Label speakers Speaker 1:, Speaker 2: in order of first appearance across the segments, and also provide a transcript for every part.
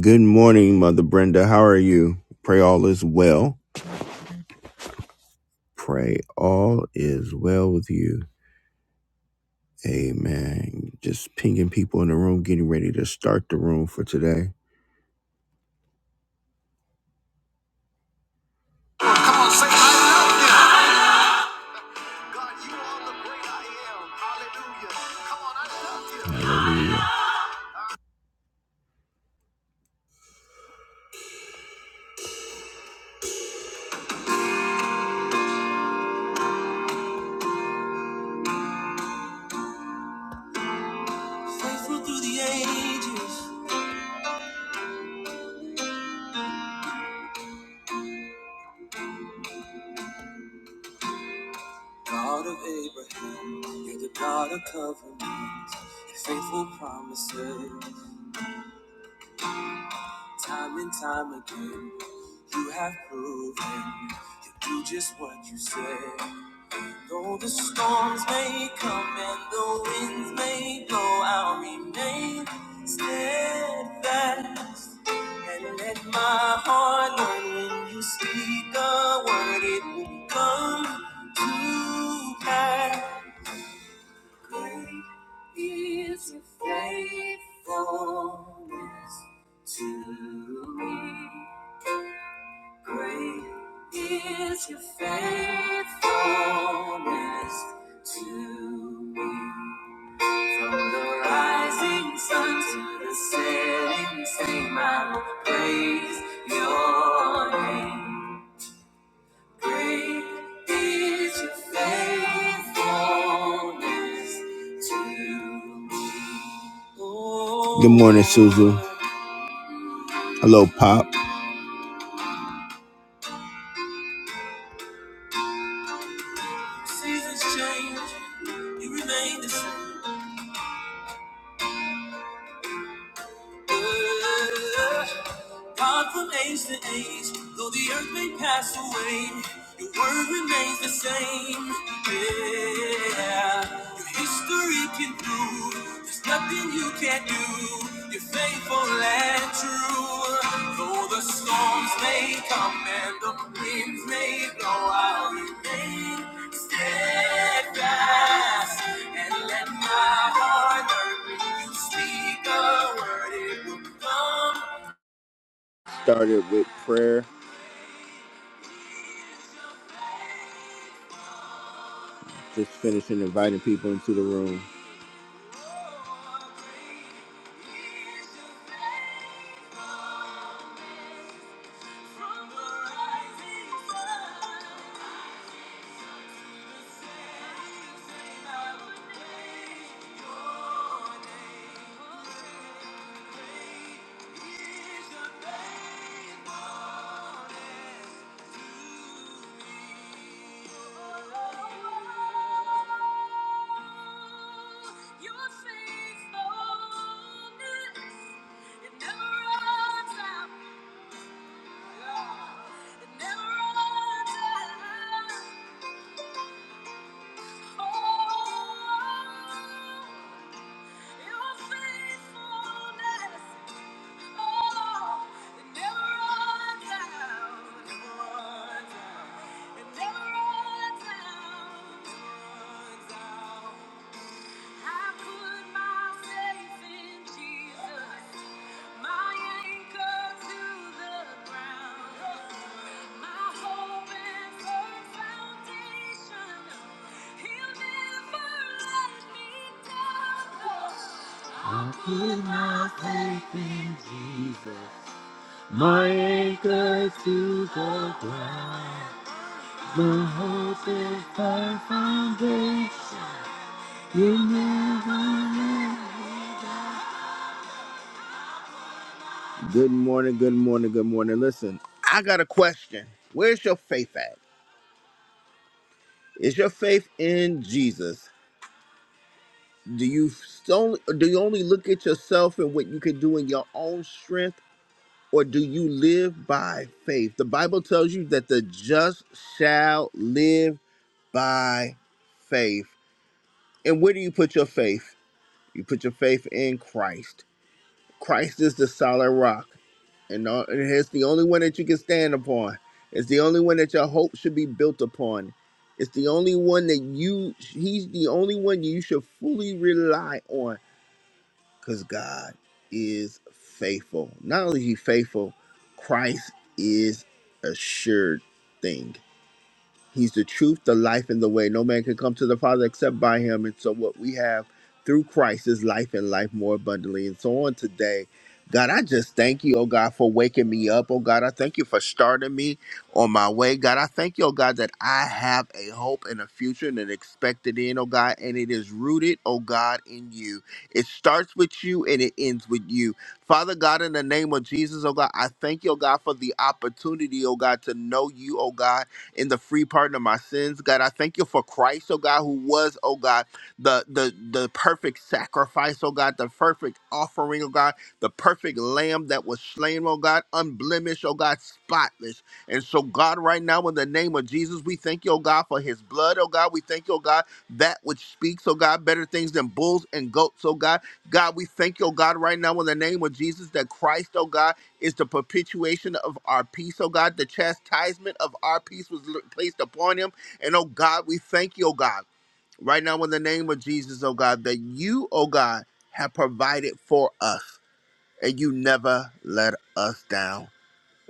Speaker 1: Good morning, Mother Brenda. How are you? Pray all is well. Pray all is well with you. Amen. Just pinging people in the room, getting ready to start the room for today. Hallelujah. Faithful through the ages, God of Abraham, you're the God of covenants and faithful promises. Time and time again, you have proven you do just what you say. Though the storms may come and the winds may blow, I'll remain steadfast. And let my heart learn when you speak a word, it will come to pass. Great is your faithfulness to me. Great is your faithfulness to me. From the rising sun to the setting sun, I will praise your name. Great is your faithfulness to me. Oh, Good morning, Susan. Hello, Pop. Seasons change, you remain the same. Ooh, ooh, ooh. God from age to age, though the earth may pass away, your word remains the same. Yeah, your history can prove there's nothing you can't do. You're faithful and true. Though the storms may come and the winds may blow, I'll remain steadfast and let my heart learn when you speak a word, it will come. Started with prayer, just finishing inviting people into the room. I put my faith in Jesus, my anchor to the ground. My hope is thy foundation. You never let- Good morning, good morning, good morning. Listen, I got a question. Where's your faith at? Is your faith in Jesus? Do you only do you only look at yourself and what you can do in your own strength, or do you live by faith? The Bible tells you that the just shall live by faith. And where do you put your faith? You put your faith in Christ. Christ is the solid rock, and all- and it's the only one that you can stand upon. It's the only one that your hope should be built upon. It's the only one that you he's the only one you should fully rely on cuz God is faithful. Not only is he faithful, Christ is a sure thing. He's the truth, the life, and the way. No man can come to the Father except by him. And so, what we have through Christ is life and life more abundantly. And so, on today, God, I just thank you, oh God, for waking me up. Oh God, I thank you for starting me on my way. God, I thank you, oh God, that I have a hope and a future and an expected end, oh God, and it is rooted, oh God, in you. It starts with you and it ends with you. Father God, in the name of Jesus, oh God, I thank you, oh God, for the opportunity, oh God, to know you, oh God in the free pardon of my sins. God, I thank you for Christ, oh God, who was, oh God, the the the perfect sacrifice, oh God, the perfect offering, oh God, the perfect lamb that was slain, oh God, unblemished, oh God, spotless. And so, God, right now, in the name of Jesus, we thank you, oh God, for his blood, oh God. We thank you, oh God, that which speaks, oh God, better things than bulls and goats, oh God. God, we thank you, oh God, right now in the name of Jesus that Christ, oh God is the perpetuation of our peace, oh God. The chastisement of our peace was l- placed upon him. And oh God, we thank you, oh God, right now in the name of Jesus, oh God, that you, oh God, have provided for us and you never let us down.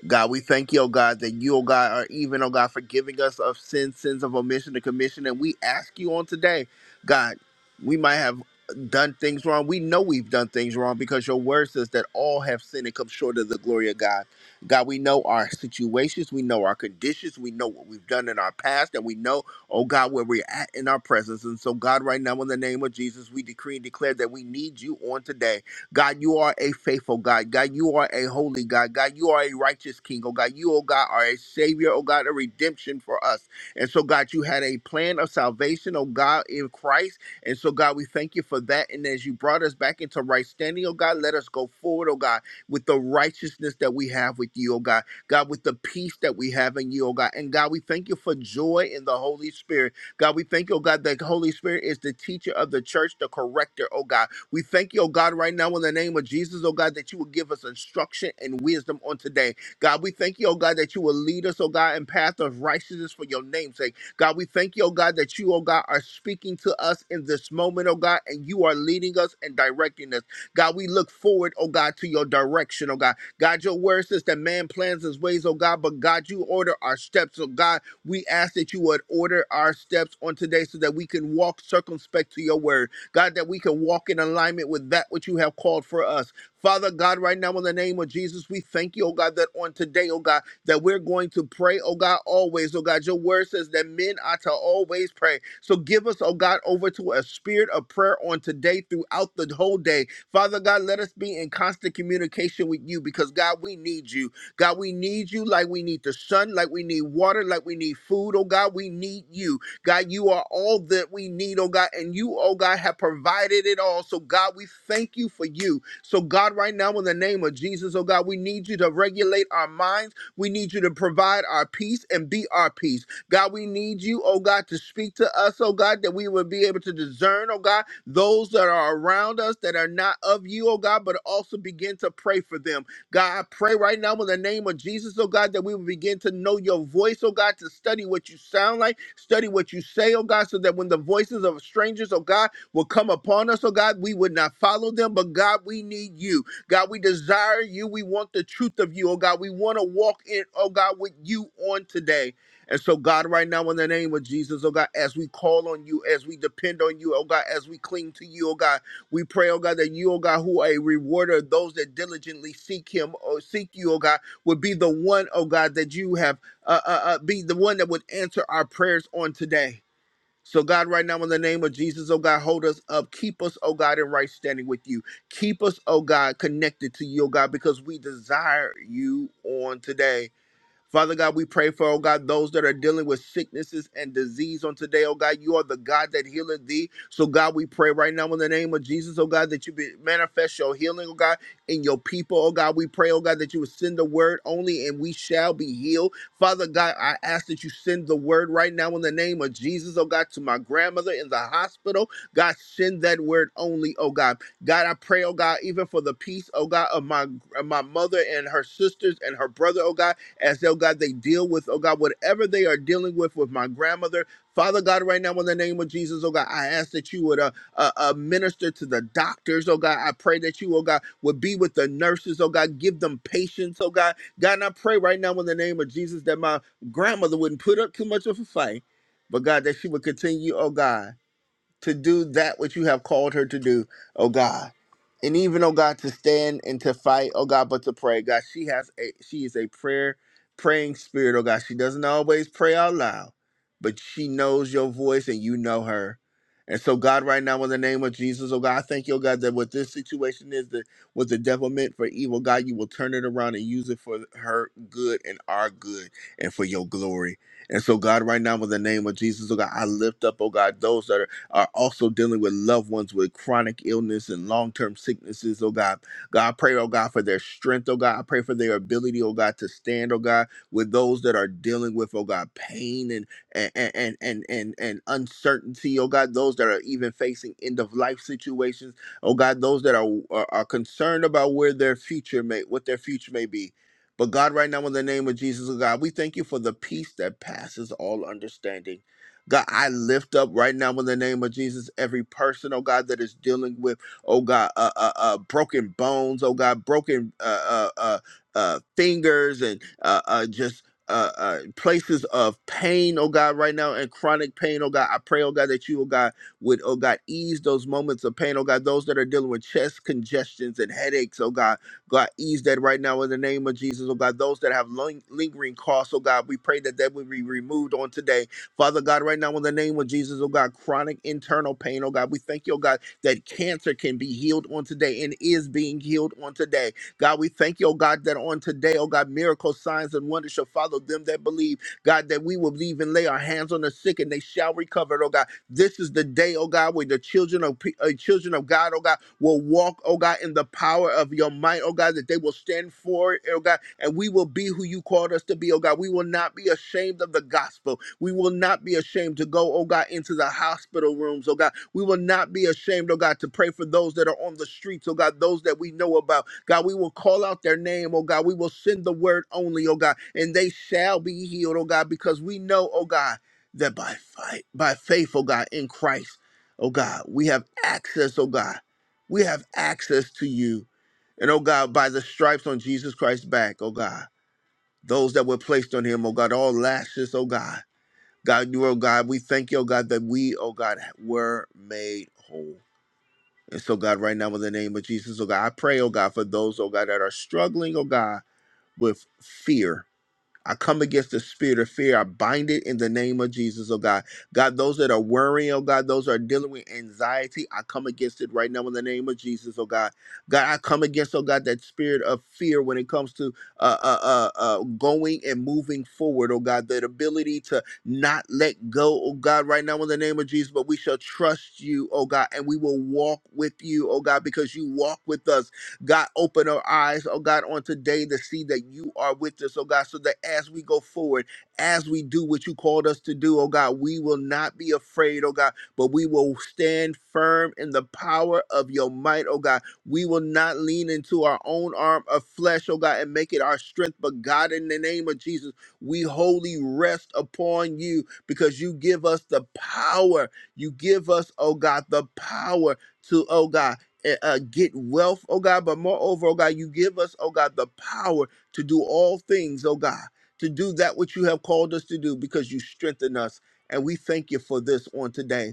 Speaker 1: God, we thank you, oh God, that you, oh God, are even, oh God, forgiving us of sins, sins of omission and commission. And we ask you on today, God, we might have done things wrong. We know we've done things wrong because your word says that all have sinned and come short of the glory of God. God, we know our situations, we know our conditions, we know what we've done in our past, and we know, oh God, where we're at in our presence. And so, God, right now, in the name of Jesus, we decree and declare that we need you on today. God, you are a faithful God. God, you are a holy God. God, you are a righteous King. Oh God, you, oh God, are a Savior. Oh God, a redemption for us. And so, God, you had a plan of salvation, oh God, in Christ. And so, God, we thank you for that. And as you brought us back into right standing, oh God, let us go forward, oh God, with the righteousness that we have with you, oh God. God, with the peace that we have in you, oh God. And God, we thank you for joy in the Holy Spirit. God, we thank you, oh God, that the Holy Spirit is the teacher of the church, the corrector, oh God. We thank you, oh God, right now in the name of Jesus, oh God, that you will give us instruction and wisdom on today. God, we thank you, oh God, that you will lead us, oh God, in path of righteousness for your name's sake. God, we thank you, oh God, that you, oh God, are speaking to us in this moment, oh God, and you are leading us and directing us. God, we look forward, oh God, to your direction, oh God. God, your word says that man plans his ways, oh God, but God, you order our steps. So God, we ask that you would order our steps on today so that we can walk circumspect to your word. God, that we can walk in alignment with that which you have called for us. Father God, right now in the name of Jesus, we thank you, oh God, that on today, oh God, that we're going to pray, oh God, always. Oh God, your word says that men are to always pray. So give us, oh God, over to a spirit of prayer on today throughout the whole day. Father God, let us be in constant communication with you because God, we need you. God, we need you like we need the sun, like we need water, like we need food. Oh God, we need you. God, you are all that we need, oh God, and you, oh God, have provided it all. So, God, we thank you for you. So, God, right now, in the name of Jesus, oh God, we need you to regulate our minds. We need you to provide our peace and be our peace. God, we need you, oh God, to speak to us, oh God, that we would be able to discern, oh God, those that are around us that are not of you, oh God, but also begin to pray for them. God, I pray right now in the name of Jesus, oh God, that we will begin to know your voice, oh God, to study what you sound like, study what you say, oh God, so that when the voices of strangers, oh God, will come upon us, oh God, we would not follow them, but God, we need you. God, we desire you. We want the truth of you, oh God. We want to walk in, oh God, with you on today. And so, God, right now, in the name of Jesus, oh God, as we call on you, as we depend on you, oh God, as we cling to you, oh God, we pray, oh God, that you, oh God, who are a rewarder of those that diligently seek him or seek you, oh God, would be the one, oh God, that you have, uh, uh, uh, be the one that would answer our prayers on today. So, God, right now, in the name of Jesus, oh God, hold us up. Keep us, oh God, in right standing with you. Keep us, oh God, connected to you, oh God, because we desire you on today. Father God, we pray for, oh God, those that are dealing with sicknesses and disease on today. Oh God, you are the God that healeth thee. So God, we pray right now in the name of Jesus, oh God, that you be, manifest your healing, oh God, in your people. Oh God, we pray, oh God, that you would send the word only and we shall be healed. Father God, I ask that you send the word right now in the name of Jesus, oh God, to my grandmother in the hospital. God, send that word only, oh God. God, I pray, oh God, even for the peace, oh God, of my, of my mother and her sisters and her brother, oh God as oh God, they deal with, oh God, whatever they are dealing with with my grandmother. Father God, right now in the name of Jesus, oh God, I ask that you would uh, uh, uh, minister to the doctors, oh God. I pray that you, oh God, would be with the nurses, oh God, give them patience, oh God. God, and I pray right now in the name of Jesus that my grandmother wouldn't put up too much of a fight, but God, that she would continue, oh God, to do that which you have called her to do, oh God and even oh God to stand and to fight, oh God, but to pray, God, she has a she is a prayer praying spirit, oh God. She doesn't always pray out loud, but she knows your voice and you know her. And so, God, right now, in the name of Jesus, oh God, I thank you, oh God, that what this situation is, that what the devil meant for evil, God, you will turn it around and use it for her good and our good and for your glory. And so, God, right now, in the name of Jesus, oh God, I lift up, oh God, those that are are also dealing with loved ones with chronic illness and long term sicknesses, oh God. God, I pray, oh God, for their strength, oh God. I pray for their ability, oh God, to stand, oh God, with those that are dealing with, oh God, pain and and and and and, and uncertainty, oh God, those that are even facing end of life situations, oh God, those that are, are are concerned about where their future may what their future may be. But God, right now, in the name of Jesus, oh God, we thank you for the peace that passes all understanding. God, I lift up right now in the name of Jesus every person, oh God, that is dealing with, oh God, uh, uh, uh, broken bones, oh God, broken uh, uh, uh, uh, fingers and uh, uh, just. Uh, uh, places of pain, oh God, right now, and chronic pain, oh God. I pray, oh God, that you, oh God, would, oh God, ease those moments of pain, oh God. Those that are dealing with chest congestions and headaches, oh God, God, ease that right now in the name of Jesus, oh God. Those that have ling- lingering costs, oh God, we pray that that would be removed on today Father God, right now in the name of Jesus, oh God, chronic internal pain, oh God, we thank you, oh God, that cancer can be healed on today and is being healed on today. God, we thank you, oh God, that on today, oh God, miracles, signs, and wonders shall follow them that believe. God, that we will believe and lay our hands on the sick and they shall recover, oh God. This is the day, oh God, where the children of pe- uh, children of God, oh God, will walk, oh God, in the power of your might, oh God, that they will stand for it, oh God, and we will be who you called us to be, oh God. We will not be ashamed of the gospel. We will not be ashamed to go, oh God, into the hospital rooms, oh God. We will not be ashamed, oh God, to pray for those that are on the streets, oh God, those that we know about. God, we will call out their name, oh God. We will send the word only, oh God, and they shall be healed, oh God, because we know, oh God that by fight, by faith, oh God, in Christ, oh God, we have access, oh God. We have access to you. And oh God, by the stripes on Jesus Christ's back, oh God, those that were placed on him, oh God, all lashes, oh God. God, you, oh God, we thank you, oh God, that we, oh God, were made whole. And so, God, right now, in the name of Jesus, oh God, I pray, oh God, for those, oh God, that are struggling, oh God, with fear I come against the spirit of fear. I bind it in the name of Jesus, oh God. God, those that are worrying, oh God, those that are dealing with anxiety, I come against it right now in the name of Jesus, oh God. God, I come against, oh God, that spirit of fear when it comes to uh, uh, uh, uh, going and moving forward, oh God, that ability to not let go, oh God, right now in the name of Jesus, but we shall trust you, oh God, and we will walk with you, oh God, because you walk with us. God, open our eyes, oh God, on today to see that you are with us, oh God, so that as we go forward, as we do what you called us to do, oh God, we will not be afraid, oh God, but we will stand firm in the power of your might, oh God. We will not lean into our own arm of flesh, oh God, and make it our strength, but God, in the name of Jesus, we wholly rest upon you because you give us the power. You give us, oh God, the power. To, oh God, eh, uh, get wealth, oh God, but moreover, oh God, you give us, oh God, the power to do all things, oh God, to do that which you have called us to do because you strengthen us. And we thank you for this on today.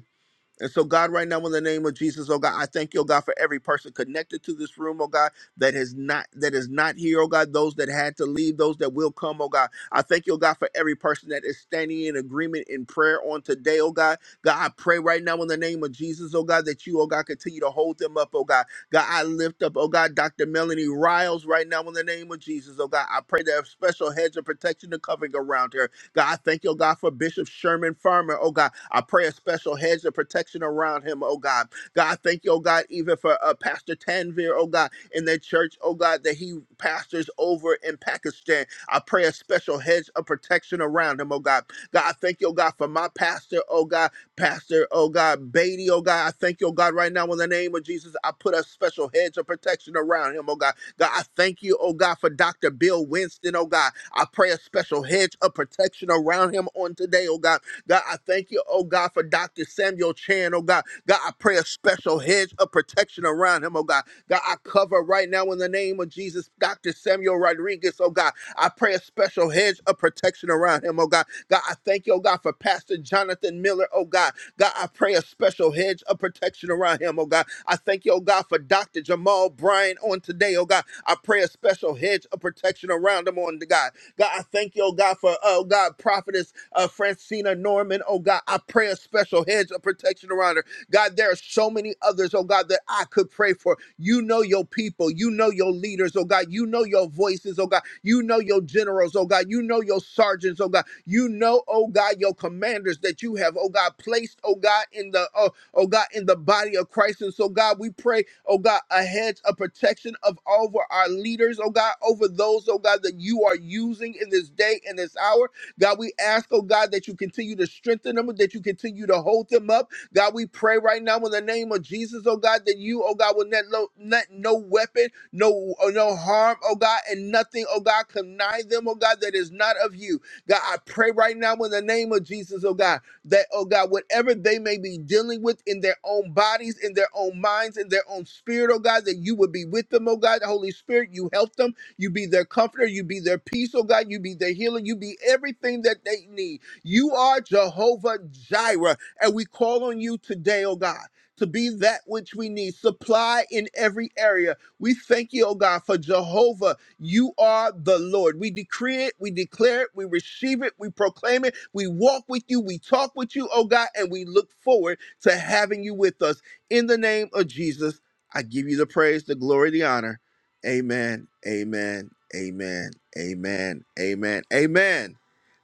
Speaker 1: And so, God, right now, in the name of Jesus, oh God, I thank you, oh God, for every person connected to this room, oh God, that is not that is not here, oh God, those that had to leave, those that will come, oh God. I thank you, oh God, for every person that is standing in agreement in prayer on today, oh God. God, I pray right now in the name of Jesus, oh God, that you, oh God, continue to hold them up, oh God. God, I lift up, oh God, Dr. Melanie Riles right now in the name of Jesus, oh God. I pray that a special hedge of protection and covering around her. God, I thank you, oh God, for Bishop Sherman Farmer. Oh God, I pray a special hedge of protection around him. Oh God, God, I thank you, oh God, even for uh, Pastor Tanvir. Oh God, in that church. Oh God, that he pastors over in Pakistan. I pray a special hedge of protection around him. Oh God, God, I thank you, oh God, for my pastor. Oh God. Pastor, oh God, Beatty, oh God, I thank you, oh God, right now in the name of Jesus. I put a special hedge of protection around him, oh God. God, I thank you, oh God, for Dr. Bill Winston, oh God. I pray a special hedge of protection around him on today, oh God. God, I thank you, oh God, for Dr. Samuel Chan, oh God. God, I pray a special hedge of protection around him, oh God. God, I cover right now in the name of Jesus, Dr. Samuel Rodriguez, oh God. I pray a special hedge of protection around him, oh God. God, I thank you, oh God, for Pastor Jonathan Miller, oh God. God, I pray a special hedge of protection around him, oh God. I thank you, oh God, for Dr. Jamal Bryan on today, oh God. I pray a special hedge of protection around him on the God. God, I thank you, oh God, for, oh God, prophetess uh, Francina Norman, oh God. I pray a special hedge of protection around her. God, there are so many others, oh God, that I could pray for. You know your people. You know your leaders, oh God. You know your voices, oh God. You know your generals, oh God. You know your sergeants, oh God. You know, oh God, your commanders that you have, oh God, placed, oh God, in the, oh, oh God, in the body of Christ. And so, God, we pray, oh God, a hedge of protection of over our leaders, oh God, over those, oh God, that you are using in this day and this hour. God, we ask, oh God, that you continue to strengthen them, that you continue to hold them up, God, we pray right now in the name of Jesus, oh God, that you, oh God, will not lo- let no weapon, no, uh, no harm, oh God, and nothing, oh God, connive them, oh God, that is not of you. God, I pray right now in the name of Jesus, oh God, that, oh God, whatever they may be dealing with in their own bodies, in their own minds, in their own spirit, oh God, that you would be with them, oh God. Holy Spirit, you help them. You be their comforter. You be their peace, oh God. You be their healer. You be everything that they need. You are Jehovah Jireh. And we call on you today, oh God, to be that which we need, supply in every area. We thank you, oh God, for Jehovah. You are the Lord. We decree it, we declare it, we receive it, we proclaim it, we walk with you, we talk with you, oh God, and we look forward to having you with us. In the name of Jesus, I give you the praise, the glory, the honor. Amen, amen, amen, amen, amen, amen.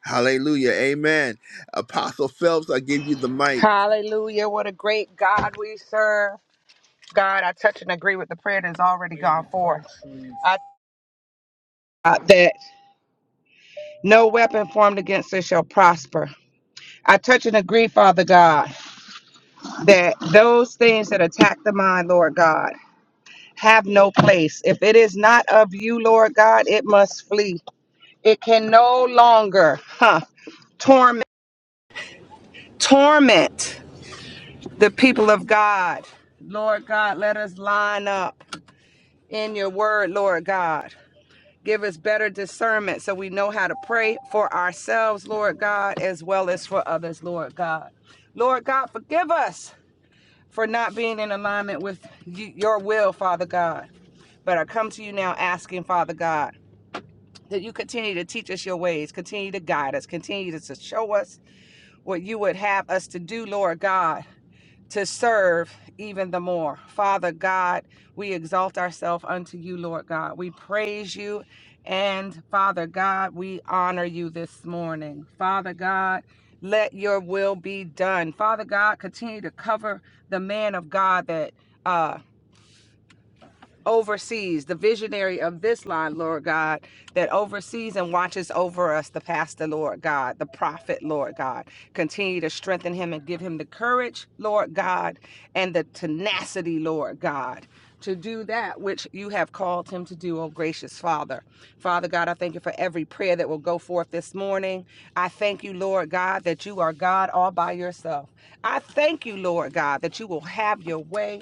Speaker 1: Hallelujah, amen. Apostle Phelps, I give you the mic.
Speaker 2: Hallelujah. What a great God we serve. God, I touch and agree with the prayer that has already gone forth. I uh, that no weapon formed against us shall prosper. I touch and agree, Father God, that those things that attack the mind, Lord God, have no place. If it is not of you, Lord God, it must flee. It can no longer huh, torment torment the people of God. Lord God, let us line up. in your word, Lord God. Give us better discernment so we know how to pray for ourselves, Lord God, as well as for others, Lord God. Lord God, forgive us for not being in alignment with your will, Father God. But I come to you now asking, Father God, that you continue to teach us your ways, continue to guide us, continue to show us what you would have us to do, Lord God to serve even the more. Father God, we exalt ourselves unto you, Lord God. We praise you. And Father God, we honor you this morning. Father God, let your will be done. Father God, continue to cover the man of God that. uh, oversees, the visionary of this line, Lord God, that oversees and watches over us, the pastor, Lord God, the prophet, Lord God. Continue to strengthen him and give him the courage, Lord God, and the tenacity, Lord God. To do that which you have called him to do, oh gracious Father. Father God, I thank you for every prayer that will go forth this morning. I thank you, Lord God, that you are God all by yourself. I thank you, Lord God, that you will have your way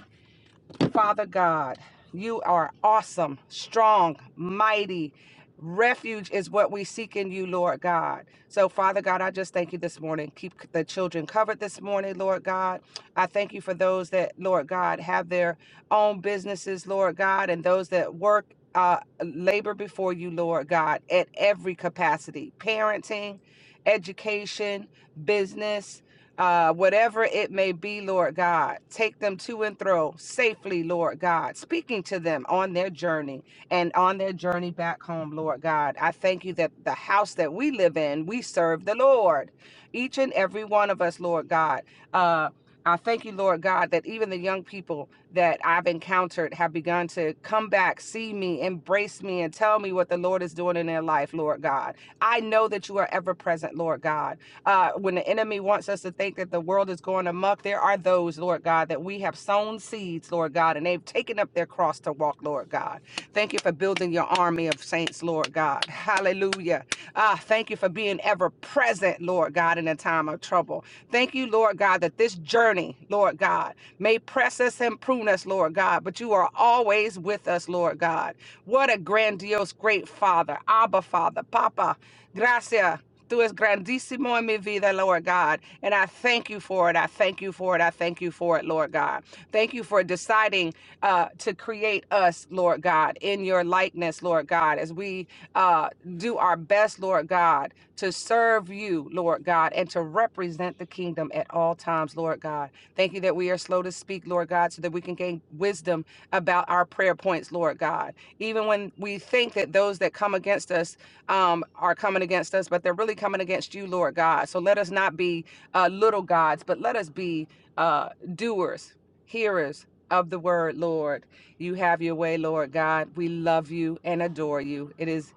Speaker 2: Father God, you are awesome, strong, mighty. Refuge is what we seek in you, Lord God. So, Father God, I just thank you this morning. Keep the children covered this morning, Lord God. I thank you for those that, Lord God, have their own businesses, Lord God, and those that work. Uh, labor before you, Lord God, at every capacity parenting, education, business uh, whatever it may be, Lord God. Take them to and fro safely, Lord God, speaking to them on their journey and on their journey back home, Lord God. I thank you that the house that we live in, we serve the Lord, each and every one of us, Lord God. Uh, I thank you, Lord God, that even the young people that I've encountered have begun to come back, see me, embrace me, and tell me what the Lord is doing in their life, Lord God. I know that you are ever present, Lord God. Uh, when the enemy wants us to think that the world is going amok, there are those, Lord God, that we have sown seeds, Lord God, and they've taken up their cross to walk, Lord God. Thank you for building your army of saints, Lord God. Hallelujah. Ah, thank you for being ever present, Lord God, in a time of trouble. Thank you, Lord God, that this journey, Lord God, may press us and prune us, Lord God, but you are always with us, Lord God. What a grandiose, great Father, Abba Father, Papa, Gracia. Tú es grandísimo en mi vida, Lord God. And I thank you for it. I thank you for it. I thank you for it, Lord God. Thank you for deciding uh, to create us, Lord God, in your likeness, Lord God, as we uh, do our best, Lord God, to serve you, Lord God, and to represent the kingdom at all times, Lord God. Thank you that we are slow to speak, Lord God, so that we can gain wisdom about our prayer points, Lord God. Even when we think that those that come against us, um, are coming against us, but they're really coming against you, Lord God. So let us not be uh, little gods, but let us be uh, doers, hearers of the word, Lord. You have your way, Lord God. We love you and adore you. It is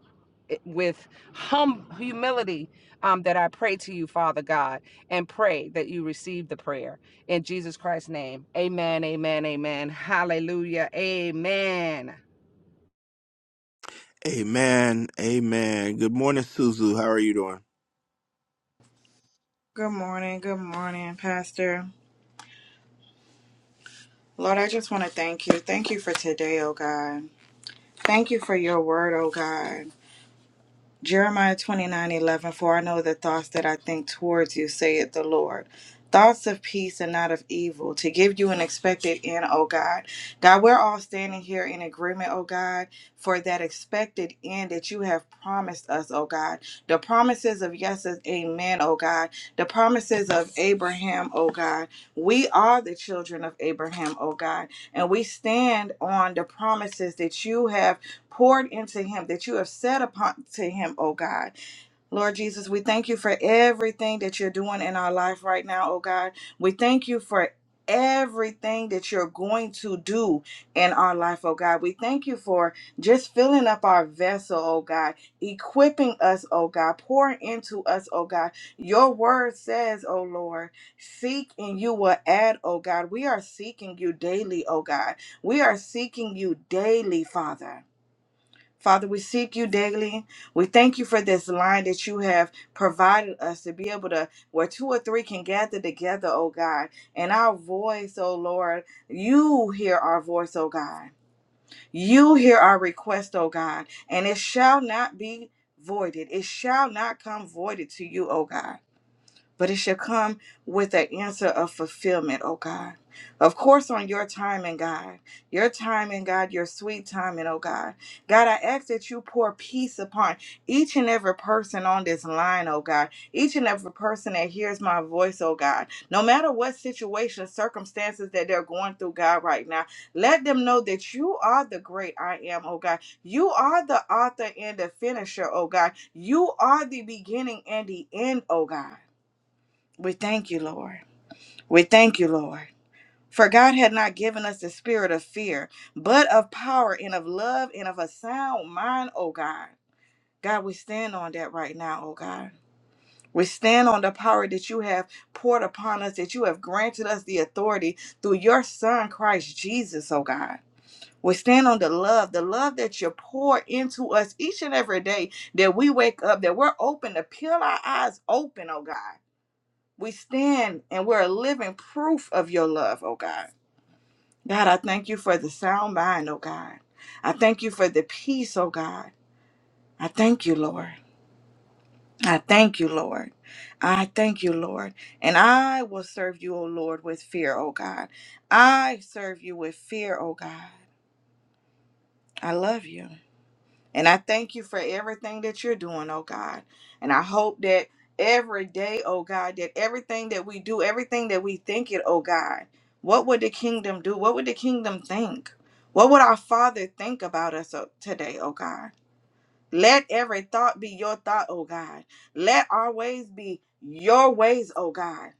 Speaker 2: with hum humility um, that I pray to you, Father God, and pray that you receive the prayer in Jesus Christ's name. Amen. Amen. Amen. Hallelujah. Amen.
Speaker 1: Amen. Amen. Good morning, Suzu. How are you doing?
Speaker 3: Good morning. Good morning, Pastor. Lord, I just want to thank you. Thank you for today, oh God. Thank you for your word, oh God. Jeremiah twenty nine eleven. For I know the thoughts that I think towards you, saith the Lord. Thoughts of peace and not of evil, to give you an expected end, O God. God, we're all standing here in agreement, O God, for that expected end that you have promised us, O God. The promises of yes is amen, O God. The promises of Abraham, O God. We are the children of Abraham, O God, and we stand on the promises that you have poured into him, that you have set upon to him, oh God. Lord Jesus, we thank you for everything that you're doing in our life right now, oh God. We thank you for everything that you're going to do in our life, oh God. We thank you for just filling up our vessel, oh God, equipping us, oh God, pouring into us, oh God. Your word says, oh Lord, seek and you will add, oh God. We are seeking you daily, oh God. We are seeking you daily, Father. Father, we seek you daily. We thank you for this line that you have provided us to be able to, where two or three can gather together, oh God. And our voice, oh Lord, you hear our voice, oh God. You hear our request, oh God. And it shall not be voided, it shall not come voided to you, oh God but it shall come with the answer of fulfillment, oh God. Of course, on your timing, God, your timing, God, your sweet timing, oh God. God, I ask that you pour peace upon each and every person on this line, oh God. Each and every person that hears my voice, oh God. No matter what situation, circumstances that they're going through, God, right now, let them know that you are the great I am, oh God. You are the author and the finisher, oh God. You are the beginning and the end, oh God. We thank you, Lord. We thank you, Lord. For God had not given us the spirit of fear, but of power and of love and of a sound mind, oh God. God, we stand on that right now, oh God. We stand on the power that you have poured upon us, that you have granted us the authority through your Son, Christ Jesus, oh God. We stand on the love, the love that you pour into us each and every day that we wake up, that we're open to peel our eyes open, oh God we stand and we're a living proof of your love, oh God. God, I thank you for the sound mind, oh God. I thank you for the peace, oh God. I thank you, Lord. I thank you, Lord. I thank you, Lord. And I will serve you, O Lord, with fear, O God. I serve you with fear, O God. I love you. And I thank you for everything that you're doing, oh God. And I hope that every day, oh God, that everything that we do, everything that we think it, oh God, what would the kingdom do? What would the kingdom think? What would our Father think about us uh, today, oh God? Let every thought be your thought, oh God. Let our ways be your ways, oh God.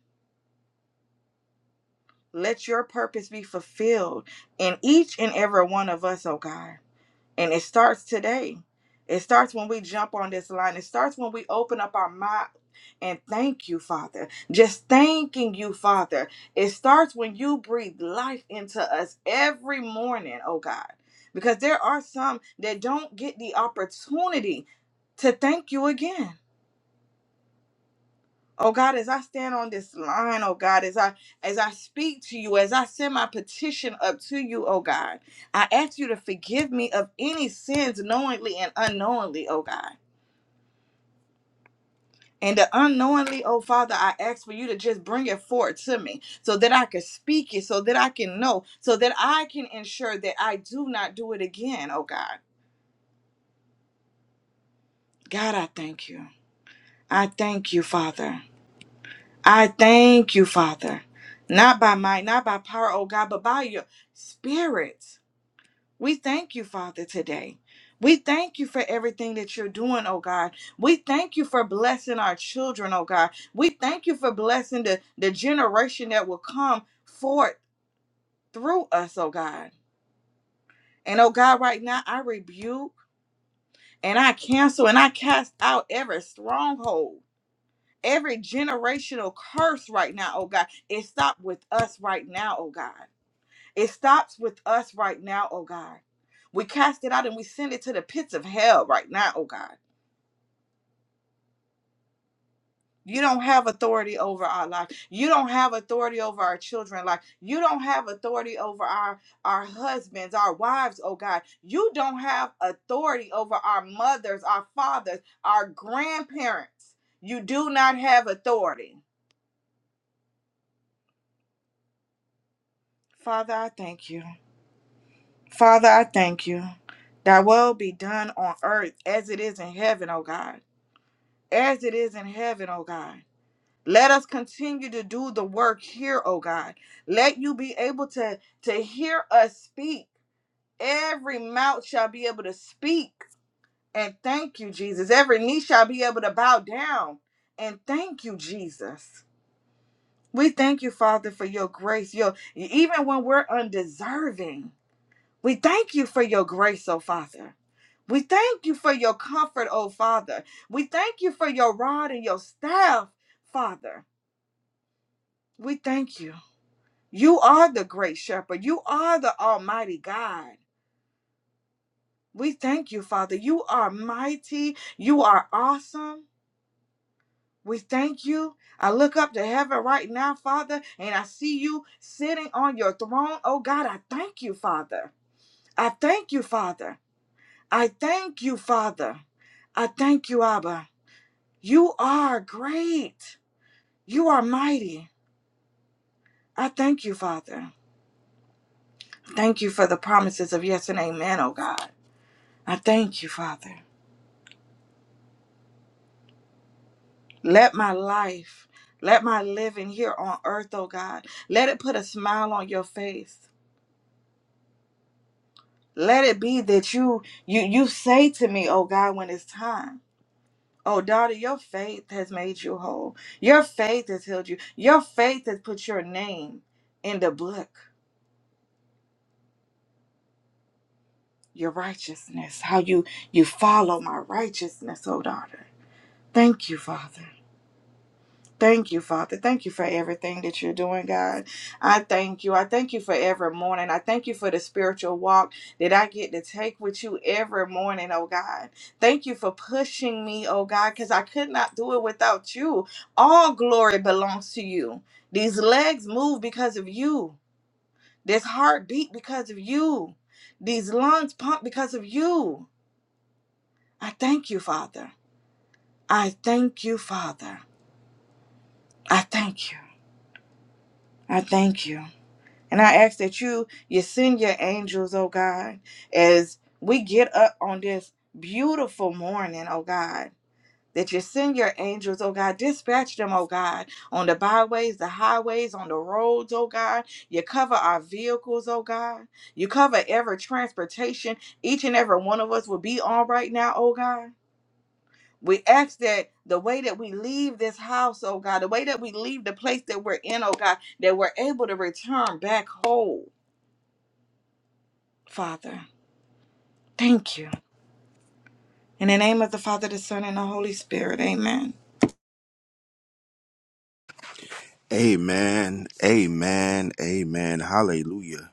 Speaker 3: Let your purpose be fulfilled in each and every one of us, oh God. And it starts today. It starts when we jump on this line. It starts when we open up our mouth and thank you, Father. Just thanking you, Father. It starts when you breathe life into us every morning, oh God. Because there are some that don't get the opportunity to thank you again. Oh God, as I stand on this line, oh God, as I as I speak to you, as I send my petition up to you, oh God, I ask you to forgive me of any sins knowingly and unknowingly, oh God. And the unknowingly, oh Father, I ask for you to just bring it forward to me so that I can speak it, so that I can know, so that I can ensure that I do not do it again, oh God. God, I thank you. I thank you, Father. I thank you, Father, not by might, not by power, oh God, but by your spirit. We thank you, Father, today. We thank you for everything that you're doing, oh God. We thank you for blessing our children, oh God. We thank you for blessing the, the generation that will come forth through us, oh God. And oh God, right now I rebuke and I cancel and I cast out every stronghold every generational curse right now, oh God. It stopped with us right now, oh God. It stops with us right now, oh God. We cast it out and we send it to the pits of hell right now, oh God. You don't have authority over our life. You don't have authority over our children's life. You don't have authority over our our husbands, our wives, oh God. You don't have authority over our mothers, our fathers, our grandparents. You do not have authority. Father, I thank you. Father, I thank you. Thy will be done on earth as it is in heaven, O God. As it is in heaven, O God. Let us continue to do the work here, O God. Let you be able to, to hear us speak. Every mouth shall be able to speak. And thank you, Jesus. Every knee shall be able to bow down. And thank you, Jesus. We thank you, Father, for your grace. Your even when we're undeserving, we thank you for your grace, O Father. We thank you for your comfort, oh Father. We thank you for your rod and your staff, Father. We thank you. You are the great shepherd. You are the almighty God. We thank you, Father. You are mighty. You are awesome. We thank you. I look up to heaven right now, Father, and I see you sitting on your throne. Oh God, I thank you, Father. I thank you, Father. I thank you, Father. I thank you, Abba. You are great. You are mighty. I thank you, Father. Thank you for the promises of yes and amen, oh God. I thank you, Father. Let my life, let my living here on earth, oh God, let it put a smile on your face. Let it be that you you you say to me, oh God, when it's time. Oh daughter, your faith has made you whole. Your faith has healed you. Your faith has put your name in the book. Your righteousness, how you you follow my righteousness, oh daughter. Thank you, Father. Thank you, Father. Thank you for everything that you're doing, God. I thank you. I thank you for every morning. I thank you for the spiritual walk that I get to take with you every morning, oh God. Thank you for pushing me, oh God, because I could not do it without you. All glory belongs to you. These legs move because of you. This heart beat because of you. These lungs pump because of you. I thank you, Father. I thank you, Father. I thank you. I thank you. And I ask that you you send your angels, oh God, as we get up on this beautiful morning, oh God. That you send your angels, oh God, dispatch them, oh God, on the byways, the highways, on the roads, oh God. You cover our vehicles, oh God. You cover every transportation each and every one of us will be on right now, oh God. We ask that the way that we leave this house, oh God, the way that we leave the place that we're in, oh God, that we're able to return back whole, Father. Thank you. In the name of the Father, the Son, and the Holy Spirit, amen.
Speaker 1: Amen. Amen. Amen. Hallelujah.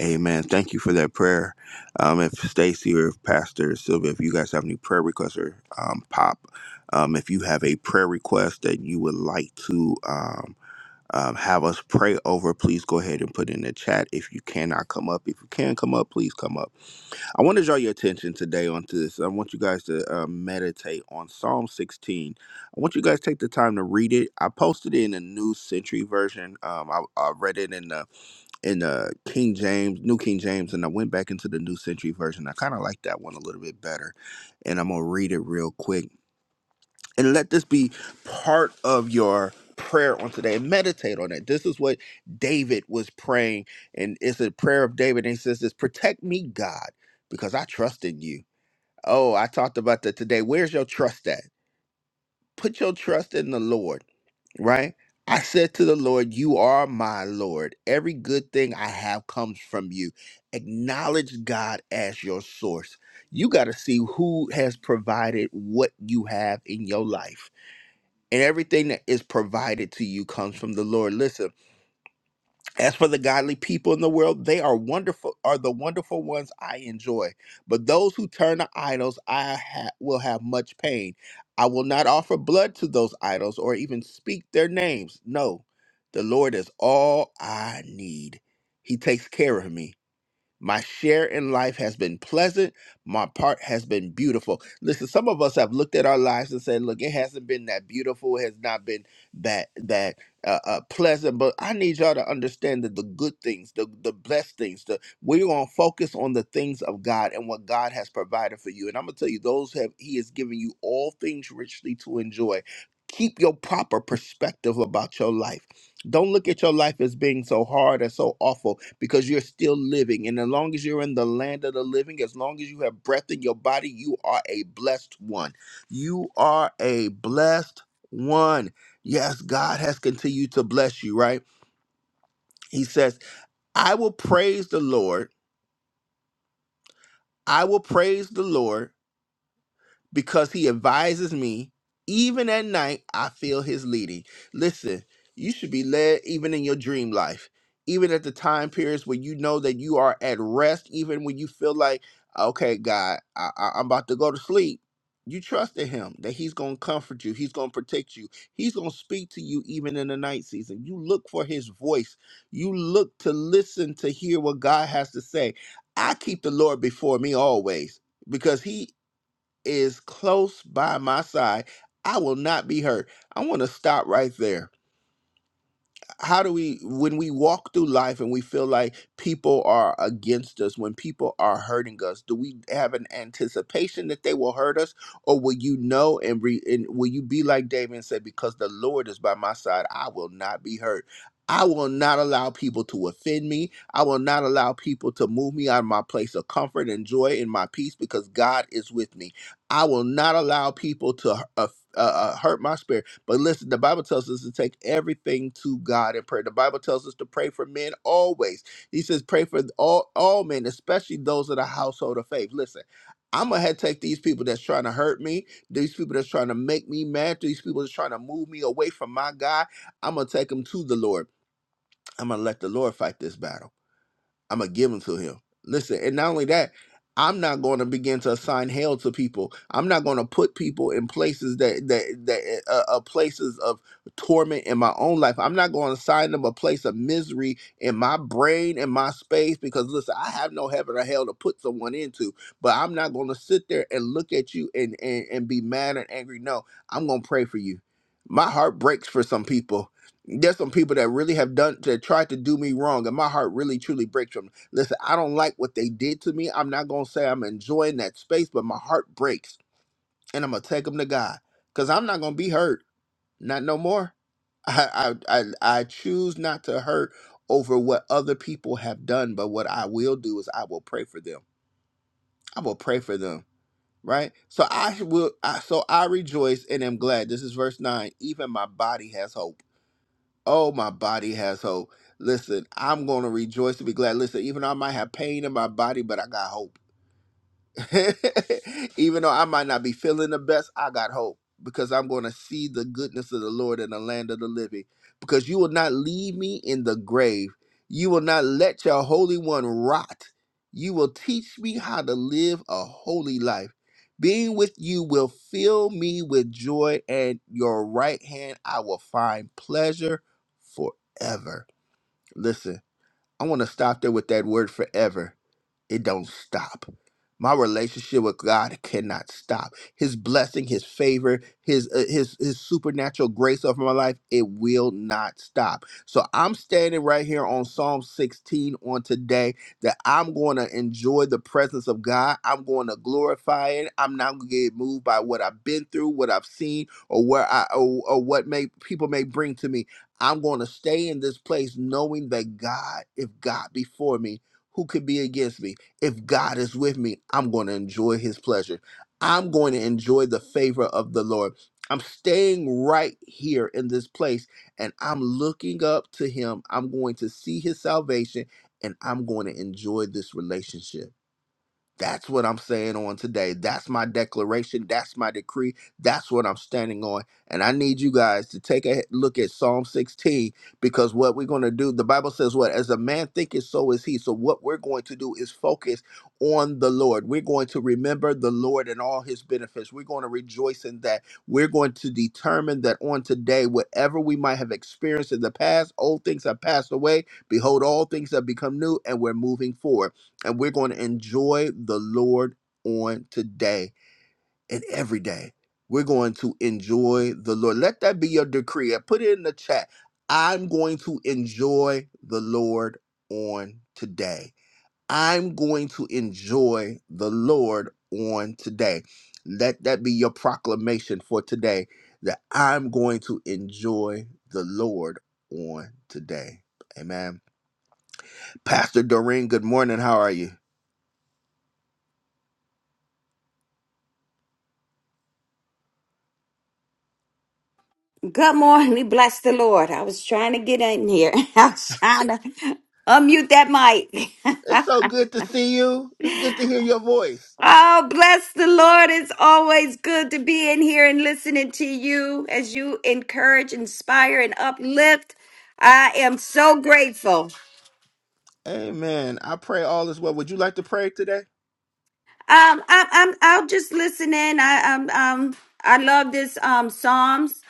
Speaker 1: Amen. Thank you for that prayer. Um, if Stacy or if Pastor Sylvia, if you guys have any prayer requests or um, pop, um, if you have a prayer request that you would like to um, um, have us pray over, please go ahead and put it in the chat. If you cannot come up, if you can come up, please come up. I want to draw your attention today onto this. I want you guys to uh, meditate on Psalm 16. I want you guys to take the time to read it. I posted it in the New Century version. Um, I, I read it in the in the King James, New King James, and I went back into the New Century version. I kind of like that one a little bit better, and I'm gonna read it real quick and let this be part of your prayer on today and meditate on it. This is what David was praying, and it's a prayer of David. And he says, This protect me, God, because I trust in you. Oh, I talked about that today. Where's your trust at? Put your trust in the Lord, right? I said to the Lord, You are my Lord. Every good thing I have comes from you. Acknowledge God as your source. You got to see who has provided what you have in your life and everything that is provided to you comes from the Lord. Listen, as for the godly people in the world, they are wonderful, are the wonderful ones I enjoy. But those who turn to idols, I ha- will have much pain. I will not offer blood to those idols or even speak their names. No, the Lord is all I need. He takes care of me. My share in life has been pleasant. My part has been beautiful. Listen, some of us have looked at our lives and said, "Look, it hasn't been that beautiful. It has not been that that uh, uh, pleasant." But I need y'all to understand that the good things, the the blessed things, the we're gonna focus on the things of God and what God has provided for you. And I'm gonna tell you, those have He has given you all things richly to enjoy. Keep your proper perspective about your life don't look at your life as being so hard or so awful because you're still living. And as long as you're in the land of the living, as long as you have breath in your body, you are a blessed one. You are a blessed one. Yes, God has continued to bless you, right? He says, I will praise the Lord. I will praise the Lord because he advises me. Even at night, I feel his leading. Listen, you should be led even in your dream life, even at the time periods when you know that you are at rest, even when you feel like, okay, God, I, I- I'm about to go to sleep. You trust in him that he's going to comfort you, he's going to protect you, he's going to speak to you even in the night season. You look for his voice, you look to listen to hear what God has to say. I keep the Lord before me always because he is close by my side. I will not be hurt. I want to stop right there how do we when we walk through life and we feel like people are against us when people are hurting us do we have an anticipation that they will hurt us or will you know and, re, and will you be like david and say because the lord is by my side i will not be hurt I will not allow people to offend me. I will not allow people to move me out of my place of comfort and joy and my peace because God is with me. I will not allow people to uh, uh, uh, hurt my spirit. But listen, the Bible tells us to take everything to God in prayer. The Bible tells us to pray for men always. He says, pray for all, all men, especially those of the household of faith. Listen, I'm gonna have take these people that's trying to hurt me, these people that's trying to make me mad, these people that's trying to move me away from my God. I'm gonna take them to the Lord. I'm gonna let the Lord fight this battle. I'm gonna give them to him. Listen, and not only that, I'm not going to begin to assign hell to people. I'm not going to put people in places that that that uh, uh, places of torment in my own life. I'm not going to assign them a place of misery in my brain and my space because listen, I have no heaven or hell to put someone into. But I'm not going to sit there and look at you and and and be mad and angry. No, I'm going to pray for you. My heart breaks for some people there's some people that really have done that tried to do me wrong and my heart really truly breaks from them. listen i don't like what they did to me i'm not gonna say i'm enjoying that space but my heart breaks and i'm gonna take them to god because i'm not gonna be hurt not no more I, I i i choose not to hurt over what other people have done but what i will do is i will pray for them i will pray for them right so i will I, so i rejoice and am glad this is verse 9 even my body has hope Oh, my body has hope. Listen, I'm going to rejoice and be glad. Listen, even though I might have pain in my body, but I got hope. Even though I might not be feeling the best, I got hope because I'm going to see the goodness of the Lord in the land of the living. Because you will not leave me in the grave, you will not let your Holy One rot. You will teach me how to live a holy life. Being with you will fill me with joy, and your right hand I will find pleasure forever. Listen, I want to stop there with that word forever it don't stop. My relationship with God cannot stop. His blessing, His favor, His uh, His His supernatural grace over my life, it will not stop. So I'm standing right here on Psalm 16 on today that I'm going to enjoy the presence of God. I'm going to glorify it. I'm not going to get moved by what I've been through, what I've seen, or where I or, or what may people may bring to me. I'm going to stay in this place knowing that God, if God before me, who could be against me? If God is with me, I'm going to enjoy his pleasure. I'm going to enjoy the favor of the Lord. I'm staying right here in this place and I'm looking up to him. I'm going to see his salvation and I'm going to enjoy this relationship. That's what I'm saying on today. That's my declaration. That's my decree. That's what I'm standing on. And I need you guys to take a look at Psalm 16 because what we're going to do, the Bible says, what? As a man thinketh, so is he. So what we're going to do is focus on the Lord. We're going to remember the Lord and all his benefits. We're going to rejoice in that. We're going to determine that on today, whatever we might have experienced in the past, old things have passed away. Behold, all things have become new, and we're moving forward and we're going to enjoy the Lord on today and every day. We're going to enjoy the Lord. Let that be your decree. I put it in the chat. I'm going to enjoy the Lord on today. I'm going to enjoy the Lord on today. Let that be your proclamation for today that I'm going to enjoy the Lord on today. Amen. Pastor Doreen, good morning. How are you?
Speaker 4: Good morning. Bless the Lord. I was trying to get in here. I was trying to unmute that mic.
Speaker 1: It's so good to see you. It's good to hear your voice.
Speaker 4: oh, bless the Lord. It's always good to be in here and listening to you as you encourage, inspire, and uplift. I am so grateful.
Speaker 1: Amen. I pray all is well. Would you like to pray today?
Speaker 4: Um, I'm, I'm, I'll just listen in. I, um, um, I love this, um, Psalms.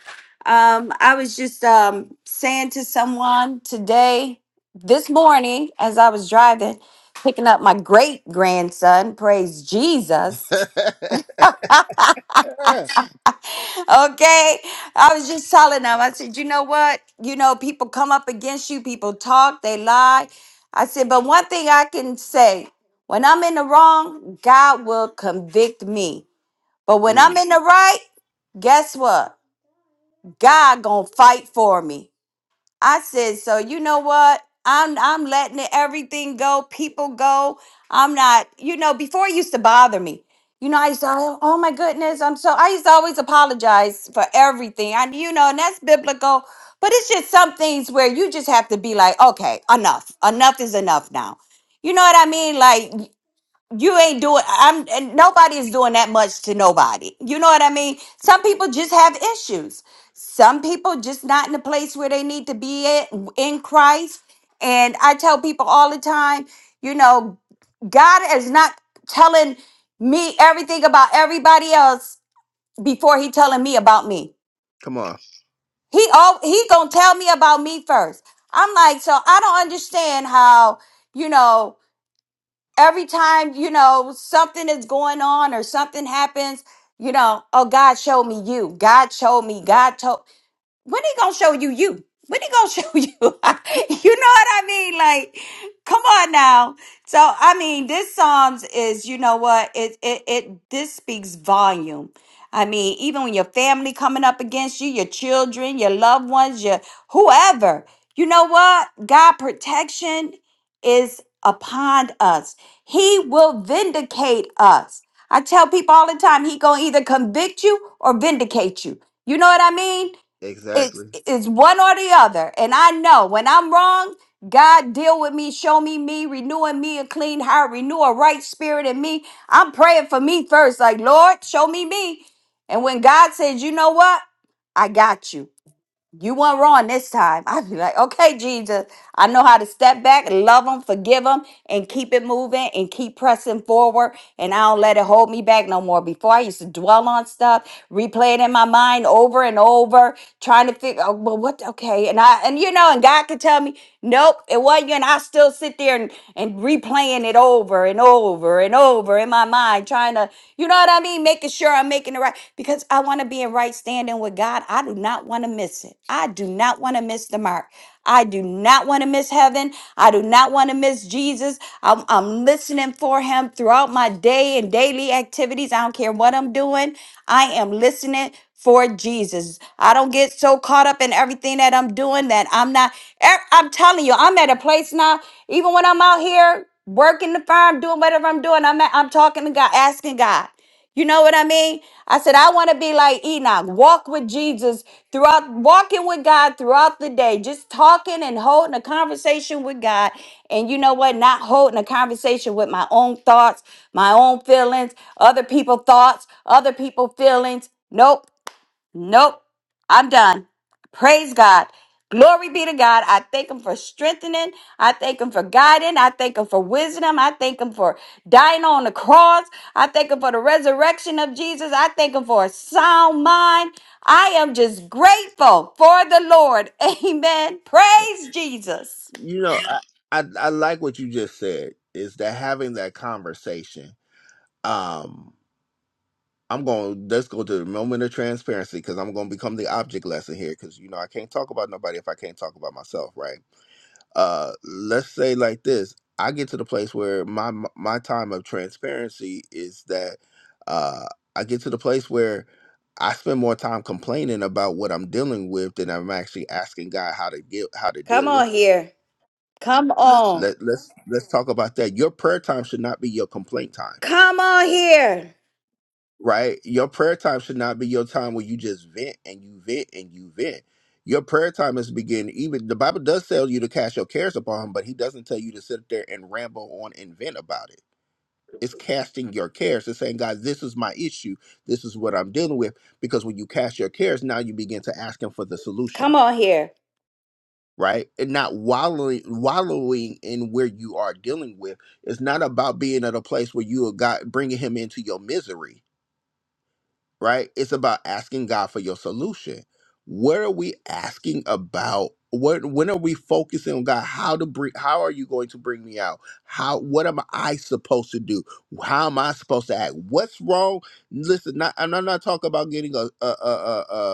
Speaker 4: Um, I was just, um, saying to someone today, this morning, as I was driving, picking up my great grandson, praise Jesus. Okay. I was just telling them, I said, you know what? You know, people come up against you, people talk, they lie. I said, but one thing I can say, when I'm in the wrong, God will convict me. But when I'm
Speaker 1: Mm,
Speaker 4: in the right, guess what? God gonna fight for me. I said, so you know what? I'm I'm letting it- everything go, people go. I'm not, you know, before it used to bother me. You know, I used to, oh oh my goodness, I'm so I used to always apologize for everything. I you know, and that's biblical. But it's just some things where you just have to be like, okay, enough. Enough is enough now. You know what I mean? Like you ain't doing. I'm. and Nobody is doing that much to nobody. You know what I mean? Some people just have issues. Some people just not in the place where they need to be at in Christ. And I tell people all the time, you know, God is not telling me everything about everybody else before He telling me about me.
Speaker 1: come on.
Speaker 4: He all He gonna tell me about me first. I'm like, so I don't understand how you know every time you know something is going on or something happens you know oh god showed me you god showed me god told when he gonna show you you? When he gonna show you? you know what I mean? Like, come on now. So I mean, this Psalms is, you know what? It it it this speaks volume. I mean, even when your family coming up against you, your children, your loved ones, your whoever, you know what? God protection is upon us. He will vindicate us. I tell people all the time, he gonna either convict you or vindicate you. You know what I mean? it's
Speaker 1: Exactly.
Speaker 4: it's one or the other and i know when i'm wrong god deal with me show me me renewing me a clean heart renew a right spirit in me i'm praying for me first like lord show me me and when god says you know what i got you you weren't wrong this time i'd be like okay jesus I know how to step back, love them, forgive them, and keep it moving and keep pressing forward. And I don't let it hold me back no more. Before I used to dwell on stuff, replay it in my mind over and over, trying to figure out, well, what, okay. And I, and you know, and God could tell me, nope, it wasn't you. And I still sit there and, and replaying it over and over and over in my mind, trying to, you know what I mean? Making sure I'm making the right, because I want to be in right standing with God. I do not want to miss it. I do not want to miss the mark. I do not want to miss heaven. I do not want to miss Jesus. I'm, I'm listening for him throughout my day and daily activities. I don't care what I'm doing. I am listening for Jesus. I don't get so caught up in everything that I'm doing that I'm not. i I'm telling you, I'm at a place now, even when I'm out here working the farm, doing whatever I'm doing, I'm, at, I'm talking to God, asking God. You know what I mean? I said, I want to be like Enoch, walk with Jesus throughout, walking with God throughout the day, just talking and holding a conversation with God. And you know what? Not holding a conversation with my own thoughts, my own feelings, other people's thoughts, other people's feelings. Nope. Nope. I'm done. Praise God. Glory be to God. I thank him for strengthening. I thank him for guiding. I thank him for wisdom. I thank him for dying on the cross. I thank him for the resurrection of Jesus. I thank him for a sound mind. I am just grateful for the Lord. Amen. Praise Jesus.
Speaker 1: You know, I, I I like what you just said. Is that having that conversation? Um, I'm going. Let's go to the moment of transparency because I'm going to become the object lesson here. Because you know, I can't talk about nobody if I can't talk about myself, right? Uh, let's say like this. I get to the place where my my time of transparency is that uh, I get to the place where I spend more time complaining about what I'm dealing with than I'm actually asking God how to get how to
Speaker 4: Come
Speaker 1: deal
Speaker 4: on
Speaker 1: with it.
Speaker 4: here. Come on.
Speaker 1: Let let's let's talk about that. Your prayer time should not be your complaint time,
Speaker 4: Come on here.
Speaker 1: right? Your prayer time should not be your time where you just vent and you vent and you vent. Your prayer time is beginning. Even the Bible does tell you to cast your cares upon Him, but He doesn't tell you to sit there and ramble on and vent about it It's casting your cares. It's saying, God, this is my issue. This is what I'm dealing with. Because when you cast your cares, now you begin to ask Him for the solution,
Speaker 4: Come on here.
Speaker 1: right? And not wallowing, wallowing in where you are dealing with. It's not about being at a place where you are God bringing Him into your misery right? It's about asking God for your solution. What are we asking about? What when are we focusing on God? How to bring how are you going to bring me out? How what am I supposed to do? How am I supposed to act? What's wrong? Listen, not, and I'm not talking about getting a a a, a,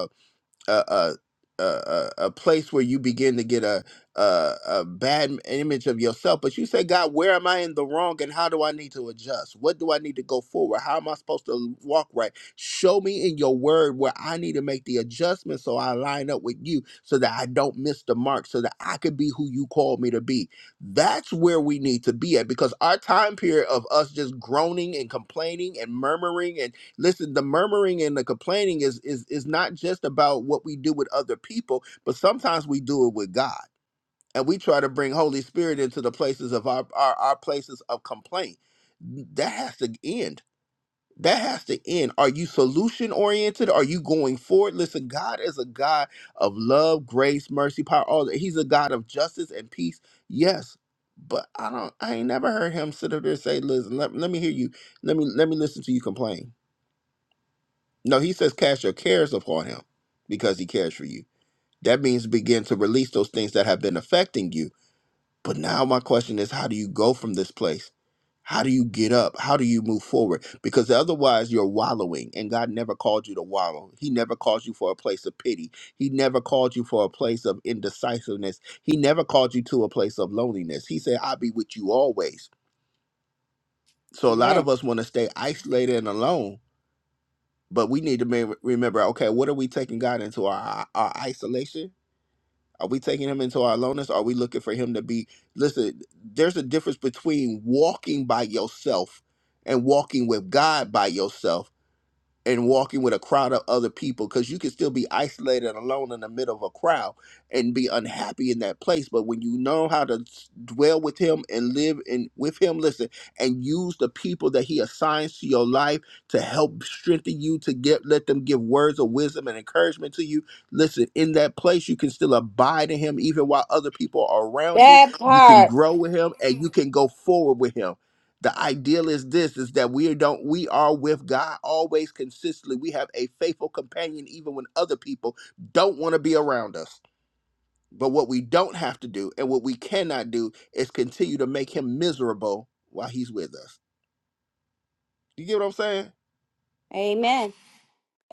Speaker 1: a a a, a place where you begin to get a, a a bad m- image of yourself. But you say, God, where am I in the wrong, and how do I need to adjust? What do I need to go forward? How am I supposed to walk right? Show me in your word where I need to make the adjustment so I line up with you, so that I don't miss the mark, so that I could be who you called me to be. That's where we need to be at because our time period of us just groaning and complaining and murmuring Listen, the murmuring and the complaining is is is not just about what we do with other people, but sometimes we do it with God. And we try to bring Holy Spirit into the places of our our, our places of complaint. That has to end. That has to end. Are you solution oriented? Are you going forward? Listen, God is a God of love, grace, mercy, power, all that. He's a God of justice and peace. Yes. But I don't I ain't never heard him sit up there and say, listen, let, let me hear you. Let me let me listen to you complain no, he says cast your cares upon him because he cares for you. That means begin to release those things that have been affecting you. But now my question is how do you go from this place? How do you get up? How do you move forward? Because otherwise you're wallowing and God never called you to wallow. He never called you for a place of pity. He never called you for a place of indecisiveness. He never called you to a place of loneliness. He said, I'll be with you always. So a lot of
Speaker 4: Amen.
Speaker 1: us want to stay isolated and alone But we need to me- remember, okay, what are we taking God into our our isolation? Are we taking him into our aloneness? Are we looking for him to be? Listen, there's a difference between walking by yourself and walking with God by yourself and walking with a crowd of other people because you can still be isolated and alone in the middle of a crowd and be unhappy in that place but when you know how to s- dwell with him and live in with him listen and use the people that he assigns to your life to help strengthen you to get let them give words of wisdom and encouragement to you listen in that place you can still abide in him even while other people are around you
Speaker 4: That
Speaker 1: you can
Speaker 4: part.
Speaker 1: grow with him and you can go forward with him the ideal is this is that we don't we are with god always consistently we have a faithful companion even when other people don't want to be around us but what we don't have to do and what we cannot do is continue to make him miserable while he's with us you get what i'm saying
Speaker 4: Amen.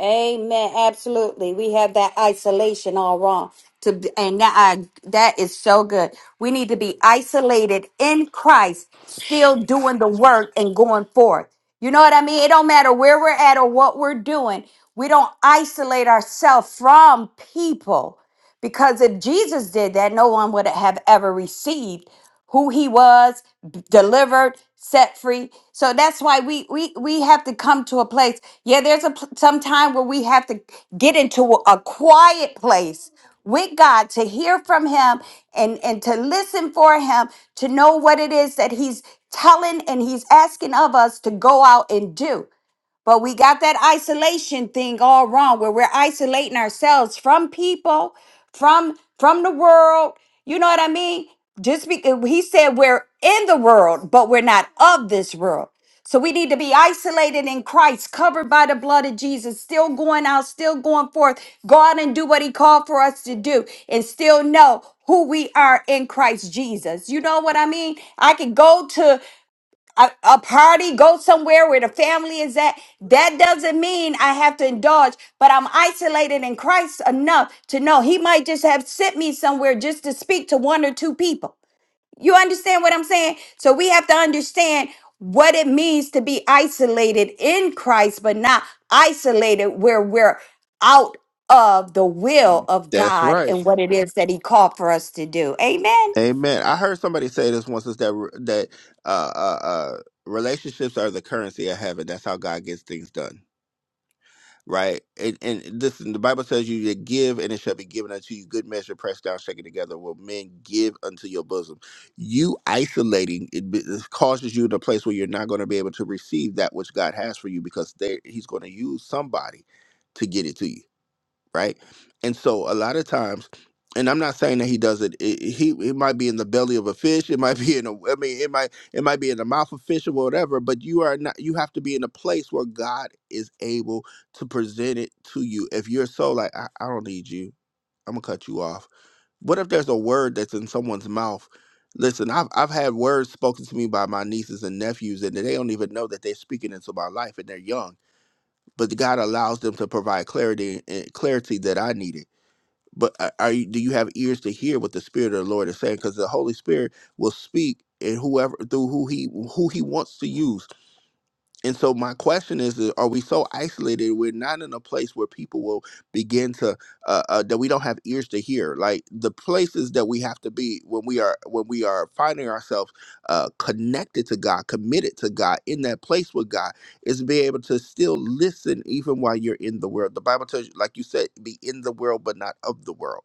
Speaker 4: Amen. Absolutely. We have that isolation all wrong. To be- and that I, that is so good. We need to be isolated in Christ, still doing the work and going forth. You know what I mean? It don't matter where we're at or what we're doing. We don't isolate ourselves from people. Because if Jesus did that, no one would have ever received who he was, b- delivered, set free. So that's why we we we have to come to a place. Yeah, there's a pl- some time where we have to get into a a quiet place with God to hear from him and and to listen for him to know what it is that he's telling and he's asking of us to go out and do. But we got that isolation thing all wrong where we're isolating ourselves from people, from from the world. You know what I mean? Just because he said we're in the world, but we're not of this world. So we need to be isolated in Christ, covered by the blood of Jesus, still going out, still going forth. Go out and do what he called for us to do and still know who we are in Christ Jesus. You know what I mean? I can go to a, a party, go somewhere where the family is at. That doesn't mean I have to indulge, but I'm isolated in Christ enough to know He might just have sent me somewhere just to speak to one or two people. You understand what I'm saying? So we have to understand what it means to be isolated in Christ, but not isolated where we're out of the will of
Speaker 1: That's
Speaker 4: God
Speaker 1: right.
Speaker 4: and what it is that He called for us to do. Amen.
Speaker 1: amen i heard somebody say this once is that that uh uh, uh relationships are the currency of heaven that's how god gets things done right? And and listen, the Bible tells you to give, and it shall be given unto you. Good measure, pressed down, shaken together, will men give unto your bosom. You isolating it, be- it causes you to a place where you're not going to be able to receive that which God has for you because they, He's going to use somebody to get it to you right? And so a lot of times, and I'm not saying that he does it. It, he it might be in the belly of a fish. It might be in a. I mean, it might it might be in the mouth of fish or whatever. But you are not. You have to be in a place where God is able to present it to you. If you're so like, I, I don't need you. I'm gonna cut you off. What if there's a word that's in someone's mouth? Listen, I've I've had words spoken to me by my nieces and nephews, and they don't even know that they're speaking into my life, and they're young. But God allows them to provide clarity and clarity that I needed but a- are you, do you have ears to hear what the Spirit of the Lord is saying? Because the Holy Spirit will speak and whoever through who he who he wants to use. And so my question is: is Are we so isolated? We're not in a place where people will begin to uh, uh, that we don't have ears to hear. Like the places that we have to be when we are when we are finding ourselves uh, connected to God, committed to God, in that place with God, is be able to still listen even while you're in the world. The Bible tells you, like you said, be in the world but not of the world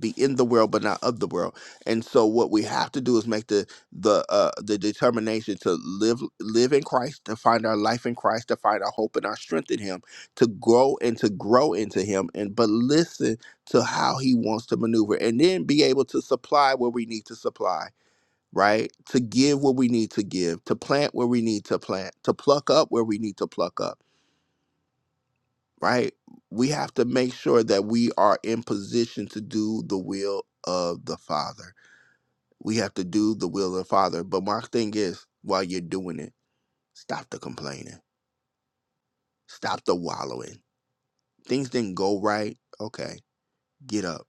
Speaker 1: be in the world but not of the world and so what we have to do is make the the uh the determination to live live in christ to find our life in christ to find our hope and our strength in him to grow and to grow into him and but listen to how he wants to maneuver and then be able to supply where we need to supply right to give what we need to give to plant where we need to plant to pluck up where we need to pluck up right we have to make sure that we are in position to do the will of the father we have to do the will of the Father. But my thing is, while you're doing it, stop the complaining, stop the wallowing. Things didn't go right. Okay, get up,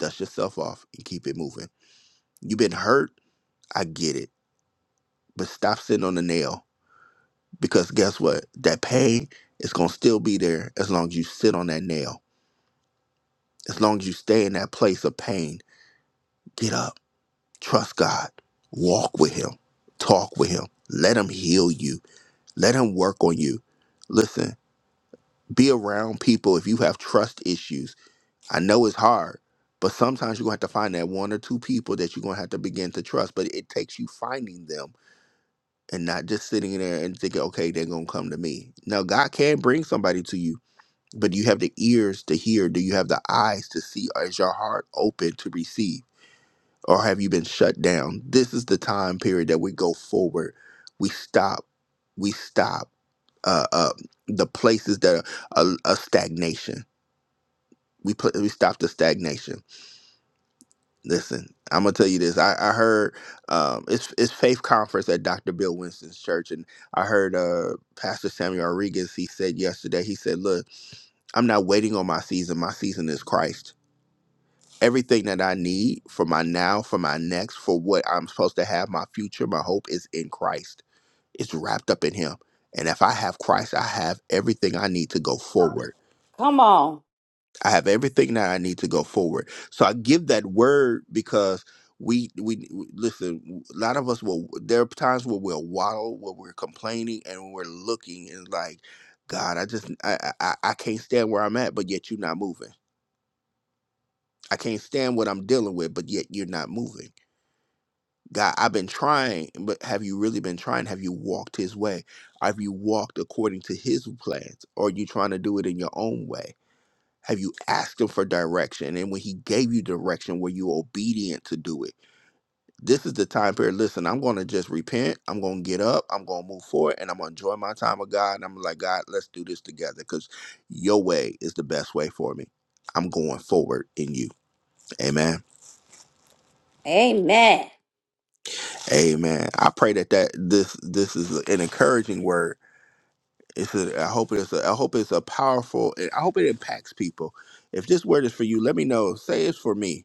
Speaker 1: dust yourself off, and keep it moving. You've been hurt. I get it. But stop sitting on the nail because guess what? That pain is going to still be there as long as you sit on that nail, as long as you stay in that place of pain. Get up, trust God, walk with Him, talk with Him, let Him heal you, let Him work on you. Listen be around people if you have trust issues. I know it's hard, but sometimes you're gonna have to find that one or two people that you're gonna have to begin to trust. But it takes you finding them and not just sitting there and thinking, okay, they're gonna come to me. Now God can bring somebody to you, but do you have the ears to hear? Do you have the eyes to see? Or is your heart open to receive? Or have you been shut down? This is the time period that we go forward. We stop. We stop uh, uh, the places that are a, a stagnation we put we stop the stagnation. Listen, I'm gonna tell you this. I, I heard um, it's it's faith conference at Dr. Bill Winston's church, and I heard uh, Pastor Samuel Rodriguez. He said yesterday. He said, "Look, I'm not waiting on my season. My season is Christ. Everything that I need for my now, for my next, for what I'm supposed to have, my future, my hope is in Christ. It's wrapped up in Him. And if I have Christ, I have everything I need to go forward."
Speaker 4: Come on.
Speaker 1: I have everything that I need to go forward. So I give that word because we we we- listen. A lot of us will. There are times where we'll waddle, where we're complaining, and we're looking and like, God, I just I I, I I can't stand where I'm at, but yet you're not moving. I can't stand what I'm dealing with, but yet you're not moving. God, I've been trying, but have you really been trying? Have you walked His way? Have you walked according to His plans, or are you trying to do it in your own way? Have you asked him for direction? And when he gave you direction, were you obedient to do it? This is the time period. Listen, I'm going to just repent. I'm going to get up. I'm going to move forward and I'm going to enjoy my time with God. And I'm like, God, let's do this together because your way is the best way for me. I'm going forward in you. Amen.
Speaker 4: Amen.
Speaker 1: Amen. I pray that, that this this is an encouraging word. It's a, I hope it's a, I hope it's a powerful I hope it impacts people. If this word is for you, let me know. Say it's for me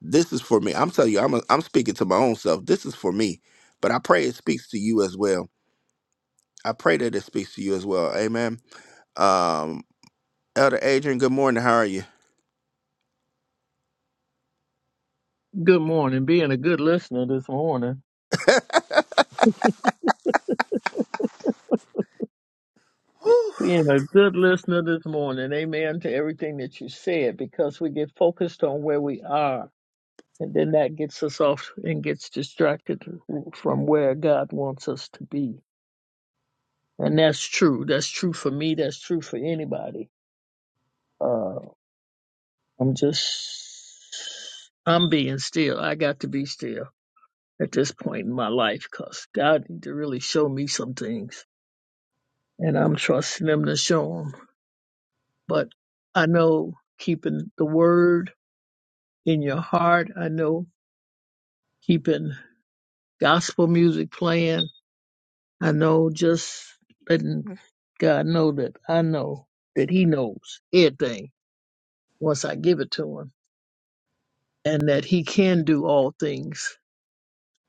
Speaker 1: This is for me. I'm telling you, I'm a, I'm speaking to my own self. This is for me, but I pray it speaks to you as well. I pray that it speaks to you as well. Amen. Um, Elder Adrian, good morning. How are you?
Speaker 5: Good morning. Being a good listener this morning. Being a good listener this morning. Amen to everything that you said because we get focused on where we are. And then that gets us off and gets distracted from where God wants us to be. And that's true. That's true for me. That's true for anybody. Uh, I'm just, I'm being still. I got to be still at this point in my life because God need to really show me some things. And I'm trusting Him to show 'em. but I know keeping the word in your heart. I know keeping gospel music playing. I know just letting God know that I know that He knows everything once I give it to Him and that He can do all things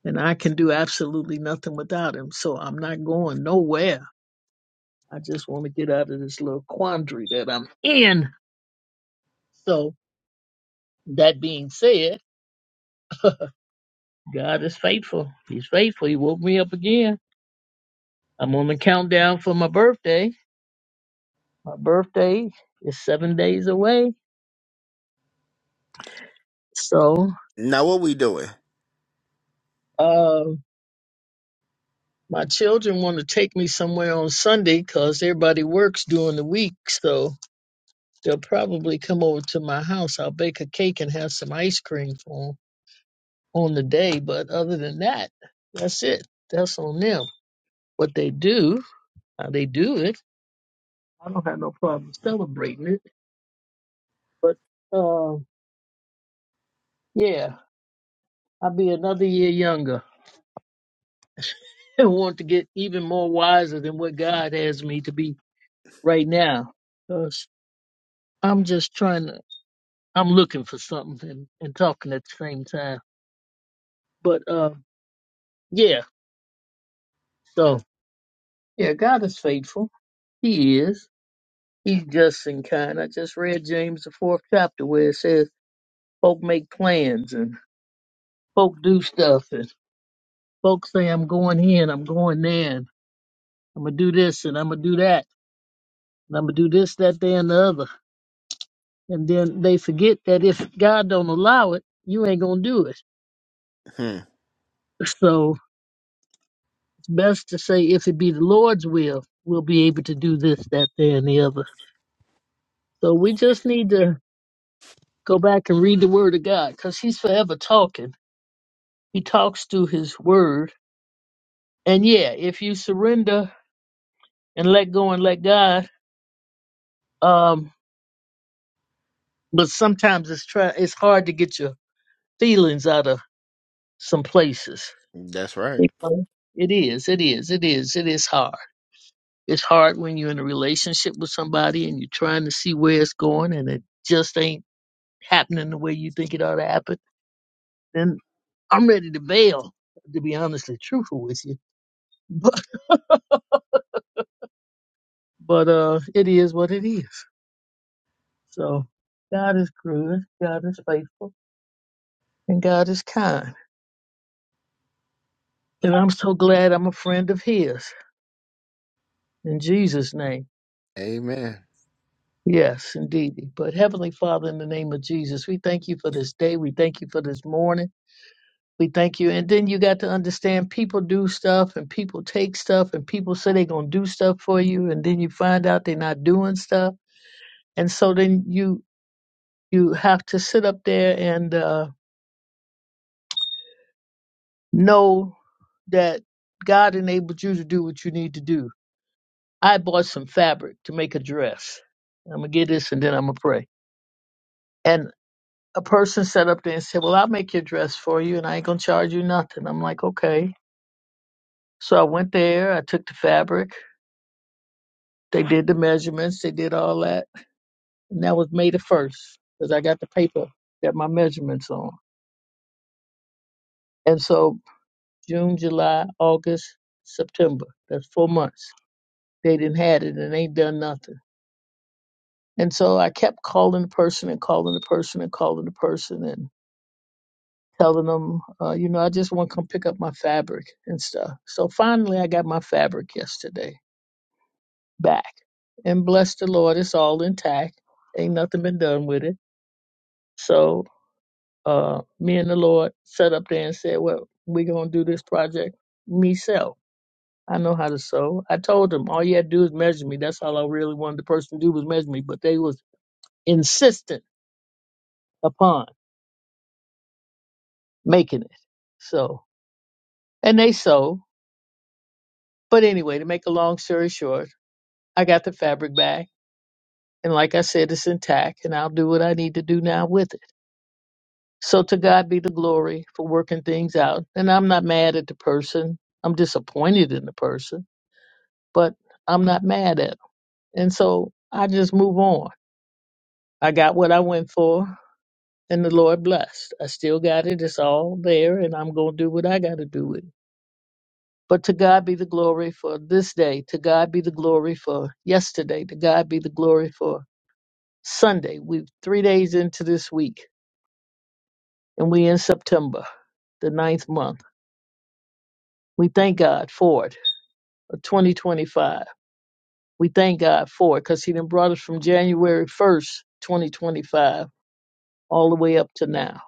Speaker 5: and I can do absolutely nothing without Him. So I'm not going nowhere. I just want to get out of this little quandary that I'm in. So that being said, God is faithful. He's faithful. He woke me up again. I'm on the countdown for my birthday. My birthday is seven days away. So,
Speaker 1: Now, what we doing?
Speaker 5: uh, my children want to take me somewhere on Sunday because everybody works during the week. So they'll probably come over to my house. I'll bake a cake and have some ice cream for 'em on the day. But other than that, that's it. That's on them. What they do, how they do it. I don't have no problem celebrating it. But, uh, yeah. I'll be another year younger and want to get even more wiser than what God has me to be right now. Because I'm just trying to, I'm looking for something and, and talking at the same time. But uh, yeah, so yeah, God is faithful. He is. He's just and kind. I just read James, the fourth chapter, where it says, folk make plans and folk do stuff and folk say, I'm going here and I'm going there and I'm going to do this and I'm going to do that and I'm going to do this, that, there, and the other and then they forget that if God don't allow it, you ain't gonna do it.
Speaker 1: Hmm.
Speaker 5: So it's best to say, if it be the Lord's will, we'll be able to do this, that, there, and the other. So we just need to go back and read the Word of God, because He's forever talking. He talks through His Word, and yeah, if you surrender and let go and let God, um, but sometimes it's try it's hard to get your feelings out of some places.
Speaker 1: That's right.
Speaker 5: Okay. It is, it is, it is, it is hard. It's hard when you're in a relationship with somebody and you're trying to see where it's going and it just ain't happening the way you think it ought to happen. Then I'm ready to bail, to be honestly truthful with you. But but uh it is what it is. So God is good, God is faithful, and God is kind. And I'm so glad I'm a friend of his. In Jesus' name.
Speaker 1: Amen.
Speaker 5: Yes, indeed. But Heavenly Father, in the name of Jesus, we thank you for this day. We thank you for this morning. We thank you. And then you got to understand people do stuff and people take stuff and people say they're going to do stuff for you. And then you find out they're not doing stuff. And so then you, you have to sit up there and, uh, know that God enabled you to do what you need to do. I bought some fabric to make a dress. I'm going to get this and then I'm going to pray. And a person sat up there and said, well, I'll make your dress for you and I ain't going to charge you nothing. I'm like, okay. So I went there. I took the fabric. They did the measurements, they did all that. And that was May the 1st because I got the paper that my measurements on. And so June, July, August, September, that's four months. They didn't had it and ain't done nothing. And so I kept calling the person and calling the person and calling the person and telling them, uh, you know, I just want to come pick up my fabric and stuff. So finally I got my fabric yesterday back. And bless the Lord, it's all intact. Ain't nothing been done with it. So uh, me and the Lord sat up there and said, "Well, we're gonna do this project." Me sew. I know how to sew. I told them all you had to do is measure me. That's all I really wanted the person to do was measure me. But they was insistent upon making it. So and they sew. But anyway, to make a long story short, I got the fabric back, and like I said, it's intact, and I'll do what I need to do now with it. So to God be the glory for working things out. And I'm not mad at the person. I'm disappointed in the person but I'm not mad at him. And so I just move on. I got what I went for, and the Lord blessed. I still got it. It's all there, and I'm going to do what I got to do with it. But to God be the glory for this day. To God be the glory for yesterday. To God be the glory for Sunday. We're three days into this week, and we in September, the ninth month. We thank God for it, for 2025. We thank God for it because He done brought us from January 1st, 2025 all the way up to now.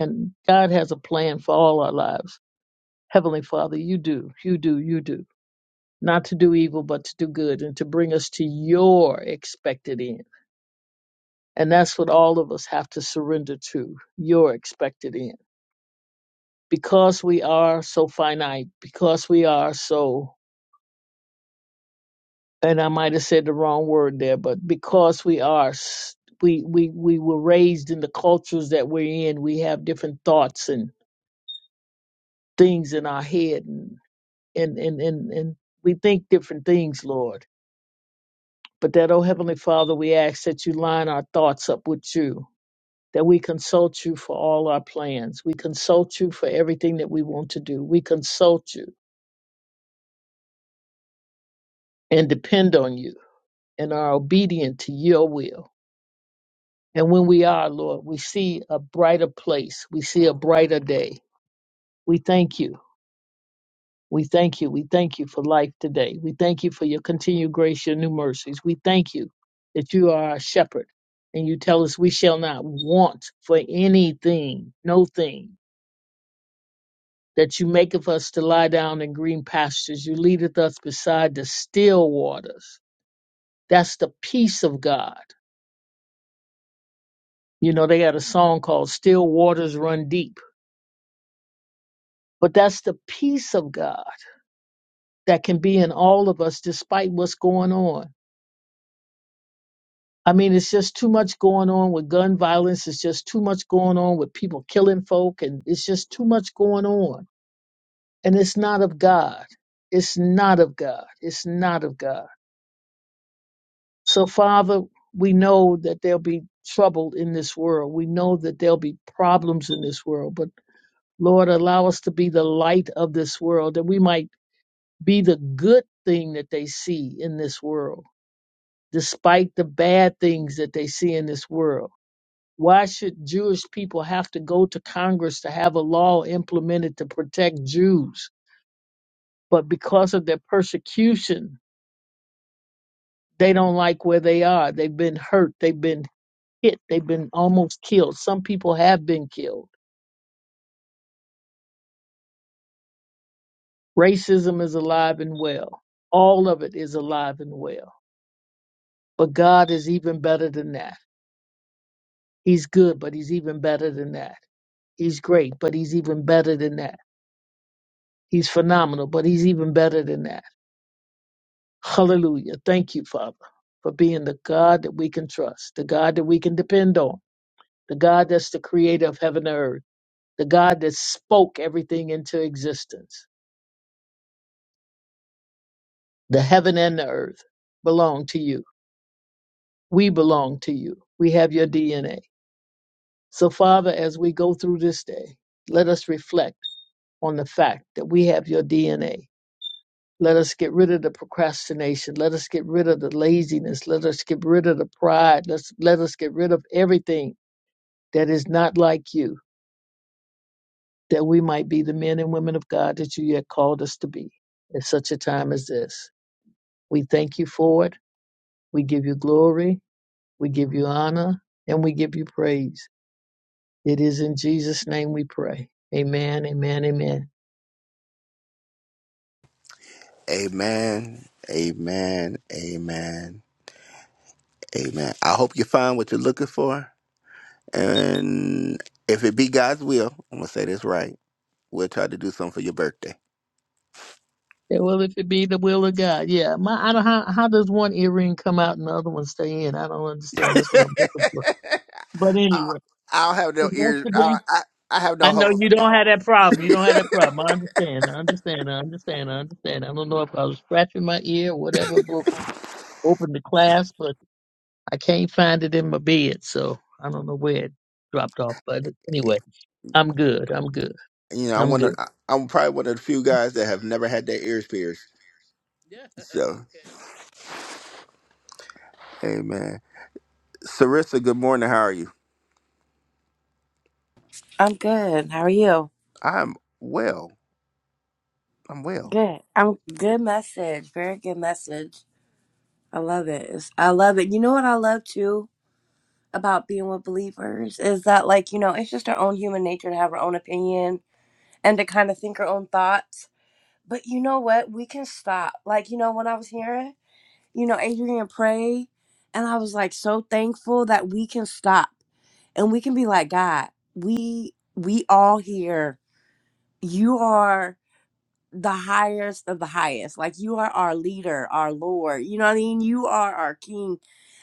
Speaker 5: And God has a plan for all our lives. Heavenly Father, you do, you do, you do. Not to do evil, but to do good and to bring us to your expected end. And that's what all of us have to surrender to your expected end. Because we are so finite, because we are so, and I might have said the wrong word there, but because we are, s- we, we, we were raised in the cultures that we're in, we have different thoughts and things in our head and and and and we think different things, Lord. But that, oh Heavenly Father, we ask that you line our thoughts up with you, that we consult you for all our plans. We consult you for everything that we want to do. We consult you and depend on you and are obedient to your will. And when we are, Lord, we see a brighter place. We see a brighter day. We thank you. We thank you. We thank you for life today. We thank you for your continued grace, your new mercies. We thank you that you are our shepherd and you tell us we shall not want for anything, no thing, that you maketh us to lie down in green pastures. You leadeth us beside the still waters. That's the peace of God. You know, they got a song called Still Waters Run Deep, but that's the peace of God that can be in all of us despite what's going on I mean, it's just too much going on with gun violence. It's just too much going on with people killing folk, and it's just too much going on. And it's not of God. It's not of God. It's not of God. So, Father, we know that there'll be trouble in this world. We know that there'll be problems in this world. But, Lord, allow us to be the light of this world, that we might be the good thing that they see in this world, despite the bad things that they see in this world Why should Jewish people have to go to Congress to have a law implemented to protect Jews? But because of their persecution, they don't like where they are. They've been hurt. They've been hit. They've been almost killed. Some people have been killed. Racism is alive and well. All of it is alive and well. But God is even better than that. He's good, but He's even better than that. He's great, but He's even better than that. He's phenomenal, but He's even better than that. Hallelujah. Thank you, Father, for being the God that we can trust, the God that we can depend on, the God that's the creator of heaven and earth, the God that spoke everything into existence. The heaven and the earth belong to you. We belong to you. We have your DNA. So, Father, as we go through this day, let us reflect on the fact that we have your DNA. Let us get rid of the procrastination. Let us get rid of the laziness. Let us get rid of the pride. Let's, let us get rid of everything that is not like you, that we might be the men and women of God that you yet called us to be at such a time as this. We thank you for it. We give you glory. We give you honor and we give you praise. It is in Jesus' name we pray. Amen, amen, amen.
Speaker 1: Amen. Amen. Amen. Amen. I hope you find what you're looking for. And if it be God's will, I'm gonna say this right. We'll try to do something for your birthday.
Speaker 5: Yeah, well, if it be the will of God, yeah. My, I don't, how, how does one earring come out and the other one stay in? I don't understand. That's what I'm looking for. But
Speaker 1: I,
Speaker 5: anyway,
Speaker 1: I don't have no
Speaker 5: that's
Speaker 1: ears.
Speaker 5: the
Speaker 1: I, I I have no
Speaker 5: I know
Speaker 1: holes in
Speaker 5: you
Speaker 1: me.
Speaker 5: don't have that problem. You don't have that problem. I understand. I understand. I understand. I understand. I don't know if I was scratching my ear or whatever book opened the class, but I can't find it in my bed, so I don't know where it dropped off. But anyway, I'm good. I'm good.
Speaker 1: You know, I
Speaker 5: I'm
Speaker 1: wonder.
Speaker 5: good.
Speaker 1: to. I'm probably one of the few guys that have never had their ears pierced.
Speaker 5: Yeah,
Speaker 1: So, amen. Sarissa, good morning. How are you?
Speaker 6: I'm good. How are you?
Speaker 1: I'm well. I'm well.
Speaker 6: Good. I'm good message. Very good message. I love it. It's- I love it. You know what I love too about being with believers is that like, you know, it's just our own human nature to have our own opinion and to kind of think our own thoughts. But you know what? We can stop. Like, you know, when I was hearing, you know, Adrian pray, and I was like so thankful that we can stop and we can be like, God, we we all here. You are the highest of the highest. Like you are our leader, our Lord. You know what I mean? You are our King.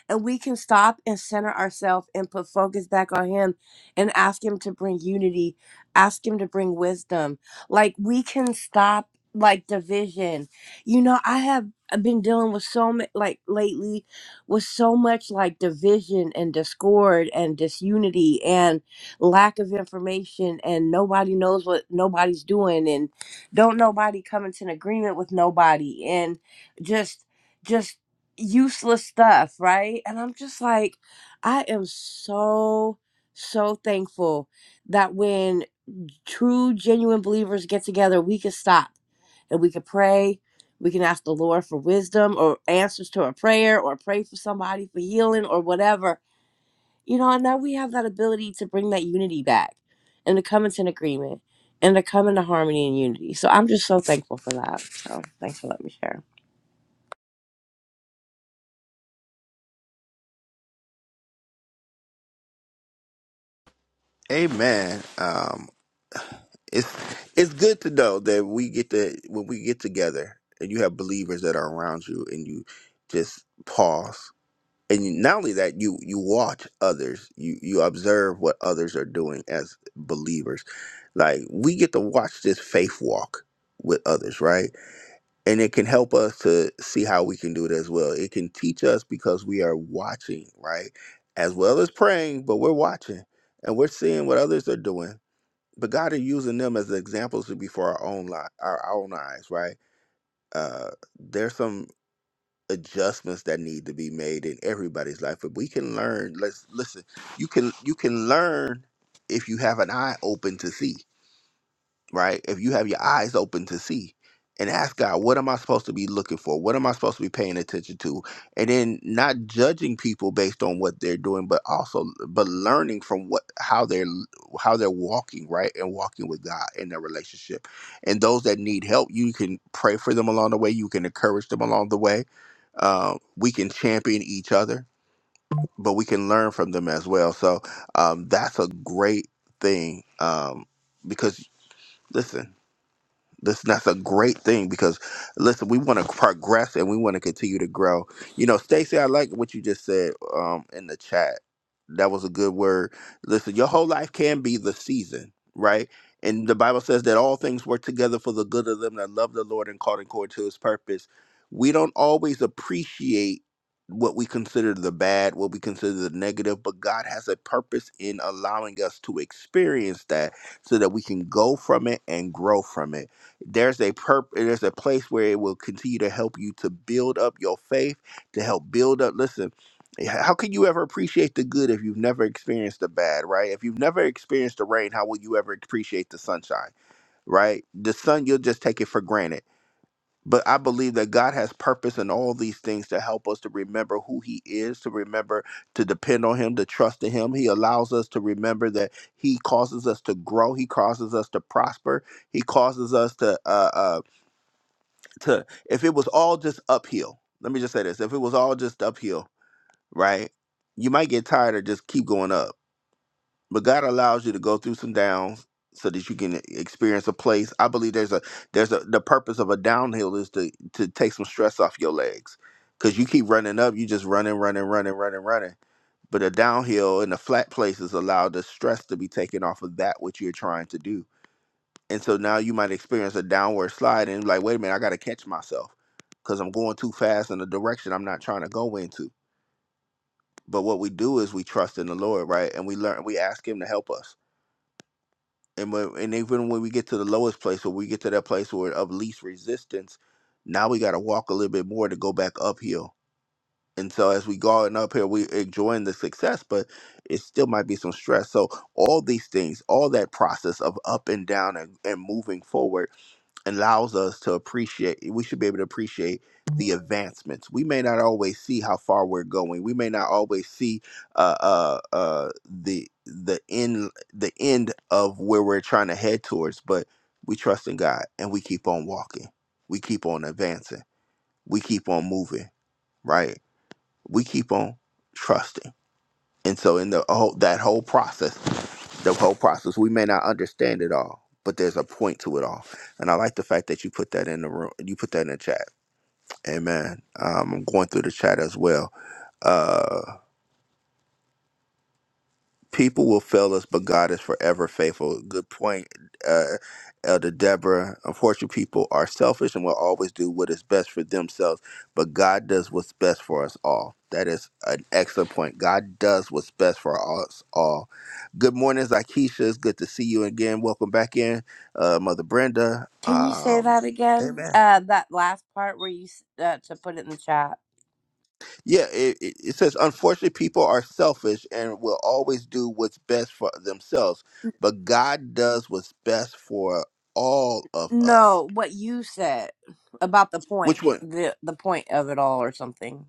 Speaker 6: And we can stop and center ourselves and put focus back on Him and ask Him to bring unity, ask Him to bring wisdom. Like we can stop like division. You know, I have I've been dealing with so much like lately with so much like division and discord and disunity and lack of information and nobody knows what nobody's doing and. Don't nobody come into an agreement with nobody and just just useless stuff, right? And I'm just like, I am so so thankful that when true genuine believers get together, we can stop and we can pray. We can ask the Lord for wisdom or answers to a prayer or pray for somebody for healing or whatever you know, and now we have that ability to bring that unity back and to come into agreement and to come into harmony and unity. So I'm just so thankful for that. So thanks for letting me share.
Speaker 1: Amen. Um, it's it's good to know that we get to when we get together and you have believers that are around you and you just pause and you, not only that you you watch others you you observe what others are doing as believers Like we get to watch this faith walk with others, right? And it can help us to see how we can do it as well. It can teach us because we are watching, right? As well as praying, but we're watching and we're seeing what others are doing. But God are using them as examples to be for our own li- our own eyes, right? Uh, there's some adjustments that need to be made in everybody's life, but we can learn. Let's listen. You can you can learn if you have an eye open to see right? If you have your eyes open to see and ask God, what am I supposed to be looking for? What am I supposed to be paying attention to? And then not judging people based on what they're doing, but also but learning from what how they're how they're walking, right? And walking with God in their relationship. And those that need help, you can pray for them along the way. You can encourage them along the way. Um, we can champion each other, but we can learn from them as well. So um, that's a great thing um, because listen. This that's a great thing because listen, we want to progress and we want to continue to grow. You know, Stacy, I like what you just said um in the chat. That was a good word. Listen, your whole life can be the season, right? And the Bible says that all things work together for the good of them that love the Lord and called according to his purpose. We don't always appreciate what we consider the bad, what we consider the negative, but God has a purpose in allowing us to experience that so that we can go from it and grow from it there's a perp there's a place where it will continue to help you to build up your faith to help build up listen how can you ever appreciate the good if you've never experienced the bad right if you've never experienced the rain how will you ever appreciate the sunshine right the sun you'll just take it for granted but i believe that god has purpose in all these things to help us to remember who he is to remember to depend on him to trust in him he allows us to remember that he causes us to grow he causes us to prosper he causes us to uh, uh, to if it was all just uphill let me just say this if it was all just uphill right you might get tired of just keep going up but god allows you to go through some downs so that you can e, experience a place i believe there's a there's a the purpose of a downhill is to to take some stress off your legs because you keep running up you just running running running running running but a downhill and the flat places allow the stress to be taken off of that which you're trying to do and so now you might experience a downward slide and like wait a minute i gotta catch myself because I'm going too fast in a direction I'm not trying to go into. But what we do is we trust in the Lord, right? And we learn, we ask Him to help us. And when, and even when we get to the lowest place, or we get to that place where of least resistance, now we got to walk a little bit more to go back uphill. And so as we going up here, we enjoying the success, but it still might be some stress. So all these things, all that process of up and down and, and moving forward allows us to appreciate we should be able to appreciate the advancements we may not always see how far we're going we may not always see uh uh, uh the the end the end of where we're trying to head towards but we trust in god and we keep on walking we keep on advancing we keep on moving right we keep on trusting and so in the whole that whole process the whole process. We may not understand it all, but there's a point to it all. And I like the fact that you put that in the room. You put that in the chat. Amen. Um, I'm going through the chat as well. Uh, people will fail us, but God is forever faithful. Good point, uh, Elder Deborah. Unfortunately, people are selfish and will always do what is best for themselves, but God does what's best for us all. That is an excellent point. God does what's best for us all Good morning, Zakeisha. It's good to see you again. Welcome back in, uh, Mother Brenda.
Speaker 6: Can you say
Speaker 1: Um,
Speaker 6: that again?
Speaker 1: Amen.
Speaker 6: Uh, that last part where you s- uh, to put it in the chat.
Speaker 1: Yeah, it, it it says, unfortunately, people are selfish and will always do what's best for themselves, but God does what's best for all of
Speaker 6: No,
Speaker 1: us.
Speaker 6: what you said about the point,
Speaker 1: Which one?
Speaker 6: the the point of it all, or something.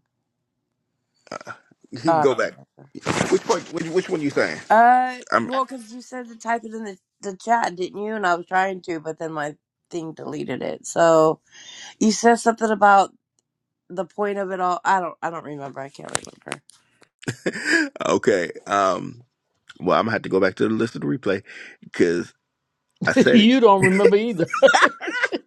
Speaker 6: I
Speaker 1: Go
Speaker 6: don't
Speaker 1: back.
Speaker 6: remember.
Speaker 1: Which one? Which, which one you saying?
Speaker 6: Uh,
Speaker 1: I'm
Speaker 6: well, because you said to type it in the the chat, didn't you? And I was trying to, but then my thing deleted it. So you said something about the point of it all i don't i don't remember i can't remember
Speaker 1: okay. Um, well, I'm gonna have to go back to the list of the replay because I
Speaker 5: okay.
Speaker 1: said it.
Speaker 5: you don't remember either.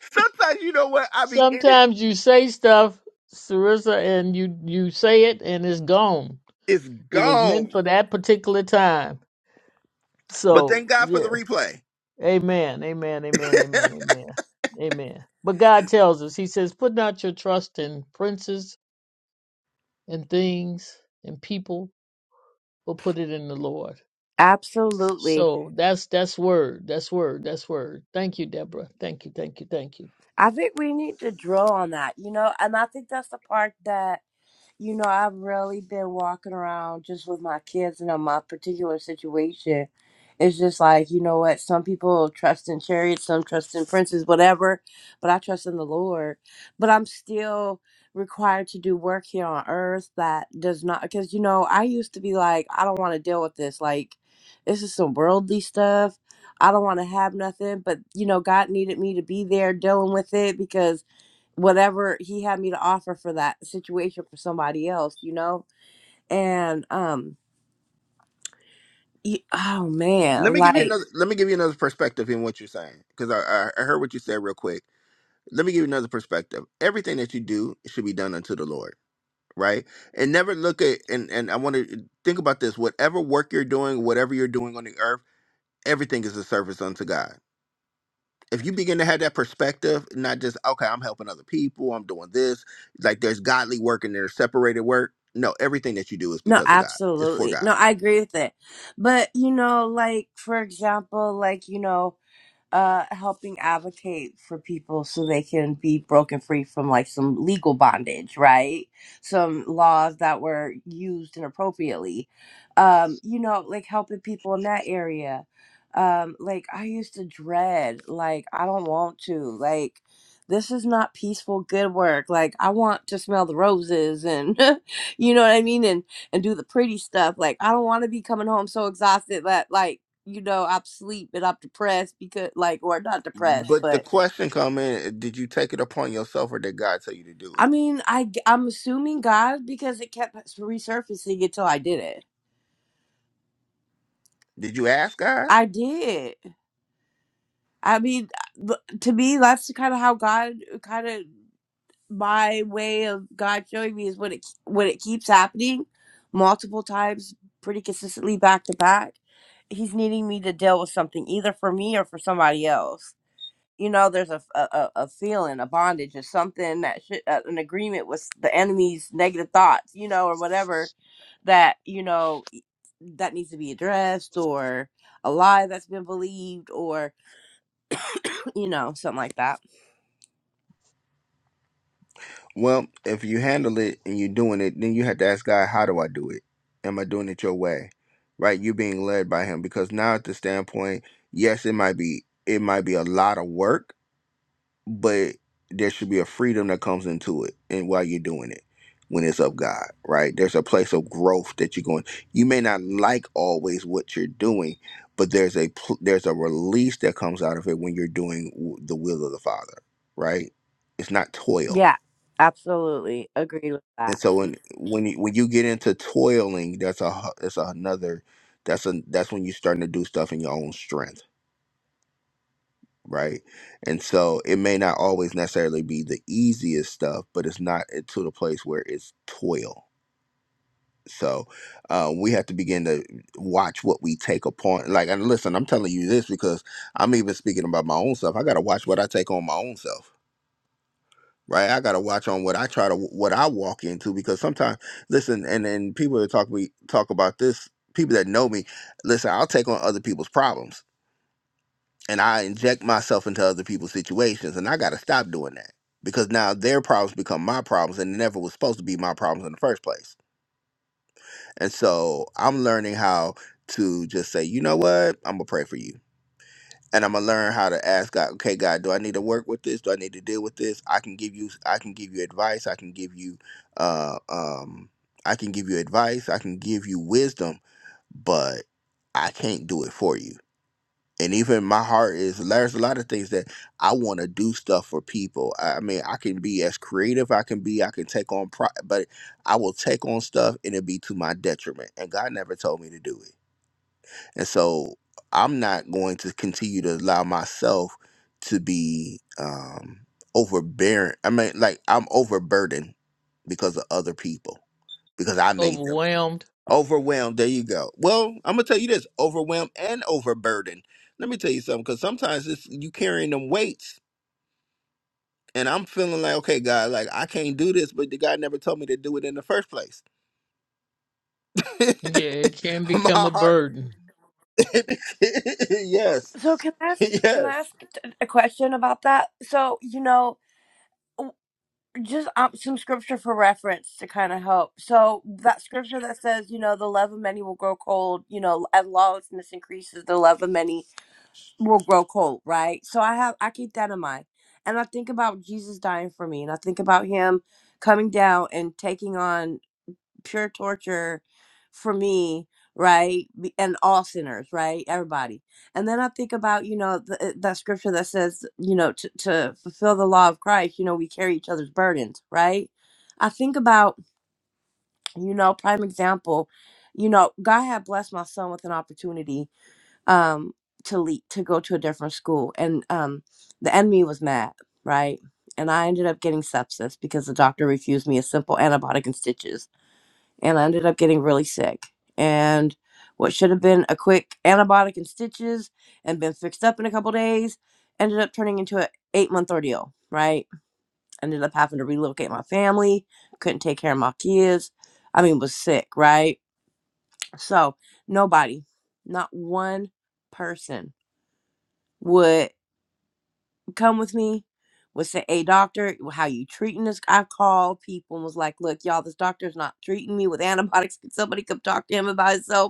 Speaker 1: Sometimes you know what? I be in it.
Speaker 5: Sometimes you say stuff, Sarissa, and you you say it and it's gone.
Speaker 1: It's
Speaker 5: It was
Speaker 1: gone.
Speaker 5: meant for that particular time.
Speaker 1: But
Speaker 5: So
Speaker 1: thank God for
Speaker 5: yeah.
Speaker 1: the replay.
Speaker 5: Amen. Amen. Amen. Amen. Amen. Amen. But God tells us, He says, put not your trust in princes and things and people, but put it in the Lord.
Speaker 6: Absolutely.
Speaker 5: So that's that's word. That's word. That's word. Thank you, Deborah. Thank you. Thank you. Thank you.
Speaker 6: I think we need to draw on that, you know, and I think that's the part that You know, I've really been walking around just with my kids and in my particular situation. It's just like, you know what, some people trust in chariots, some trust in princes, whatever, but I trust in the Lord. But I'm still required to do work here on earth that does not, because, you know, I used to be like, I don't want to deal with this. Like, this is some worldly stuff. I don't want to have nothing, but, you know, God needed me to be there dealing with it because whatever he had me to offer for that situation for somebody else, you know? And um y- oh
Speaker 1: Let
Speaker 6: man,
Speaker 1: me give you
Speaker 6: like
Speaker 1: another. Let me give you another perspective in what you're saying, because I, I I heard what you said real quick. Let me give you another perspective. Everything that you do should be done unto the Lord, right? And never look at and and I want to think about this. Whatever work you're doing, whatever you're doing on the earth, everything is a service unto God. If you begin to have that perspective, not just okay, I'm helping other people, I'm doing this. Like there's godly work and there's separated work. No, everything that you do is
Speaker 6: no,
Speaker 1: because of God. It's for
Speaker 6: absolutely.
Speaker 1: God.
Speaker 6: No, I agree with it. But you know, like for example, like you know. uh helping advocate for people so they can be broken free from like some legal bondage right some laws that were used inappropriately um you know like helping people in that area um like i used to dread like i don't want to like this is not peaceful good work like i want to smell the roses and you know what i mean and and do the pretty stuff like i don't want to be coming home so exhausted that like you know, I'm asleep and I'm depressed because, like, or not depressed,
Speaker 1: But the
Speaker 6: but
Speaker 1: question come in: eh, Did you take it upon yourself, or did God tell you to do
Speaker 6: I
Speaker 1: it?
Speaker 6: mean, I i g- I'm assuming God because it kept resurfacing until I did it.
Speaker 1: Did you ask God?
Speaker 6: I did. I mean, th- to me, that's kind of how God, kind of my way of God showing me is when it when it keeps happening, multiple times, pretty consistently back to back. He's needing me to deal with something either for me or for somebody else you know there's a a, a feeling a bondage or something that should, uh, an agreement with the enemy's negative thoughts you know or whatever that you know e, that needs to be addressed or a lie that's been believed or you know something like that
Speaker 1: Well, if you handle it and you're doing it, then you have to ask God, "How do I do it? Am I doing it your way? Right? You're being led by Him because now, at the standpoint, yes, it might be it might be a lot of work, but there should be a freedom that comes into it and while you're doing it when it's of God, right? There's a place of growth that you're going. You may not like always what you're doing, but there's a pl- there's a release that comes out of it when you're doing w- the will of the Father, right? It's not toil.
Speaker 6: yeah absolutely agreed with that
Speaker 1: And so when
Speaker 6: Mm.
Speaker 1: when you, when you get into toiling, that's a hu- that's another that's a that's when you're starting to do stuff in your own strength right? And so it may not always necessarily be the easiest stuff, but it's not it- to the place where it's toil. So uh, we have to begin to watch what we take upon. Like, and listen, I'm telling you this because I'm even speaking about my own self. I got to watch what I take on my own self. Right, I gotta watch on what I try to what I walk into because sometimes, listen, and and people that talk we talk about this, people that know me, listen, I'll take on other people's problems and I inject myself into other people's situations, and I got to stop doing that because now their problems become my problems, and it never was supposed to be my problems in the first place. And so I'm learning how to just say, you know what, I'm gonna pray for you, and I'm gonna learn how to ask God, okay, God, do I need to work with this? Do I need to deal with this? I can give you, I can give you advice. I can give you, uh, um, I can give you advice. I can give you wisdom, but I can't do it for you and even my heart is there's a lot of things that I want to do stuff for people. I I mean, I can be as creative I can be. I can take on pro, but I will take on stuff and it be to my detriment. And God never told me to do it. And so I'm not going to continue to allow myself to be um overbearing. I mean, like I'm overburdened because of other people because I made them.
Speaker 5: Overwhelmed.
Speaker 1: Overwhelmed. There you go. Well, I'm gonna tell you this: overwhelmed and overburdened. Let me tell you something, because sometimes it's you carrying them weights, and I'm feeling like, okay, God, like I can't do this, but the guy never told me to do it in the first place.
Speaker 5: Yeah, it can
Speaker 1: My
Speaker 5: become a
Speaker 1: heart.
Speaker 5: burden.
Speaker 1: yes.
Speaker 6: so can i ask can i
Speaker 1: Yes.
Speaker 6: ask t- a question about that so you know just um, some scripture for reference to kind of help. So that scripture that says, you know, the love of many will grow cold. You know, as lawlessness increases, the love of many will grow cold. Right. So I have I keep that in mind, and I think about Jesus dying for me, and I think about Him coming down and taking on pure torture for me right Be- and all sinners right everybody and then i think about you know the, uh, that scripture that says you know to, to fulfill the law of christ you know we carry each other's burdens right i think about you know prime example you know god had blessed my son with an opportunity um to lead to go to a different school and um the enemy was mad right and i ended up getting sepsis because the doctor refused me a simple antibiotic and stitches and I ended up getting really sick. And what should have been a quick antibiotic and stitches and been fixed up in a couple days ended up turning into an eight month ordeal, right? Ended up having to relocate my family, couldn't take care of my kids. I mean, was sick, right? So, nobody, not one person would come with me, would say, Hey, doctor, how you treating this? I called people and was like, Look, y'all, this doctor's not treating me with antibiotics. Could somebody come talk to him about himself?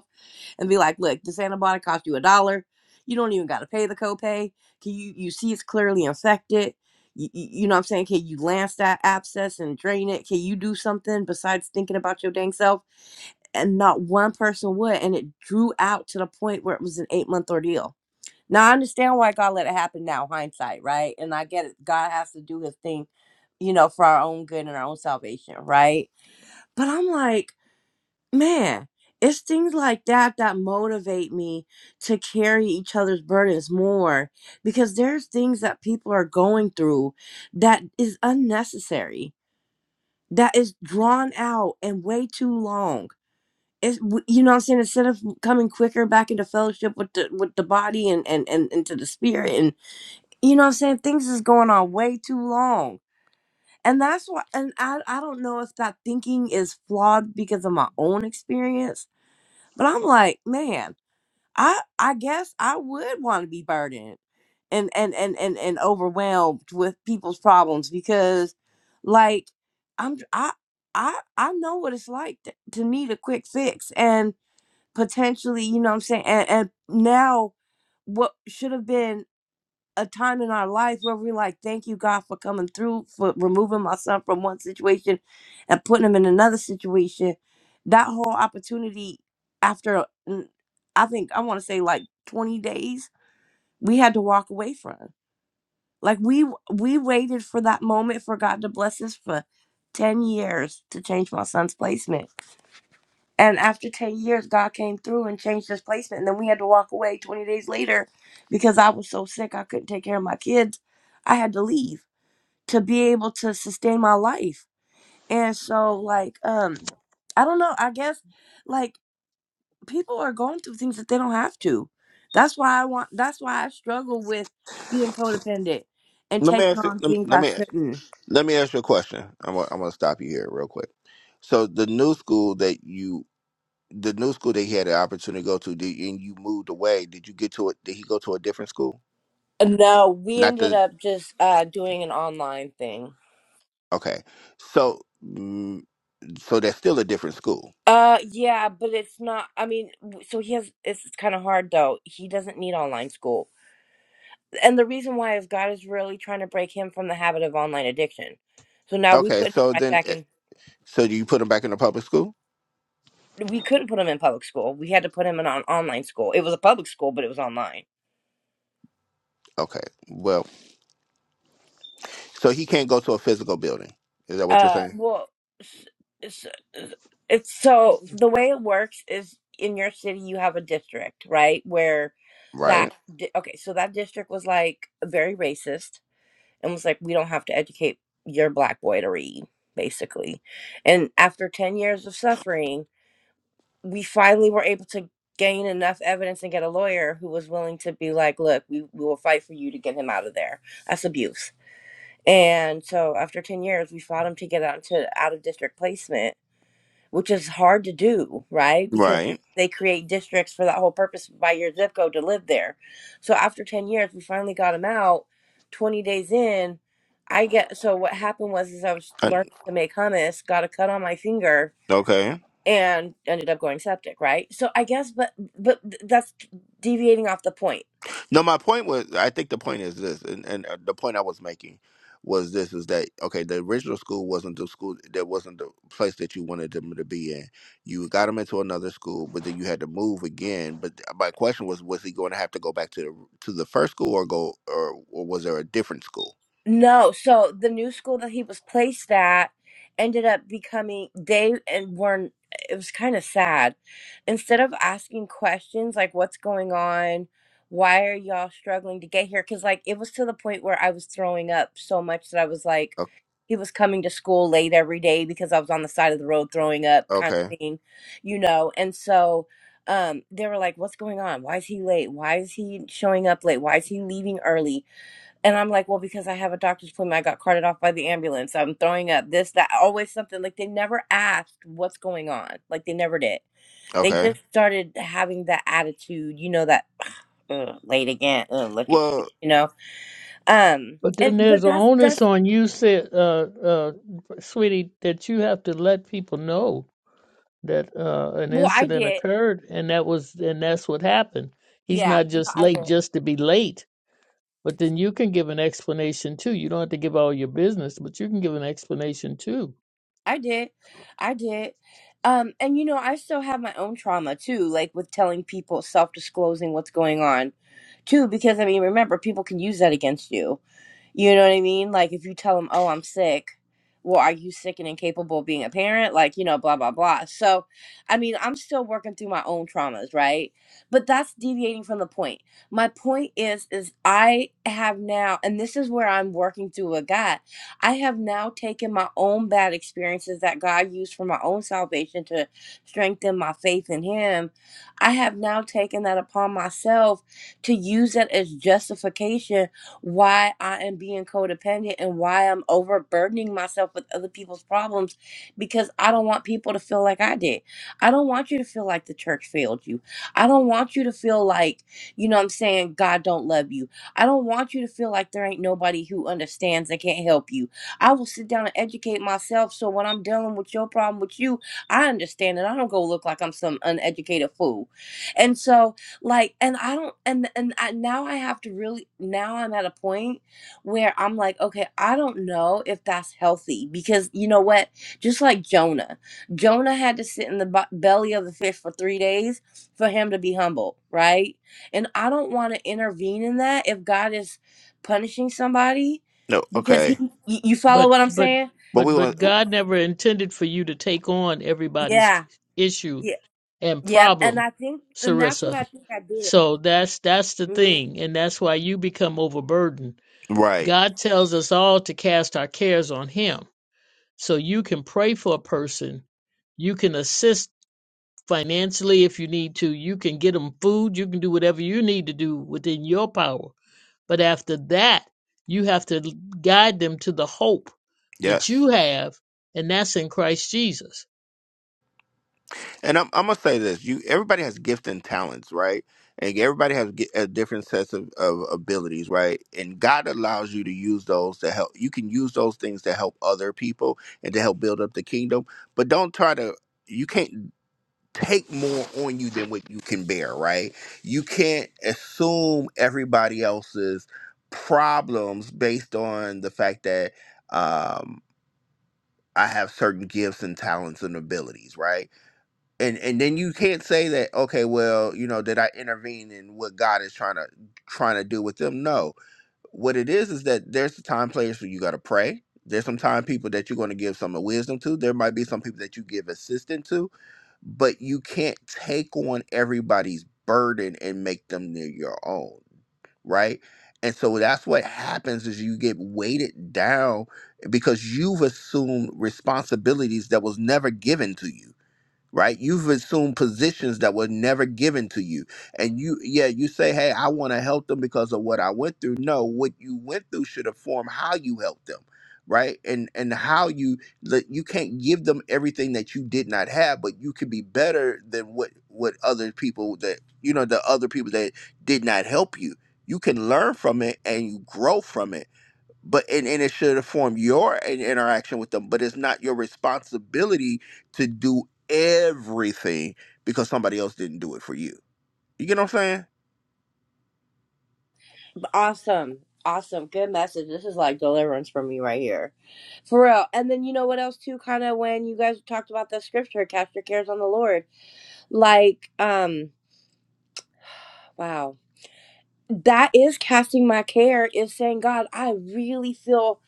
Speaker 6: and be like, look, this antibiotic cost you a dollar. You don't even got to pay the copay. Can you, you see it's clearly infected. You, you know what I'm saying? Can you lance that abscess and drain it? Can you do something besides thinking about your dang self? And not one person would. And it drew out to the point where it was an eight month ordeal. Now, I understand why God let it happen now, hindsight, right? And I get it. God has to do his thing, you know, for our own good and our own salvation, right? But I'm like, man it's things like that that motivate me to carry each other's burdens more because there's things that people are going through that is unnecessary that is drawn out and way too long it's, w- you know what i'm saying instead of coming quicker back into fellowship with the with the body and and and into the spirit and you know what i'm saying things is going on way too long and that's why and i i don't know if that thinking is flawed because of my own experience but I'm like, man, I I guess I would want to be burdened and and and and and overwhelmed with people's problems because, like, I'm I I I know what it's like to, to need a quick fix and potentially, you know, what I'm saying, and, and now what should have been a time in our life where we're like, thank you, God, for coming through, for removing my son from one situation and putting him in another situation. That whole opportunity, after mm, I think I want to say like 20 days, we had to walk away from. Like we we waited for that moment for God to bless us for 10 years to change my son's placement. And after 10 years, God came through and changed his placement. And then we had to walk away 20 days later because I was so sick. I couldn't take care of my kids. I had to leave to be able to sustain my life. And so, like, um, I don't know. I guess, like, people are going through things that they don't have to. That's why I want, that's why I struggle with being codependent and
Speaker 1: Let me
Speaker 6: taking
Speaker 1: ask you.
Speaker 6: on
Speaker 1: Let me
Speaker 6: things
Speaker 1: let
Speaker 6: I
Speaker 1: me
Speaker 6: shouldn't.
Speaker 1: let me ask you a question. I'm gonna, I'm gonna stop you here real quick. So the new school that you the new school that he had the opportunity to go to, did, and you moved away. Did you get to it? Did he go to a different school?
Speaker 6: No, we
Speaker 1: Not
Speaker 6: ended
Speaker 1: the
Speaker 6: up just uh, doing an online thing.
Speaker 1: Okay. So, mm, so that's still a different school.
Speaker 6: Uh, yeah, but it's not. I mean, w- so he has. It's kind of hard though. He doesn't need online school, and the reason why is God is really trying to break him from the habit of online addiction. So now we
Speaker 1: Okay.
Speaker 6: put him
Speaker 1: So
Speaker 6: right
Speaker 1: then,
Speaker 6: back
Speaker 1: eh,
Speaker 6: in.
Speaker 1: so do you put him back in the public school?
Speaker 6: We couldn't put him in public school. We had to put him in on online school. It was a public school, but it was online.
Speaker 1: Okay. Well, so he can't go to a physical building. Is that what you're
Speaker 6: Uh,
Speaker 1: saying?
Speaker 6: well, s- s- s- it's so the way it works is in your city you have a district, right? Where that
Speaker 1: Right.
Speaker 6: di- okay, so that district was like very racist and was like, we don't have to educate your black boy to read, basically. And after 10 years of suffering, we finally were able to gain enough evidence and get a lawyer who was willing to be like, look, we, we will fight for you to get him out of there. That's abuse. And so after 10 years, we fought him to get out into out of district placement which is hard to do, right? Because
Speaker 1: Right.
Speaker 6: they create districts for that whole purpose by your zip code to live there. So after 10 years, we finally got him out. 20 days in, I get so what happened was is I was
Speaker 1: Uh,
Speaker 6: learning to make hummus, got a cut on my finger
Speaker 1: okay.
Speaker 6: and ended up going septic, right? So I guess but but that's deviating off the point
Speaker 1: No, my point was, I think the point is this, and, and uh, the point I was making was this: is that okay? The original school wasn't the school that wasn't the place that you wanted them to be in. You got them into another school, but then you had to move again. But my question was: was he going to have to go back to the to the first school, or go, or, or was there a different school?
Speaker 6: No, so the new school that he was placed at ended up becoming they and weren't it was kind of sad. Instead of asking questions like what's going on, why are y'all struggling to get here? Because like it was to the point where I was throwing up so much that I was like
Speaker 1: O-
Speaker 6: he was coming to school late every day because I was on the side of the road throwing up kind
Speaker 1: Okay,
Speaker 6: of thing, you know. And so um they were like, What's going on? Why is he late? Why is he showing up late? Why is he leaving early? And I'm like, well, because I have a doctor's appointment, I got carted off by the ambulance. I'm throwing up this, that, always something. Like they never asked what's going on. Like they never did. They
Speaker 1: okay.
Speaker 6: just started having that attitude, you know, that "Ugh, late again. Ugh, look at you,
Speaker 1: Well,
Speaker 6: you know. Um,
Speaker 5: But
Speaker 6: and
Speaker 5: then
Speaker 6: but
Speaker 5: there's an
Speaker 6: that's
Speaker 5: onus
Speaker 6: that's
Speaker 5: on you, said uh, uh, sweetie, that you have to let people know that uh, an
Speaker 6: well, I
Speaker 5: incident
Speaker 6: did.
Speaker 5: occurred and that was and that's what happened he's
Speaker 6: Yeah,
Speaker 5: not
Speaker 6: no,
Speaker 5: just
Speaker 6: I
Speaker 5: late
Speaker 6: did.
Speaker 5: just to be late but then you can give an explanation too you don't have to give all your business but you can give an explanation too
Speaker 6: I did. I did. Um, and you know, I still have my own trauma too, like with telling people, self disclosing what's going on too, because I mean, remember, people can use that against you You know what I mean? Like if you tell them, "Oh, I'm sick," well, are you sick and incapable of being a parent? Like you know, blah blah blah. So, I mean, I'm still working through my own traumas, right? But that's deviating from the point. My point is, is I have now, and this is where I'm working through with God. I have now taken my own bad experiences that God used for my own salvation to strengthen my faith in Him. I have now taken that upon myself to use it as justification why I am being codependent and why I'm overburdening myself with other people's problems because I don't want people to feel like I did. I don't want you to feel like the church failed you. I don't want you to feel like, you know what I'm saying, God don't love you. I don't want you to feel like there ain't nobody who understands and can't help you. I will sit down and educate myself so when I'm dealing with your problem with you, I understand and I don't go look like I'm some uneducated fool. And so like and i don't and and I, now i have to really now i'm at a point where i'm like okay i don't know if that's healthy because you know what just like jonah jonah had to sit in the bu- belly of the fish for three days for him to be humble right and i don't want to intervene in that if god is punishing somebody
Speaker 1: no,
Speaker 6: because he
Speaker 1: okay,
Speaker 6: y- you follow
Speaker 5: but
Speaker 6: what i'm
Speaker 5: but
Speaker 6: saying
Speaker 1: but we
Speaker 5: but
Speaker 1: want
Speaker 5: but god never intended for you to take on everybody's
Speaker 6: yeah
Speaker 5: issue
Speaker 6: yeah
Speaker 5: and
Speaker 6: yeah and
Speaker 5: problem
Speaker 6: i think and that's what
Speaker 5: sarissa
Speaker 6: i think i did
Speaker 5: so that's that's the
Speaker 6: mm-hmm.
Speaker 5: thing, and that's why you become overburdened.
Speaker 1: right.
Speaker 5: God tells us all to cast our cares on Him. So you can pray for a person. You can assist financially if you need to. You can get them food. You can do whatever you need to do within your power. But after that, you have to guide them to the hope that
Speaker 1: Yes.
Speaker 5: you have, and that's in Christ Jesus.
Speaker 1: And I'm, I'm gonna say this: you, everybody has gifts and talents, right? And everybody has gi- a different sets of, of abilities, right? And God allows you to use those to help. You can use those things to help other people and to help build up the kingdom. But don't try to. You can't take more on you than what you can bear, right? You can't assume everybody else's problems based on the fact that um, I have certain gifts and talents and abilities, right? and and then you can't say that okay well you know did i intervene in what god is trying to trying to do with them no what it is is that there's the time players who you got to pray there's some time people that you're going to give some of wisdom to there might be some people that you give assistance to but you can't take on everybody's burden and make them near your own right and so that's what happens is you get weighted down because you've assumed responsibilities that was never given to you right? You've assumed positions that were never given to you. And you, yeah, you say, hey, I want to help them because of what I went through. No, what you went through should inform how you help them, right? And and how you that you can't give them everything that you did not have, but you can be better than what what other people that you know the other people that did not help you. You can learn from it and you grow from it but and, and it should inform your in- interaction with them but it's not your responsibility to do everything because somebody else didn't do it for you you get what i'm saying
Speaker 6: Awesome. Awesome. Good message. This is like deliverance for me right here. For real. And then you know what else too, kinda when you guys talked about the scripture, cast your cares on the Lord. Like, um, wow that is casting my care is saying god i really feel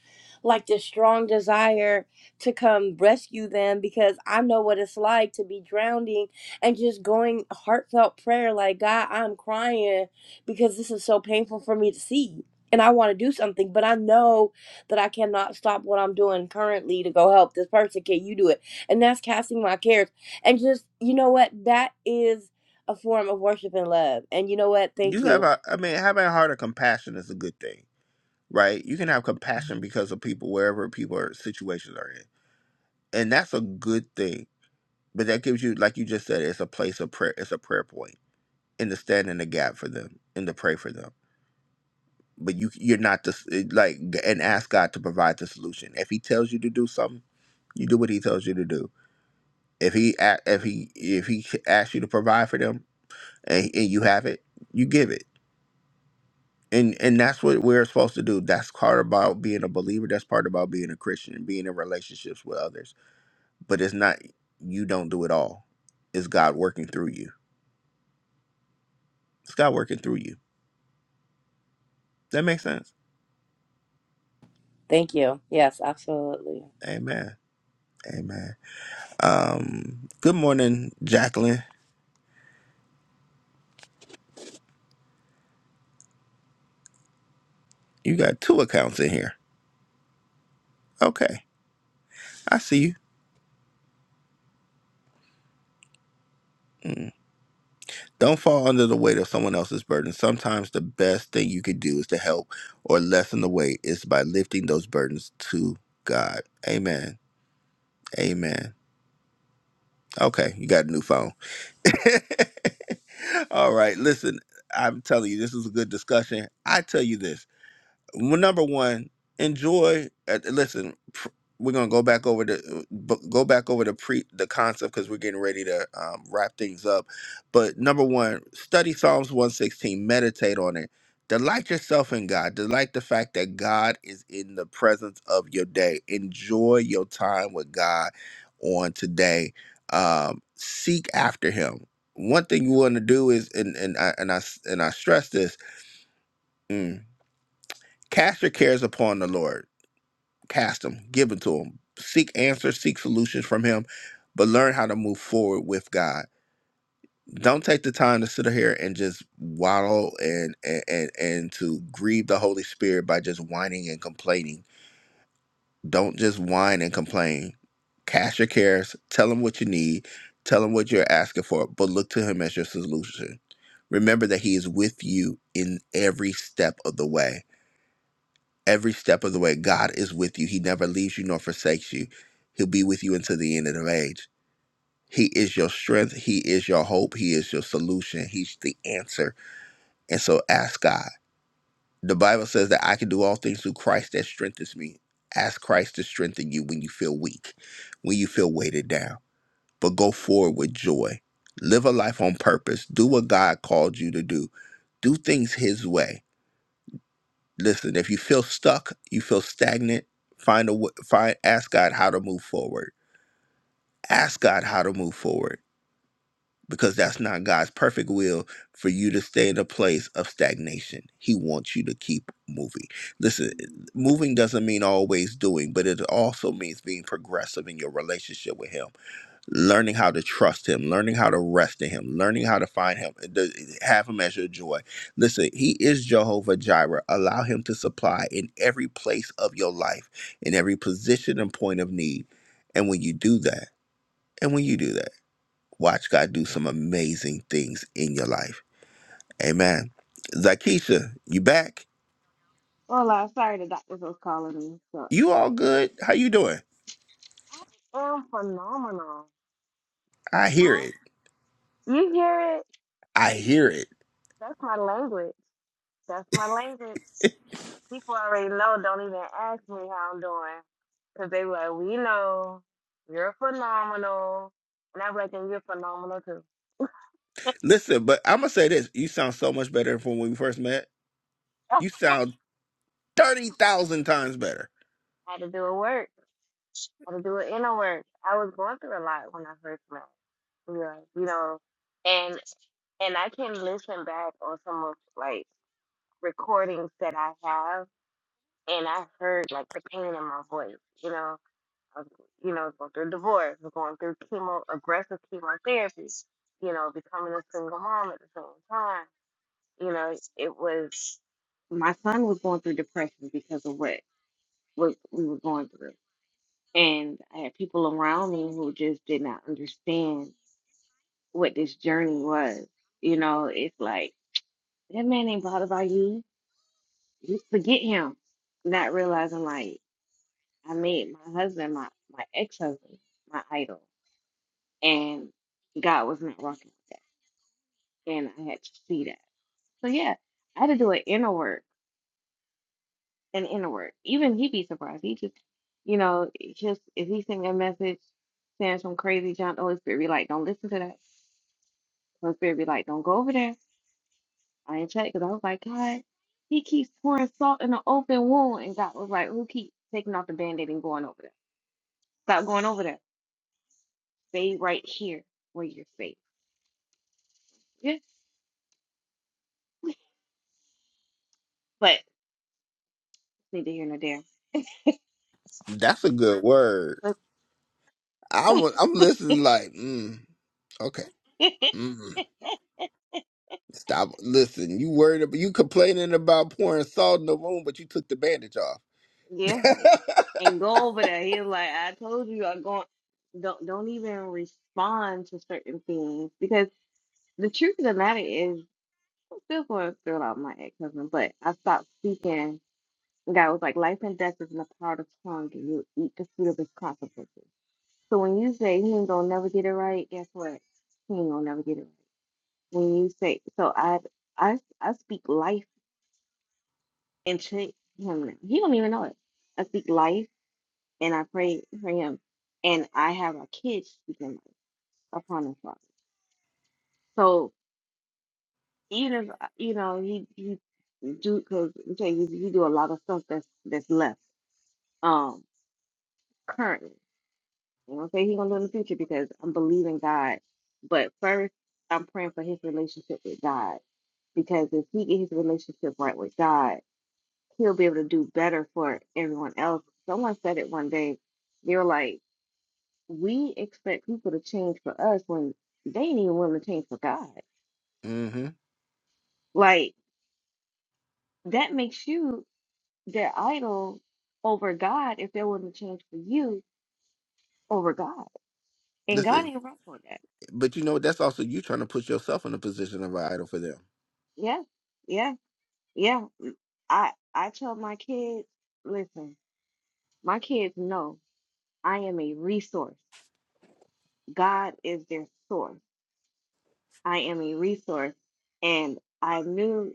Speaker 6: like this strong desire to come rescue them because i know what it's like to be drowning and just going heartfelt prayer like god i'm crying because this is so painful for me to see and i want to do something but i know that i cannot stop what i'm doing currently to go help this person can you do it and that's casting my cares and just you know what that is a form of worship and love and you know what thank
Speaker 1: you have
Speaker 6: you
Speaker 1: a i mean having a heart of compassion is a good thing right you can have compassion because of people wherever people are situations are in and that's a good thing but that gives you like you just said it's a place of prayer it's a prayer point and to stand in the gap for them and to pray for them but you you're not the s- like and ask god to provide the solution if he tells you to do something You do what he tells you to do. If he a- if he if he asks you to provide for them and, and you have it, you give it. And and that's what we're supposed to do. That's part about being a believer. That's part about being a Christian and being in relationships with others. But it's not you don't do it all. It's God working through you. It's God working through you. That makes sense.
Speaker 6: Thank you. Yes, absolutely.
Speaker 1: Amen. Amen. Um. Good morning, Jacqueline. You got two accounts in here. Okay, I see you. Mm. Don't fall under the weight of someone else's burden. Sometimes the best thing you can do is to help or lessen the weight is by lifting those burdens to God. Amen. Amen. Okay, you got a new phone. All right, listen, I'm telling you, this is a good discussion. I tell you this well, number one, enjoy. Uh, listen, pr- we're gonna go back over the bu- go back over the pre the concept because we're getting ready to um, wrap things up. But number one, study Psalms one sixteen. Meditate on it. Delight yourself in God. Delight the fact that God is in the presence of your day. Enjoy your time with God on today. Um, seek after Him. One thing you want to do is, and and I and I s- and I stress this: mm, cast your cares upon the Lord Cast them, give it to him. Seek answers, seek solutions from him, but learn how to move forward with God. Don't take the time to sit here and just waddle and and and, and to grieve the Holy Spirit by just whining and complaining. Don't just whine and complain. Cast your cares, tell him what you need, tell him what you're asking for, but look to him as your solution. Remember that he is with you in every step of the way every step of the way, God is with you. He never leaves you nor forsakes you. He'll be with you until the end of the age. He is your strength. He is your hope. He is your solution. He's the answer. And so ask God. The Bible says that I can do all things through Christ that strengthens me. Ask Christ to strengthen you when you feel weak, when you feel weighted down. But go forward with joy. Live a life on purpose. Do what God called you to do. Do things His way Listen, if you feel stuck, you feel stagnant, find a w- find ask God how to move forward. Ask God how to move forward because that's not God's perfect will for you to stay in a place of stagnation. He wants you to keep moving. Listen, moving doesn't mean always doing, but it also means being progressive in your relationship with him learning how to trust him, learning how to rest in him, learning how to find him, th- have him as your joy. Listen, he is Jehovah Jireh. Allow him to supply in every place of your life, in every position and point of need. And when you do that, and when you do that, watch God do some amazing things in your life. Amen. Zakisha, you back?
Speaker 7: Well, I'm sorry the doctor was calling me. So
Speaker 1: You all good? How you doing?
Speaker 7: I am phenomenal.
Speaker 1: I hear
Speaker 7: I-
Speaker 1: it.
Speaker 7: You hear it?
Speaker 1: I hear it.
Speaker 7: That's my language. That's my language. People already know. Don't even ask me how I'm doing, cause they were like, we know you're phenomenal, and I am reckon you're phenomenal too.
Speaker 1: Listen, but I'm gonna say this: you sound so much better from when we first met.
Speaker 7: I
Speaker 1: You sound 30,000 times better.
Speaker 7: had to do a work. I had to do an inner work. I was going through a lot when I first met. Yeah, you know, and and I can listen back on some of like recordings that I have. and I heard like the pain in my voice. You know, I was, you know, going through divorce, was going through chemo, aggressive chemotherapy. You know, becoming a single mom at the same time. You know, it was my son was going through depression because of what what we were going through, and I had people around me who just did not understand what this journey was. You know, it's like that man ain't bothered by you. You Forget him. Not realizing like I made my husband, my, my ex husband, my idol. And God was not rocking with that. And I had to see that. So yeah, I had to do an inner work, an inner work. Even he'd be surprised. He just, you know, just if he sent me a message saying some crazy junk, the Holy Spirit be like, don't listen to that. The Holy Spirit be like, don't go over there. I ain't check because I was like, God, he keeps pouring salt in an open wound. And God was like, who keep taking off the band aid and going over there? Stop going over there. Stay right here where you're safe. Yeah. But neither here nor there.
Speaker 1: That's a good word. I'm I'm listening like, mm, okay. Mm, stop. Listen, you worried about you complaining about pouring salt in the wound, but you took the bandage off.
Speaker 7: yeah, and go over there. He's like, I told you, I'm going. Don't don't even respond to certain things because the truth of the matter is, I'm still going through out my ex husband, but I stopped speaking. And God was like, life and death is in the power of the tongue, and you eat the fruit of its consequences. So when you say he ain't gonna never get it right, guess what? He ain't gonna never get it right. When you say, so I I I speak life into him. now. He don't even know it. I speak life and I prayed for him, and I have my kids speaking life upon his father. So even if uh, you know he he do because he, he do a lot of stuff that's that's left um currently. You know, say he gonna do in the future because I'm believing God, but first I'm praying for his relationship with God because if he get his relationship right with God, he'll be able to do better for everyone else. Someone said it one day. They were like we expect people to change for us when they ain't even willing to change for God.
Speaker 1: Mm-hmm.
Speaker 7: Like that makes you their idol over God if they're willing to change for you over God. And God
Speaker 1: Listen,
Speaker 7: ain't right for that.
Speaker 1: but you know what? That's also you trying to put yourself in a position of an idol for them.
Speaker 7: Yeah, yeah, yeah. Mm, I I tell my kids, listen, my kids know I am a resource. God is their source. I am a resource. And I knew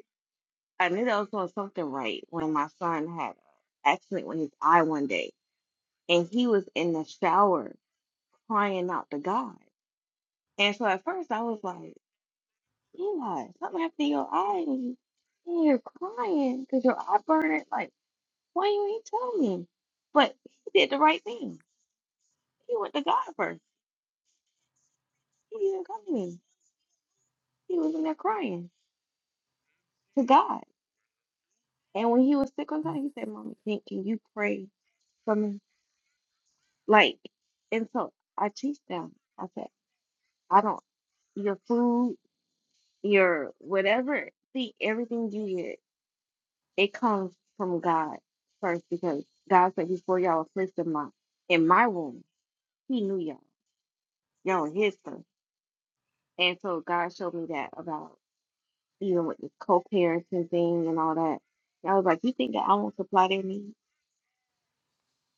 Speaker 7: I knew that I was doing something right when my son had an accident with his eye one day and he was in the shower crying out to God. And so at first I was like, Eli, something happened to your eye and you- and you're crying because your eye burned. Like, why you ain't telling me? But he did the right thing. He went to God first. He didn't come to me. He was in there crying to God. And when he was sick on time, he said, Mommy, can, can you pray for me? Like, and so I teach them. I said, I don't, your food, your whatever, see, everything you get it comes from God first because God said before y'all was placed in my in my womb, He knew y'all. Y'all were His first, and so God showed me that about even with this co-parenting thing and all that. And I was like, you think that I won't supply their needs?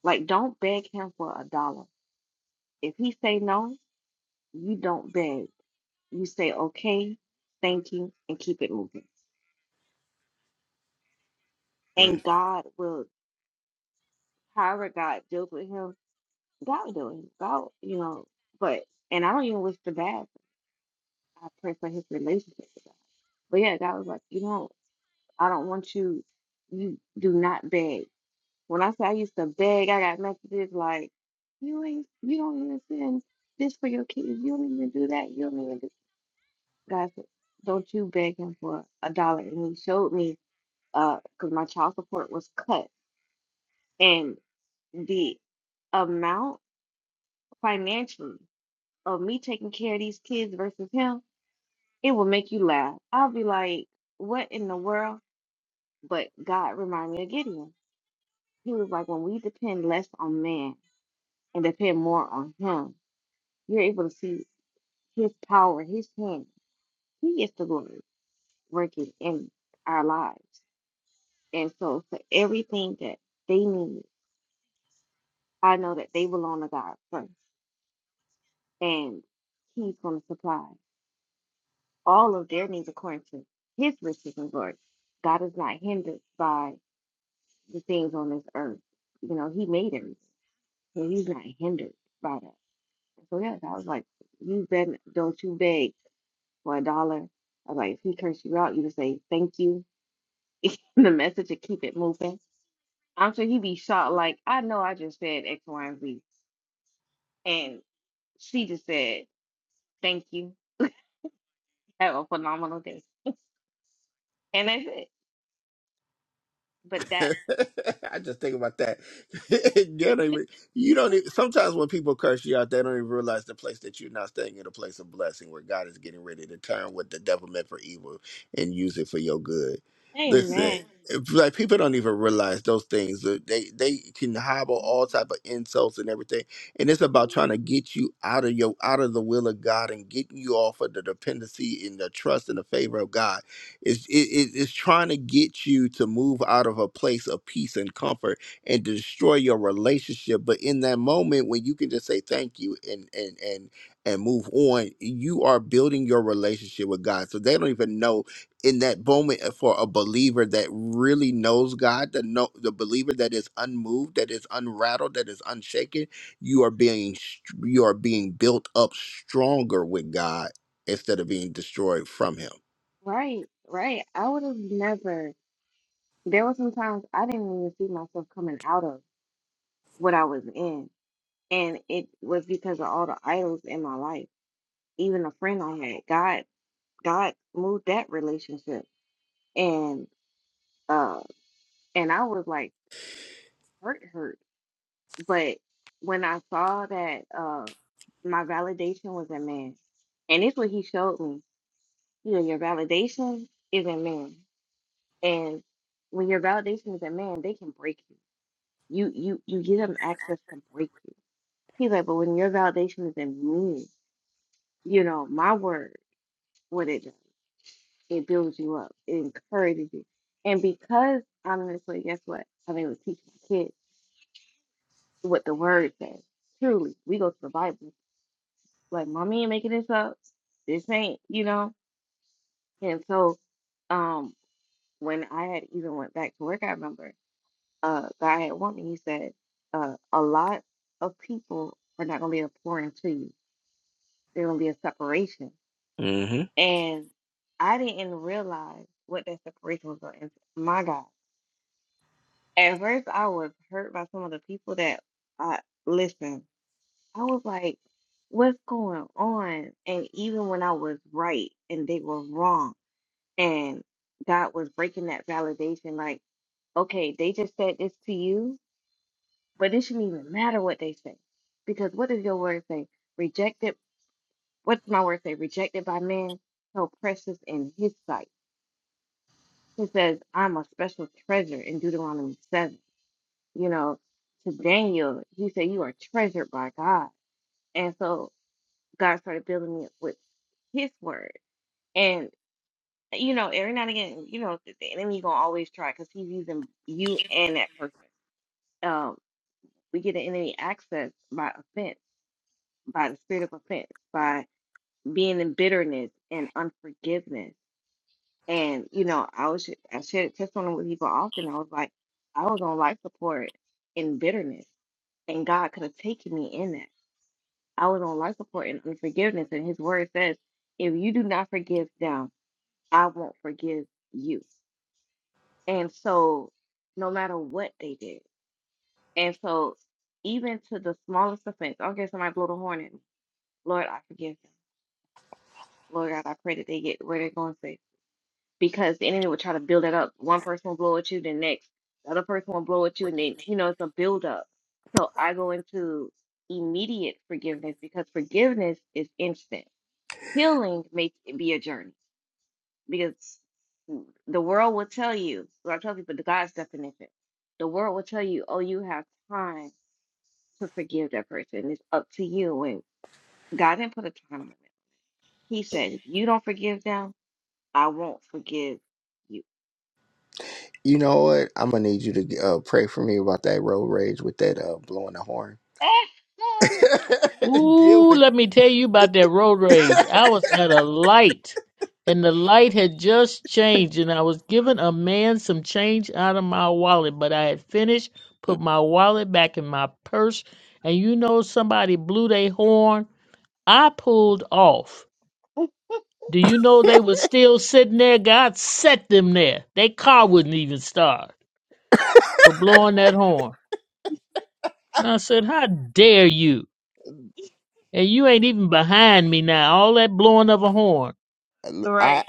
Speaker 7: Like, don't beg Him for a dollar. If He say no, you don't beg. You say okay, thank you, and keep it moving. And God will, however God deals with him, God will do it. God, you know, but and I don't even wish the bad. I pray for his relationship with God. But yeah, God was like, you know, I don't want you, you do not beg. When I say I used to beg, I got messages like, you ain't, you don't even send this for your kids. You don't even do that. You don't even do. God said, don't you beg him for a dollar. And he showed me, uh, because my child support was cut. And the amount financially of me taking care of these kids versus him, it will make you laugh. I'll be like, what in the world? But God reminded me of Gideon. He was like, when we depend less on man and depend more on him, you're able to see his power, his hand. He gets the glory working in our lives. And so for everything that they need, I know that they belong to God first. And he's going to supply all of their needs according to his riches and glory. God is not hindered by the things on this earth. You know, he made everything. So he's not hindered by that. So yes, I was like, you bet don't you beg for a dollar. I was like, if he curse you out, you just say thank you in the message and keep it moving. I'm sure he'd be shocked, like, I know I just said X, Y, and Z. And she just said, Thank you. Have a phenomenal day. And that's it. But that
Speaker 1: I just think about that. you, don't even, you don't even. Sometimes when people curse you out, they don't even realize the place that you're not staying in a place of blessing, where God is getting ready to turn what the devil meant for evil and use it for your good. Listen,
Speaker 7: Amen.
Speaker 1: it's like people don't even realize those things. Uh, They they can hobble all
Speaker 7: Mhm.
Speaker 1: type of insults and everything, and it's about trying to get you out of your out of the will of God and getting you off of the dependency and the trust and the favor of God it's, it, it- it's trying to get you to move out of a place of peace and comfort and destroy your relationship. But in that moment when you can just say thank you and and and and move on, you are building your relationship with God. So they don't even know in that moment uh, for a believer that really knows God, the no, the believer that is unmoved, that is unrattled, that is unshaken. You are being str- you are being built up stronger with God instead of being destroyed from Him.
Speaker 7: Right, right. I would have never there were some times I didn't even see myself coming out of what I was in. And it was because of all the idols in my life even a friend I had, God, God moved that relationship, and uh, and I was like hurt, hurt. But when I saw that, uh, my validation was in man, and it's what he showed me. You know, your validation is in man, and when your validation is in man, they can break you. You you you give them access can break you. He's like, but when your validation is in me, you know, my word, what it does. It builds you up. It encourages you. And because honestly, guess what? I'm able to teach my kids what the word says. Truly, we go to the Bible. Like mommy ain't making this up. This ain't, you know. And so, um, when I had even went back to work, I remember uh guy had warned me. He said, uh, a lot of people are not gonna be a pouring to you. There's gonna be a separation. And I didn't realize what that separation was gonna. My God At first, I was hurt by some of the people that I listen. I was like, "What's going on?" And even when I was right and they were wrong, and God was breaking that validation, like, "Okay, they just said this to you, but it shouldn't even matter what they say, because what does your word say? Rejected. What's my word say? Rejected by man, so precious in His sight." He says, "I'm a special treasure" in Deuteronomy 7 you know, to Daniel, he said, You are treasured by God. And so God started building me up with his word. And, you know, every now and again, you know, the the enemy going to always try because he's using you and that person. Um, we get the enemy access by offense, by the spirit of offense, by being in bitterness and unforgiveness. And, you know, I was, I shared testimony with people often. I was like, I was on life support in bitterness and God could have taken me in that. I was on life support and unforgiveness, and his word says, if you do not forgive them, I won't forgive you. And so, no matter what they did, and so even to the smallest offense, I don't care if somebody blow the horn at me. Lord, I forgive them. Lord God, I pray that they get where they're going safe. Because the enemy will try to build it up. One person will blow at you, then next, the other person will blow at you, and then you know it's a build up. So I go into immediate forgiveness because forgiveness is instant healing may be a journey because the world will tell you, well, I tell people the God's definition, the world will tell you, oh, you have time to forgive that person. It's up to you. And God didn't put a time limit. He said, if you don't forgive them, I won't forgive you.
Speaker 1: You know what? I'm gonna need you to uh, pray for me about that road rage with that uh, blowing the horn. Deal
Speaker 5: Ooh,
Speaker 1: with.
Speaker 5: let me tell you about that road rage. I was at a light and the light had just changed and I was giving a man some change out of my wallet, but I had finished, put my wallet back in my purse, and you know somebody blew their horn. I pulled off. Do you know they were still sitting there? God set them there. Their car wouldn't even start for blowing that horn. And I said, How dare you? And you ain't even behind me now. All that blowing of a horn.
Speaker 7: right.
Speaker 1: I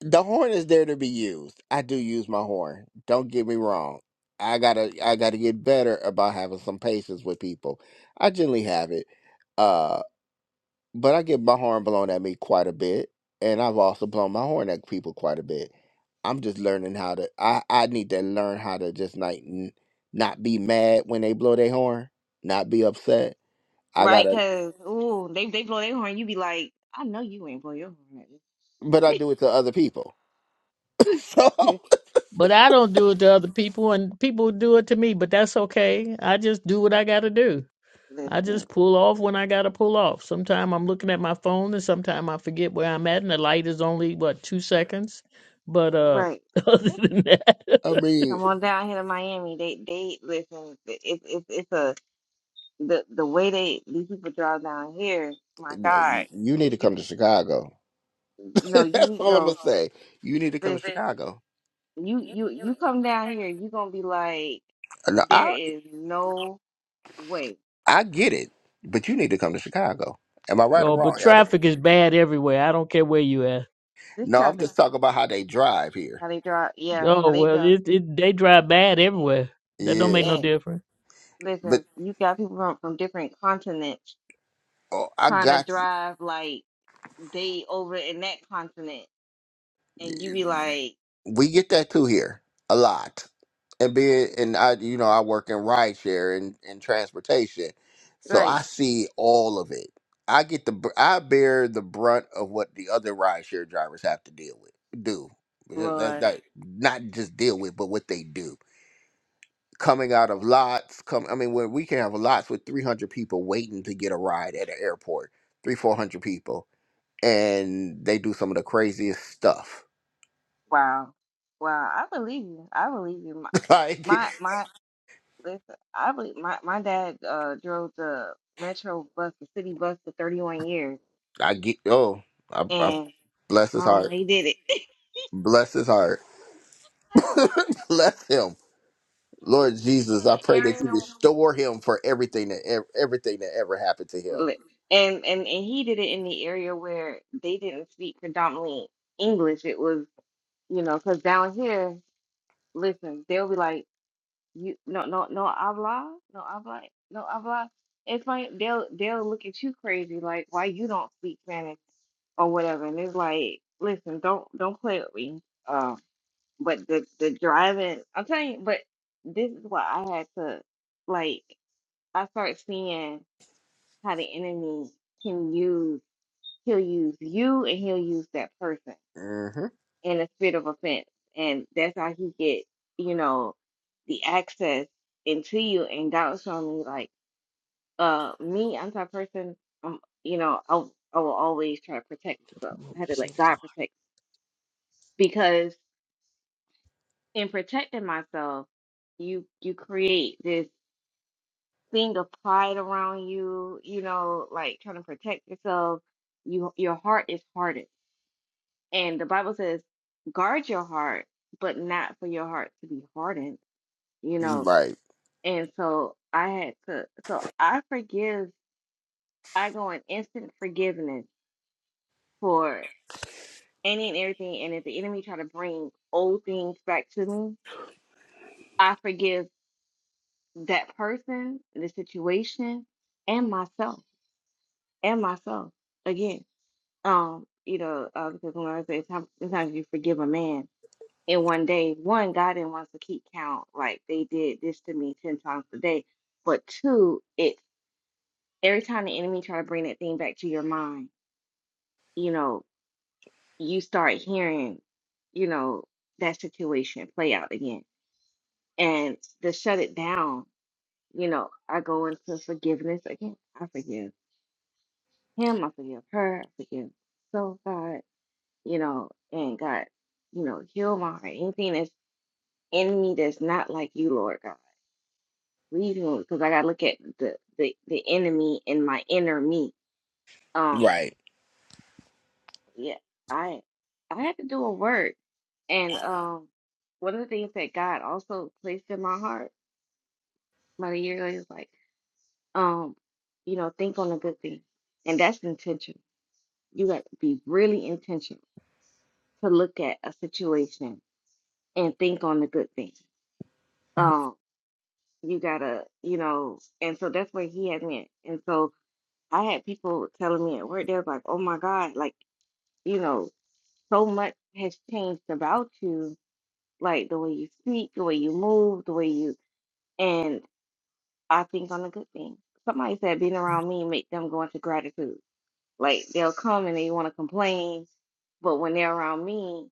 Speaker 1: the horn is there to be used. I do use my horn. Don't get me wrong. I gotta I gotta get better about having some patience with people. I generally have it. Uh, but I get my horn blown at me quite a bit, and I've also blown my horn at people quite a bit. I'm just learning how to. I I need to learn how to just like n- not be mad when they blow their horn, not be upset. I
Speaker 7: Right.
Speaker 1: gotta,
Speaker 7: Because, ooh, they, they blow their horn. You be like, I know you ain't blow your horn. at
Speaker 1: but I do it to other people. So
Speaker 7: me."
Speaker 5: But I don't do it to other people, and people do it to me. But that's okay. I just do what I got to do. I
Speaker 7: Listen.
Speaker 5: just pull off when I got to pull off. Sometimes I'm looking at my phone, and sometimes I forget where I'm at, and the light is only what two seconds. But uh,
Speaker 7: Right.
Speaker 5: other than that,
Speaker 1: I mean,
Speaker 7: Come on down here to Miami. They they listen. It's it's it's a the the way they these people drive down here. My
Speaker 1: n- y-
Speaker 7: God,
Speaker 1: you need to
Speaker 7: you
Speaker 1: come to Chicago.
Speaker 7: no you
Speaker 1: That's
Speaker 7: need
Speaker 1: all I'm gonna
Speaker 7: no
Speaker 1: say. You need to come to
Speaker 7: this
Speaker 1: Chicago.
Speaker 7: you you you come down here. You gonna be like
Speaker 1: No,
Speaker 7: there
Speaker 1: I
Speaker 7: is no way
Speaker 1: I get it, but you need to come to Chicago. Am I right or
Speaker 5: oh, but
Speaker 1: wrong? Elder?
Speaker 5: traffic is bad everywhere. I don't care where you at.
Speaker 7: this
Speaker 1: No, I'm
Speaker 7: traffic
Speaker 1: just talking about how they drive here.
Speaker 7: how they drive. Yeah, how
Speaker 5: Oh
Speaker 7: they
Speaker 5: well,
Speaker 7: drive.
Speaker 5: it, it they drive bad
Speaker 7: And,
Speaker 5: everywhere. That don't
Speaker 1: Yeah.
Speaker 5: make no
Speaker 7: and
Speaker 5: difference.
Speaker 1: but.
Speaker 7: listen, you got people from from different continents
Speaker 1: Oh, I
Speaker 7: trying to
Speaker 1: got you.
Speaker 7: drive like they over in that continent, and you be like,
Speaker 1: We get that too here a lot, and being and I, you know, I work in rideshare and and transportation, so
Speaker 7: right,
Speaker 1: I see all of it. I get the br- I bear the brunt of what the other rideshare drivers have to deal with do. That's
Speaker 7: Lord,
Speaker 1: that not just deal with, but what they do. Coming out of
Speaker 7: Lord.
Speaker 1: lots, come I mean, when we can have lots with three hundred people waiting to get a ride at an airport, three four hundred people, and they do some of the craziest stuff.
Speaker 7: Wow. Wow. I believe you. I believe you. My,
Speaker 1: like
Speaker 7: my, my listen, I believe my, my dad uh drove the metro bus, the city bus for 31 years.
Speaker 1: I get oh, I, I
Speaker 7: And
Speaker 1: bless
Speaker 7: I
Speaker 1: his
Speaker 7: don't know how
Speaker 1: heart.
Speaker 7: he did it. I
Speaker 1: Bless his heart.
Speaker 7: don't know
Speaker 1: bless him.
Speaker 7: how he
Speaker 1: Lord
Speaker 7: did
Speaker 1: Jesus, I
Speaker 7: it
Speaker 1: pray that
Speaker 7: in the
Speaker 1: you
Speaker 7: area.
Speaker 1: restore him for everything that ev- everything that ever happened to
Speaker 7: li- And, and, and he did it in the area where they didn't speak predominantly English. It was, you know, because down here, listen, they'll be like, you no no no habla no habla no habla it's like they'll they'll look at you crazy like why you don't speak spanish or whatever and it's like listen don't don't play with me um but the the driving i'm telling you but this is why i had to like i start seeing how the enemy can use he'll use you and he'll use that person
Speaker 1: him. hmm
Speaker 7: and a spirit of offense. And that's how he get, you know, the access into you. And God was showing me like, uh, me, I'm the type of person, um, you know, I, w- I will always try to protect myself. I had to let
Speaker 5: Six
Speaker 7: God
Speaker 5: o'clock.
Speaker 7: protect because in protecting myself, you you create this thing of pride around you, you know, like trying to protect yourself. You your heart is hardened. And the Bible says, guard your heart, but not for your heart to be hardened you know
Speaker 1: Right,
Speaker 7: And so I had to, so I forgive, I go in instant forgiveness for any and everything. And if the enemy try to bring old things back to me, I forgive that person, the situation, and myself, and myself again. Um, you know, uh, because when I say some- sometimes you forgive a man in one day, one, God didn't want us to keep count like they did this to me 10 times a day. But two, it's every time the enemy try to bring that thing back to your mind you know, you start hearing, you know, that situation play out again. And to shut it down, you know, I go into forgiveness again. I forgive him, I forgive her, I forgive so God, you know, and God, you know, heal my heart. Anything that's in me that's not like you, Lord God. Leave me because I gotta look at the, the the enemy in my inner me. Um
Speaker 1: right.
Speaker 7: yeah, I I had to do a word And um, one of the things that God also placed in my heart about a year ago is like, um, you know, think on a good thing, and that's intentional. You got to be really intentional to look at a situation and think on the good thing. Um, you gotta, you know, and so that's where He had me. at. And so I had people telling me at work, they was like, "Oh my God, like, you know, so much has changed about you, like the way you speak, the way you move, the way you." I think on the good things. Somebody said being around me make them go into gratitude. Like they'll come and they want to complain, but when they're around me,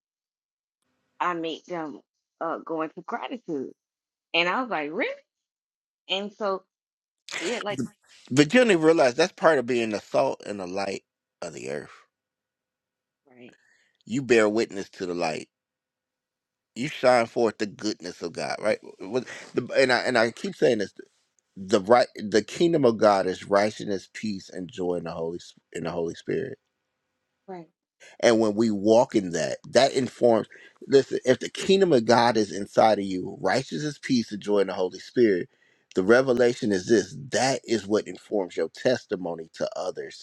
Speaker 7: I make them uh, go into gratitude. And I was like, really? And so yeah, like
Speaker 1: But you don't even realize that's part of being the salt and the light of the earth.
Speaker 7: right,
Speaker 1: You bear witness to the light. You shine forth the goodness of God, right? With the, and I and I keep saying this: the right, the kingdom of God is righteousness, peace, and joy in the Holy Sp- in the Holy Spirit
Speaker 7: right,
Speaker 1: And when we walk in that, that informs. Listen, if the kingdom of God is inside of you, righteousness, peace, and joy in the Holy Spirit, the revelation is this that is what informs your testimony to others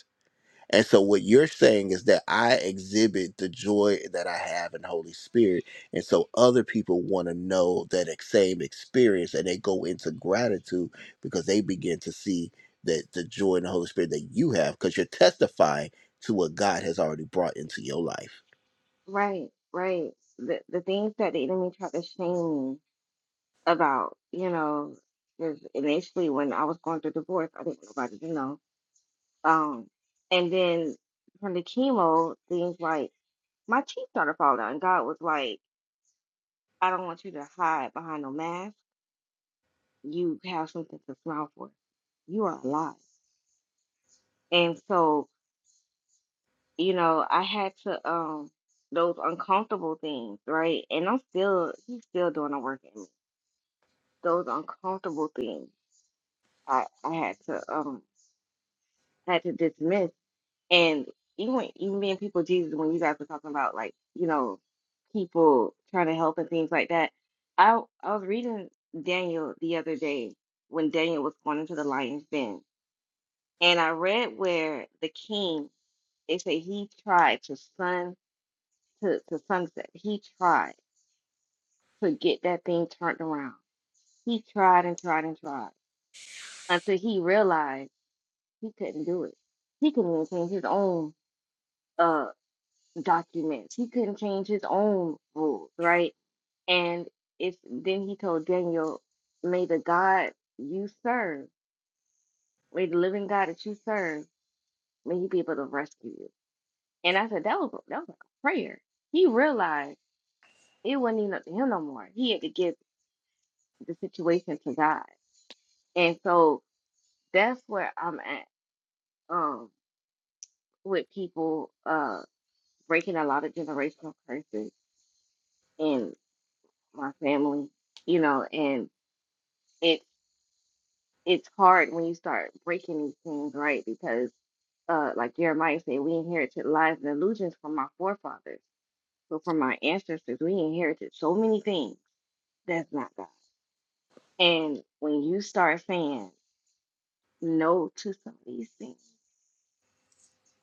Speaker 1: and so what you're saying is that I exhibit the joy that I have in Holy Spirit. And so other people want to know that ex- same experience and they go into gratitude because they begin to see that the joy in the Holy Spirit that you have because you're testifying to what God has already brought into your life.
Speaker 7: right, right. The the things that the enemy tried to shame me about, you know, know, 'cause initially when I was going through divorce, I didn't want nobody to know. Um, and then from the chemo, things like my cheek started falling out, and God was like, I don't want you to hide behind no mask. You have something to smile for. You are alive. And so, you know, I had to um those uncomfortable things, right? And I'm still he's still doing the work in me. Those uncomfortable things I, I had to um had to dismiss And even even being people of Jesus, when you guys were talking about like, you know, people trying to help and things like that, I I was reading Daniel the other day when Daniel was going into the lion's den, and I read where the king they say he tried to sun to, to sunset. He tried to get that thing turned around. He tried and tried and tried until he realized he couldn't do it. He couldn't even change his own uh, documents. He couldn't change his own rules, right? And it's then he told Daniel, May the God you serve, may the living God that you serve, may he be able to rescue you. And I said, That was that was like a prayer. He realized it wasn't even up to him no more. He had to give the situation to God. And so that's where I'm at um with people uh breaking a lot of generational curses in my family, you know, and it. it's hard when you start breaking these things, right? Because, uh, like Jeremiah said, we inherited lies and illusions from our forefathers. So from our ancestors, we inherited so many things that's not God. And when you start saying no to some of these things,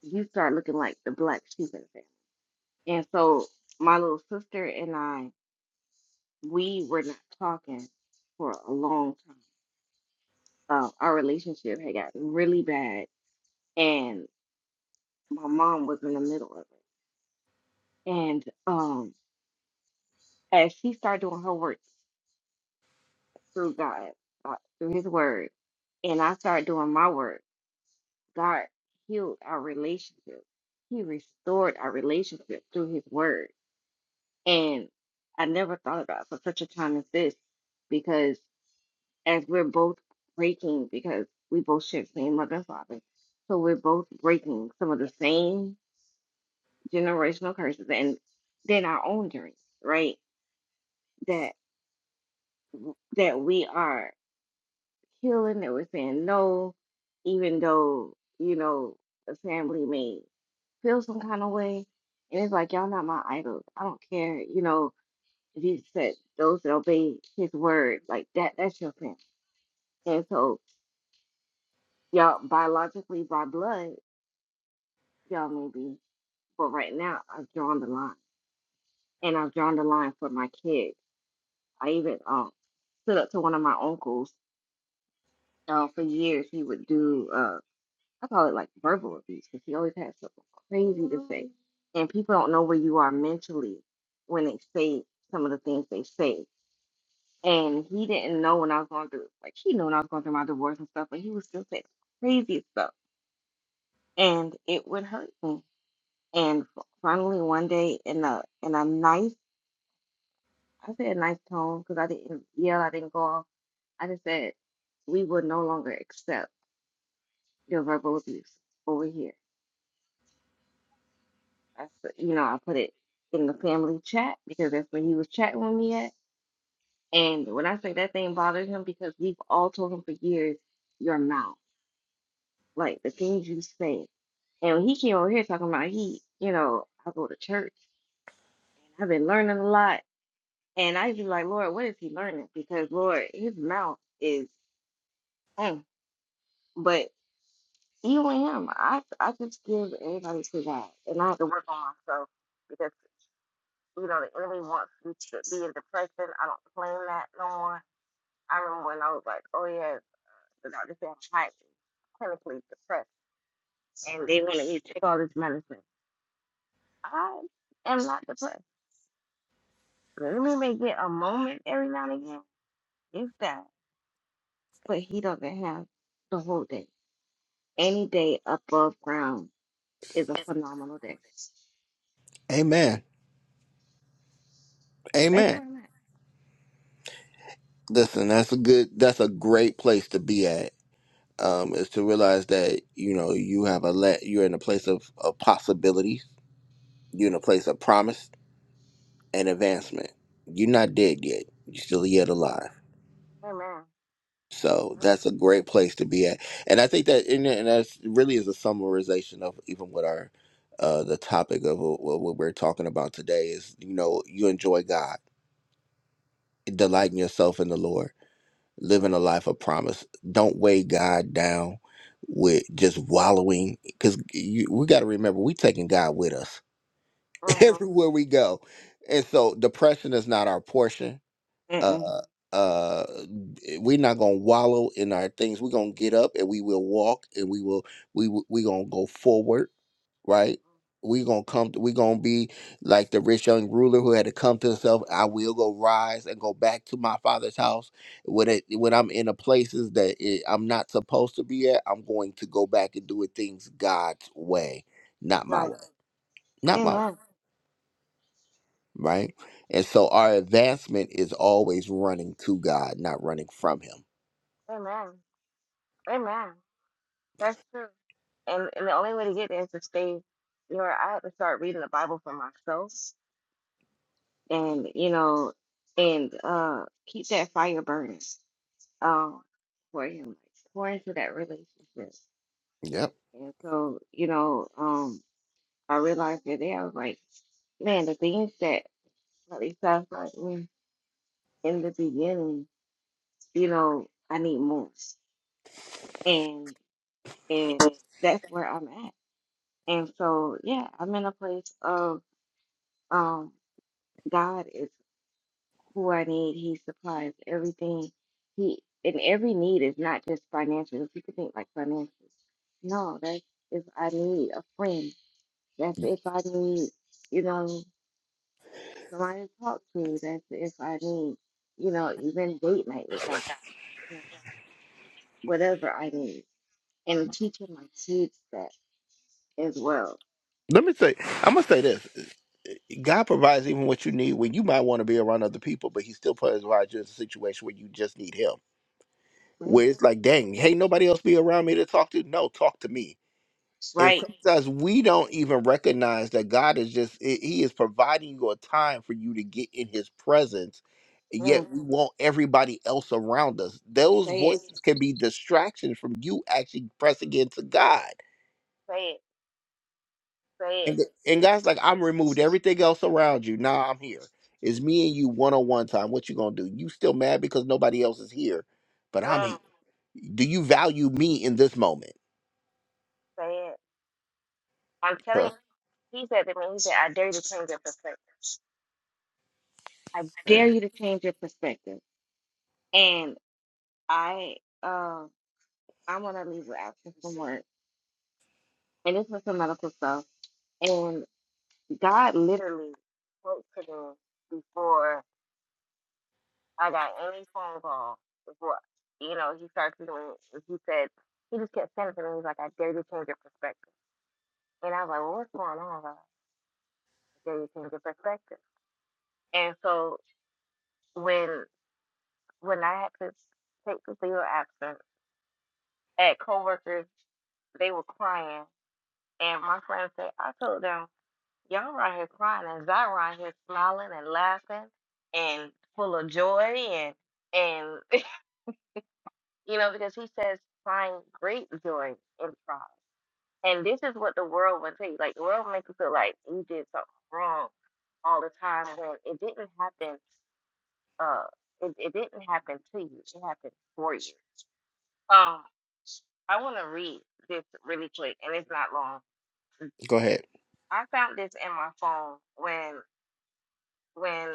Speaker 7: you start looking like the black sheep in the family. And so my little sister and I, we were not talking for a long time. Uh, our relationship had gotten really bad, and my mom was in the middle of it. And um, as she started doing her work through God, uh, through His Word, and I started doing my work, God healed our relationship. He restored our relationship through His Word. And I never thought about it for such a time as this, because as we're both breaking, because we both share the same mother and father, so we're both breaking some of the same generational curses and then our own journey, right? That that we are. killing. They were saying no, even though, you know, the family may feel some kind of way. And it's like, y'all not my idol. I don't care, you know, if he said those that obey his word, like that, that's your family. And so, y'all, biologically, by blood, y'all may be. But right now, I've drawn the line. And I've drawn the line for my kids. I even um, stood up to one of my uncles. Uh, for years, he would do. uh I call it like verbal abuse because he always has something crazy to say. And people don't know where you are mentally when they say some of the things they say. And he didn't know when I was going through, like, he knew when I was going through my divorce and stuff, but he was still saying crazy stuff. And it would hurt me. And finally, one day, in a in a nice, I said a nice tone because I didn't yell, I didn't go off. I just said, we will no longer accept your verbal abuse over here I, s- you know, I put it in the family chat because that's where he was chatting with me at. And when I say that thing bothered him because we've all told him for years, your mouth, like the things you say. And when he came over here talking about he, you know, I go to church and I've been learning a lot. And I be like, Lord, what is he learning? Because Lord, his mouth is, mm. but even with him, I I just give everybody to God, and I have to work on myself you know, the enemy wants you to be in depression. I don't claim that no more. I remember when I was like, oh yeah, the doctor said I'm clinically depressed, and they wanted me to take all this medicine. I am not depressed. The enemy may get a moment every now and again, if that, but he doesn't have the whole day. Any day above ground is a phenomenal day.
Speaker 1: Amen.
Speaker 7: That's where
Speaker 1: Amen.
Speaker 7: I'm at.
Speaker 1: Listen, that's a good that's a great place to be at. Um, is to realize that, you know, you have a let you're in a place of, of possibility. You're in a place of promise. and advancement. You're not dead yet. You're still yet alive.
Speaker 7: Amen.
Speaker 1: So that's a great place to be at. And I think that and that really is a summarization of even what our uh, the topic of what what we're talking about today is. You know, you enjoy God,
Speaker 7: Yeah.
Speaker 1: delighting yourself in the Lord, living a life of promise. Don't weigh God down with just wallowing, because we got to remember we taking God with us
Speaker 7: Mm-hmm.
Speaker 1: everywhere we go, and so depression is not our portion
Speaker 7: Mm-mm.
Speaker 1: uh uh we're not gonna wallow in our things we're gonna get up and we will walk and we will we w- we gonna go forward right we gonna come to, we gonna be like the rich young ruler who had to come to himself i will go rise and go back to my father's house when it when i'm in the places that it, i'm not supposed to be at i'm going to go back and do it things god's way not my
Speaker 7: Right.
Speaker 1: way not my way
Speaker 7: Amen.
Speaker 1: right and so our advancement is always running to god not running from him
Speaker 7: Amen. Amen. That's true. And and the only way to get there is to stay, you know, I had to start reading the Bible for myself and, you know, and uh keep that fire burning um for him, like pour into that relationship. And
Speaker 1: Yep.
Speaker 7: so, you know, um I realized that day I was like, man, the things that really satisfied me in the beginning, you know, I need more. And and that's where I'm at. And so yeah, I'm in a place of um God is who I need. He supplies everything. He and every need is not just financial. People think like financial. No, that's if I need a friend. That's if I need, you know, somebody to talk to. That's if I need, you know, even date night with God. You know, whatever I need, and teaching my kids that as well.
Speaker 1: Let me say, I'm gonna say this: God provides even what you need when you might want to be around other people, but He still provides you in a situation where you just need Him.
Speaker 7: Right?
Speaker 1: Where it's like, dang, hey, nobody else be around me to talk to. No, talk to me. And
Speaker 7: Right?
Speaker 1: sometimes we don't even recognize that God is just i- He is providing you a time for you to get in His presence.
Speaker 7: Mm,
Speaker 1: Yet we want everybody else around us. Those
Speaker 7: say it.
Speaker 1: voices can be distractions from you actually pressing into God
Speaker 7: Say it. Say it.
Speaker 1: And, and God's like, I'm removed everything else around you. Now I'm here. It's me and you one on one time. What you gonna do? You still mad because nobody else is here, but I'm
Speaker 7: Mm,
Speaker 1: here. Do you value me in this moment?
Speaker 7: say it. I'm telling
Speaker 1: Huh.
Speaker 7: He said to me, he said, I dare you to change your perspective. I
Speaker 1: Mm.
Speaker 7: dare you to change your perspective. And I um I'm gonna leave with absence from work. And this was some medical stuff. And God literally spoke to me before I got any phone call, before you know, he started to me he said he just kept saying it to me, he's like, I dare you to change your perspective. And I was like, Well what's going on? I was like, I dare you to change your perspective. And so when when I had to take the leave of absence at coworkers, they were crying. And my friend said, I told them, y'all right here crying and Zy right here smiling and laughing and full of joy and and you know, because he says find great joy in trials. And this is what the world would tell you. Like the world makes you feel like you did something wrong all the time when it didn't happen uh it, it didn't happen to you. It happened for you. Um I wanna read this really quick and it's not long
Speaker 1: Go ahead.
Speaker 7: I found this in my phone when when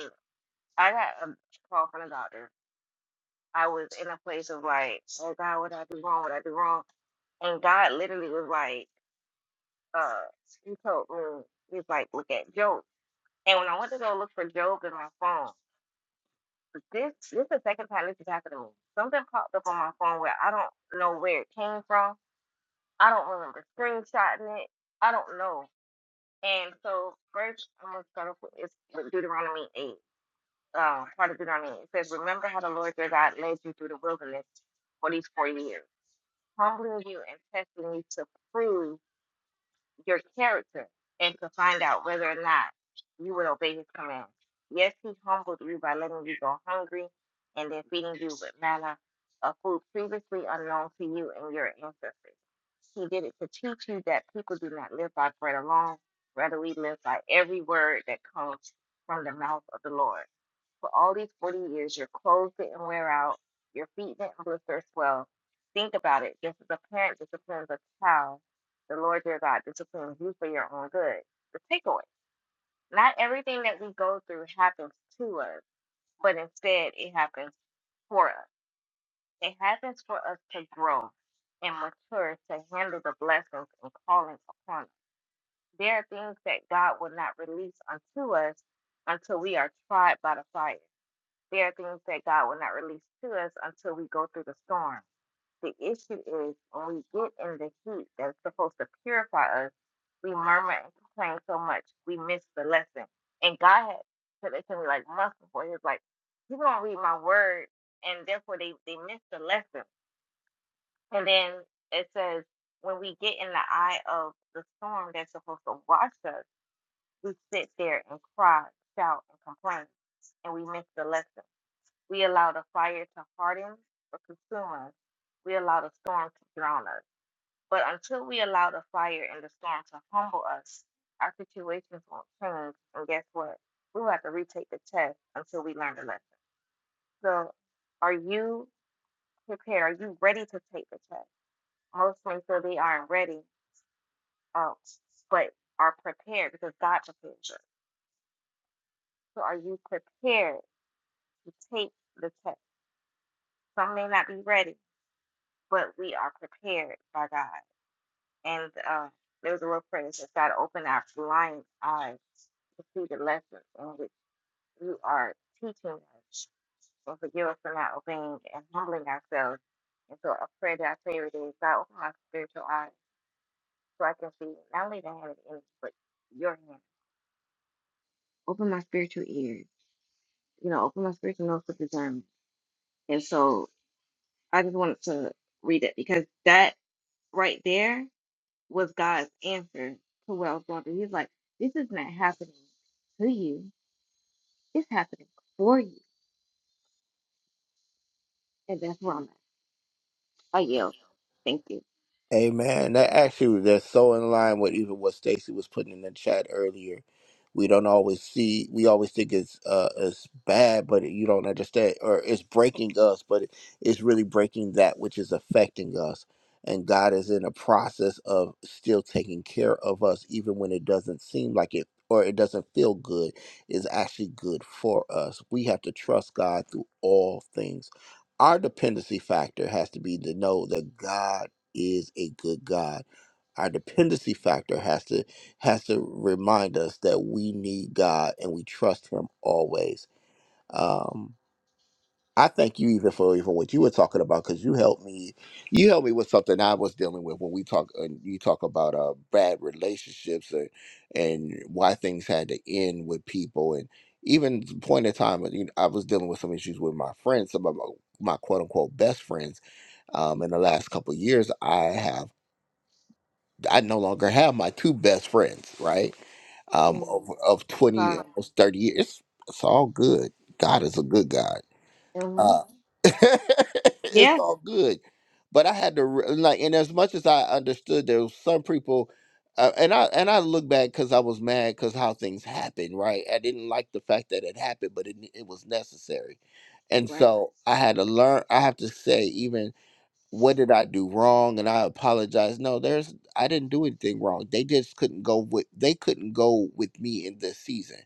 Speaker 7: I got a call from the doctor. I was in a place of like, oh God, what did I do wrong? What did I do wrong? And God literally was like, uh, He told me, He's like, look at Job. And when I went to go look for Job in my phone, this this is the second time this has happened to me. Something popped up on my phone where I don't know where it came from. I don't remember screenshotting it. I don't know. And so first, I'm gonna start off with, it's with Deuteronomy 8. uh, part of it on it. It says, Remember how the Lord your God led you through the wilderness for these 40 years, humbling you and testing you to prove your character and to find out whether or not you would obey his commands. Yes, he humbled you by letting you go hungry and then feeding you with manna, a food previously unknown to you and your ancestors. He did it to teach you that people do not live by bread alone, rather, we live by every word that comes from the mouth of the Lord. For all these 40 years, your clothes didn't wear out, your feet didn't blister or swell. Think about it. Just as a parent disciplines a child, the Lord your God disciplines you for your own good. The takeaway not everything that we go through happens to us, but instead it happens for us. It happens for us to grow and mature to handle the blessings and calling upon us. There are things that God will not release unto us until we are tried by the fire. There are things that God will not release to us until we go through the storm. The issue is when we get in the heat that's supposed to purify us, we murmur and complain so much, we miss the lesson. And God had said it to me like months before. He was like, People don't read my word, and therefore they, they miss the lesson. And then it says, when we get in the eye of the storm that's supposed to wash us, we sit there and cry, shout, and complain, and we miss the lesson. We allow the fire to harden us or consume us. We allow the storm to drown us. But until we allow the fire and the storm to humble us, our situations won't change. And guess what? We'll have to retake the test until we learn the lesson. So, are you prepared? Are you ready to take the test? Most men feel they aren't ready, uh, but are prepared because God prepares us. So, are you prepared to take the test? Some may not be ready, but we are prepared by God. And uh, there was a word prayer that says, God, open our blind eyes to see the lessons in which you are teaching us and forgive us for not obeying and humbling ourselves. And so a prayer that I pray every day is, God, open my spiritual eyes so I can see not only the hand of the enemy, but your hand. Open my spiritual ears, you know, open my spiritual nose for discernment. And so I just wanted to read it because that right there was God's answer to what I was going through. He's like, this is not happening to you. It's happening for you. And that's where I'm at. I yelled. Thank you.
Speaker 1: Amen. That actually that's so in line with even what Stacy was putting in the chat earlier we don't always see we always think it's uh it's bad but you don't understand or it's breaking us but it- it's really breaking that which is affecting us and god is in a process of still taking care of us even when it doesn't seem like it or it doesn't feel good is actually good for us we have to trust god through all things our dependency factor has to be to know that god is a good god our dependency factor has to has to remind us that we need God and we trust Him always. Um, I thank you even for even what you were talking about because you helped me. You helped me with something I was dealing with when we talk and you talk about uh, bad relationships and and why things had to end with people and even the point in time you know, I was dealing with some issues with my friends, some of my, my quote unquote best friends um, in the last couple of years, I have. I no longer have my two best friends, right? Um,
Speaker 7: Mm,
Speaker 1: of, of 20,
Speaker 7: sorry.
Speaker 1: almost 30 years. It's it's all good. God is a good God.
Speaker 7: hmm
Speaker 1: Uh, it's
Speaker 7: Yeah.
Speaker 1: all good. But I had to, re- like, and as much as I understood, there was some people, uh, and I and I look back because I was mad because how things happened, right? I didn't like the fact that it happened, but it, it was necessary, and
Speaker 7: Right.
Speaker 1: so I had to learn. I have to say, even what did I do wrong? And I apologize. No, there's I didn't do anything wrong. They just couldn't go with they couldn't go with me in this season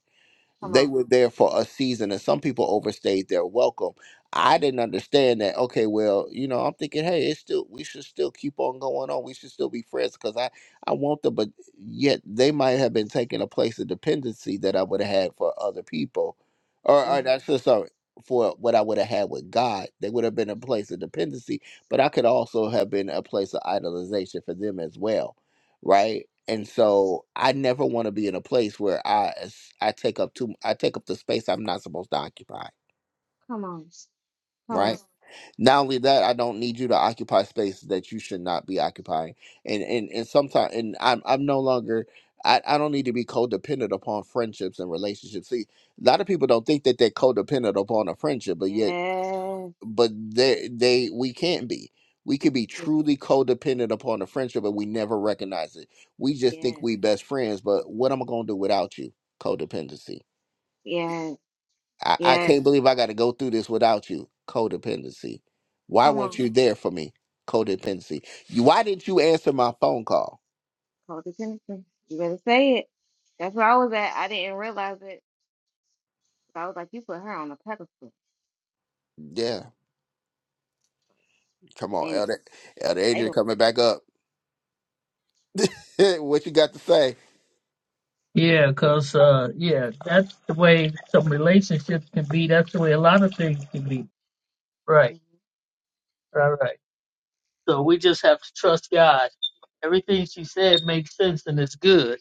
Speaker 7: Come
Speaker 1: they
Speaker 7: on.
Speaker 1: were there for a season and some people overstayed their welcome i didn't understand that okay well you know i'm thinking hey it's still we should still keep on going on we should still be friends because i i want them but yet they might have been taking a place of dependency that i would have had for other people or, or
Speaker 7: hmm
Speaker 1: that's just sorry for what i would have had with god they would have been a place of dependency but i could also have been a place of idolization for them as well right? And
Speaker 7: Right.
Speaker 1: so I never want to be in a place where I s- I take up too I take up the space I'm not supposed to occupy,
Speaker 7: Come on. Come on.
Speaker 1: right? Mhm. Not only that, I don't need you to occupy space that you should not be occupying. And and and sometimes and I'm I'm no longer I, I don't need to be codependent upon friendships and relationships. See, a lot of people don't think that they're codependent upon a friendship, but yet
Speaker 7: Yes.
Speaker 1: but they they we can't be. We could be truly codependent upon a friendship, and we never recognize it. We just think
Speaker 7: Yes.
Speaker 1: we best friends, but what am I gonna do without you? Codependency.
Speaker 7: Yes.
Speaker 1: I, I
Speaker 7: Yes.
Speaker 1: can't believe I got to go through this without you. Codependency. Why
Speaker 7: Come
Speaker 1: weren't
Speaker 7: on.
Speaker 1: you there for me? Codependency. You, why didn't you answer my phone call?
Speaker 7: Call the attention. You better say it. That's where I was at. I didn't realize it. But I was like, you put her on a pedestal.
Speaker 1: Yeah, come on,
Speaker 7: And
Speaker 1: Elder Elder
Speaker 7: I
Speaker 1: Adrian,
Speaker 7: don't.
Speaker 1: coming back up. what you got to say?
Speaker 5: Yeah, cause uh, yeah, that's the way some relationships can be. That's the way a lot of things can be Right,
Speaker 7: hmm
Speaker 5: right, right. So we just have to trust God. Everything she said makes sense and it's good.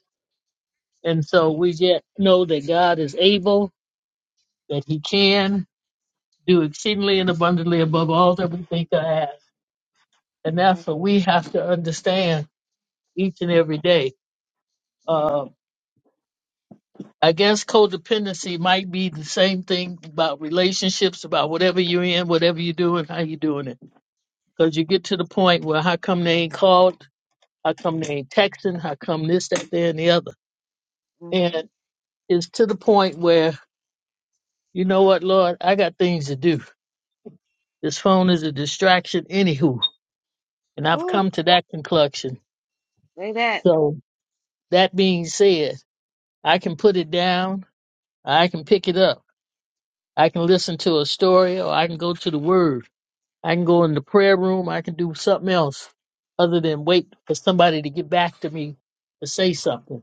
Speaker 5: And so we yet know that God is able, that He can do exceedingly and abundantly above all that we think or ask. And that's
Speaker 7: Right.
Speaker 5: what we have to understand each and every day. Uh,
Speaker 7: Mm-hmm.
Speaker 5: I guess codependency might be the same thing about relationships, about whatever you're in, whatever you're doing, how you're doing it. Because you get to the point where how come they ain't called? How come they ain't texting? How come this, that, there, and the other? And
Speaker 7: Mm-hmm.
Speaker 5: it's to the point where, you know what, Lord, I got things to do. This phone is a distraction, anywho. And I've
Speaker 7: Ooh,
Speaker 5: come to that conclusion.
Speaker 7: say that.
Speaker 5: So that being said, I can put it down. I can pick it up. I can listen to a story or I can go to the word. I can go in the prayer room. I can do something else other than wait for somebody to get back to me to say something.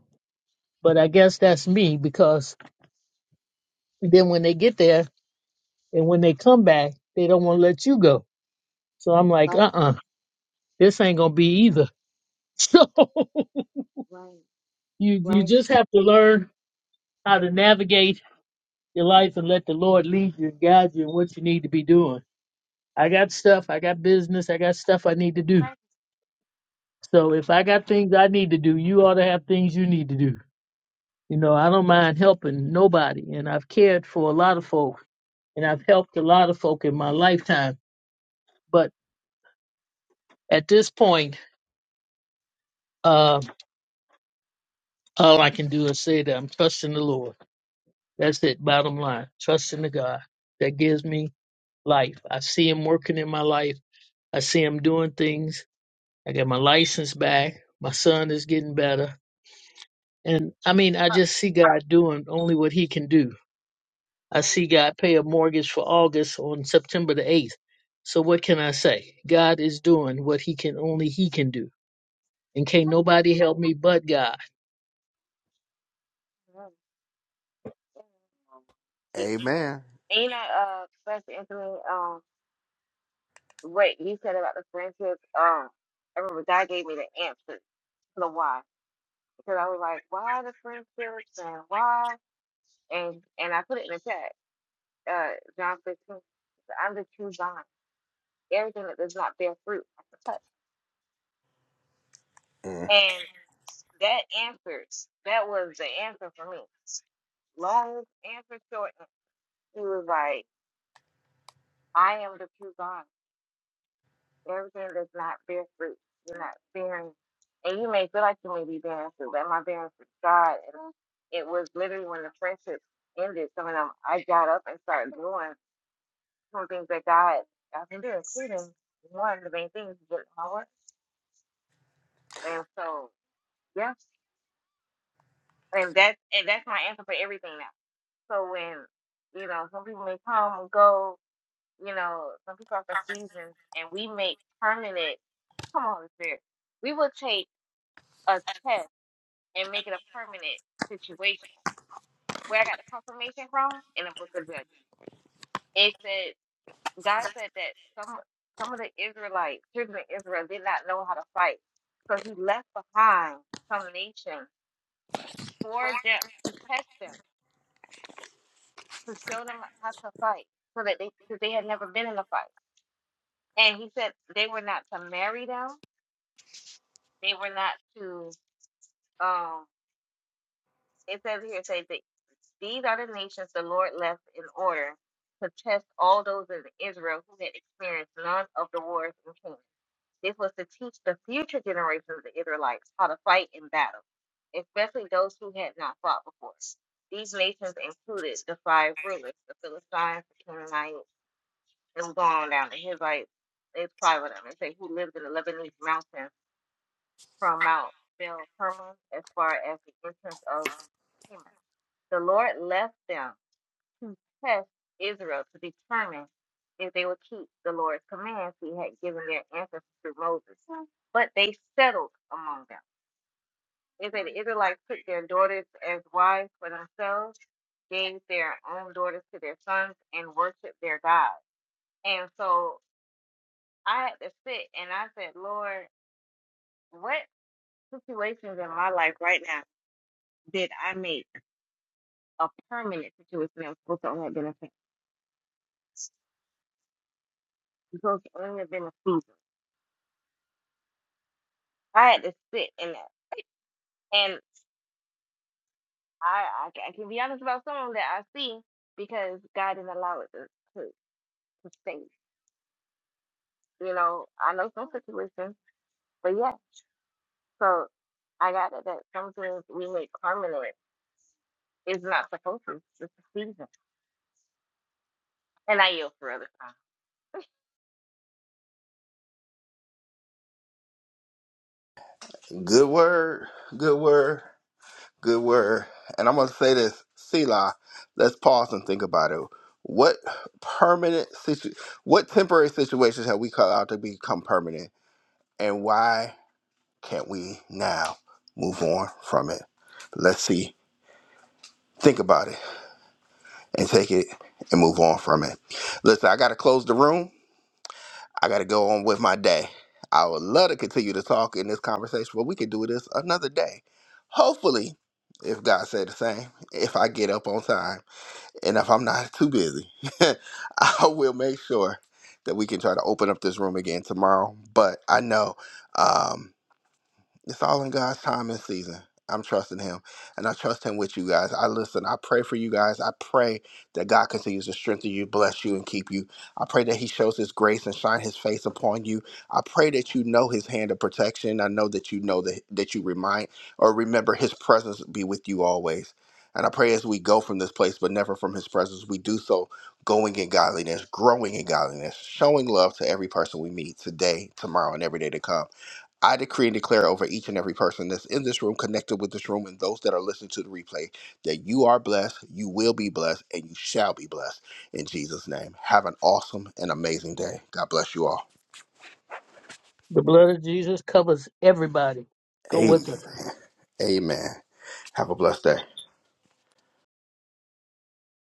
Speaker 5: But I guess that's me because then when they get there, And when they come back, they don't want to let you go. So I'm like,
Speaker 7: Like,
Speaker 5: uh uh this ain't gonna be either. So
Speaker 7: right.
Speaker 5: you you
Speaker 7: Right.
Speaker 5: just have to learn how to navigate your life and let the Lord lead you and guide you in what you need to be doing. I got stuff, I got business, I got stuff I need to
Speaker 7: Just
Speaker 5: do.
Speaker 7: like,
Speaker 5: So if I got things I need to do, you ought to have things you need to do. You know, I don't mind helping nobody and I've cared for a lot of folk and I've helped a lot of folk in my lifetime. But at this point, uh, All I can do is say that I'm trusting the Lord. That's it, bottom line. Trusting the God that gives me life. I see Him working in my life. I see Him doing things. I got my license back. My son is getting better. And I mean, I
Speaker 7: right.
Speaker 5: just see God doing only what He can do. I
Speaker 7: Right.
Speaker 5: see God pay a mortgage for August on September the 8th. So what can I say? God is doing what He can, only He can do. And can't
Speaker 7: Y-
Speaker 5: nobody help me but God.
Speaker 1: Amen.
Speaker 7: And you know, uh, Pastor Anthony, um, what you said about the friendship, um, I remember God gave me the answer to the why. Because I was like, why the friendships and why? And and I put it in the chat, uh, John 15. so I'm the true vine. Everything that does not bear fruit, I can touch.
Speaker 1: Mm.
Speaker 7: And that answers, that was the answer for me. Long answer short, he was like, I am the true vine. Everything that's not bear fruit, you're not bearing. And you may feel like you may be bearing fruit, but am I bearing fruit to God? And it was literally when the friendship ended, some of them, I got up and started doing some things that God I can do, including one of the main things, get my work. And so, yeah, and that's and that's my answer for everything now. So when you know some people may come and go, you know some people are for seasons, and we make permanent. Come on, Spirit. We will take a test and make it a permanent situation. Where I got the confirmation from in the book of Judges, it said God said that some some of the Israelites, children of Israel, did not know how to fight, so He left behind some nation for them to test them, to show them how to fight, so that they because they had never been in a fight. And He said they were not to marry them, they were not to. um It says here, it says that these are the nations the Lord left in order to test all those in Israel who had experienced none of the wars in Canaan. This was to teach the future generations of the Israelites how to fight in battle, especially those who had not fought before. These nations included the five rulers, the Philistines, the Canaanites, and we're going on down. The Hivites, there's five of them. It say who lived in the Lebanese mountains from Mount Bel Hermon as far as the entrance of Hemath. The Lord left them to test Israel to determine if they would keep the Lord's commands he had given their ancestors through Moses. But they settled among them. They said the Israelites took their daughters as wives for themselves, gave their own daughters to their sons, and worshiped their gods. And so I had to sit and I said, Lord, what situations in my life right now did I make a permanent situation that was supposed to only have been a, supposed to only have been a season? I had to sit in that. And I, I, ca- I can be honest about some of that I see because God didn't allow it to, to, to stay. You know, I know some situations, but yeah. So I got it that sometimes we make permanent. It's not supposed to. It's a season. And I yield for other time.
Speaker 1: Good word. Good word. Good word. And I'm going to say this, Selah, let's pause and think about it. What permanent situ- what temporary situations have we cut out to become permanent? And why can't we now move on from it? Let's see. Think about it and take it and move on from it. Listen, I got to close the room. I got to go on with my day. I would love to continue to talk in this conversation, but we could do this another day. Hopefully, if God said the same, if I get up on time and if I'm not too busy, I will make sure that we can try to open up this room again tomorrow. But I know. um, it's all in God's time and season. I'm trusting Him, and I trust Him with you guys. I listen. I pray for you guys. I pray that God continues to strengthen you, bless you, and keep you. I pray that He shows His grace and shine His face upon you. I pray that you know His hand of protection. I know that you know that that you remind or remember His presence be with you always. And I pray as we go from this place, but never from His presence, we do so going in godliness, growing in godliness, showing love to every person we meet today, tomorrow, and every day to come. I decree and declare over each and every person that's in this room, connected with this room, and those that are listening to the replay that you are blessed, you will be blessed, and you shall be blessed in Jesus' name. Have an awesome and amazing day. God bless you all.
Speaker 5: The blood of Jesus covers everybody. Go
Speaker 1: Amen.
Speaker 5: with us.
Speaker 1: Amen. Have a blessed day.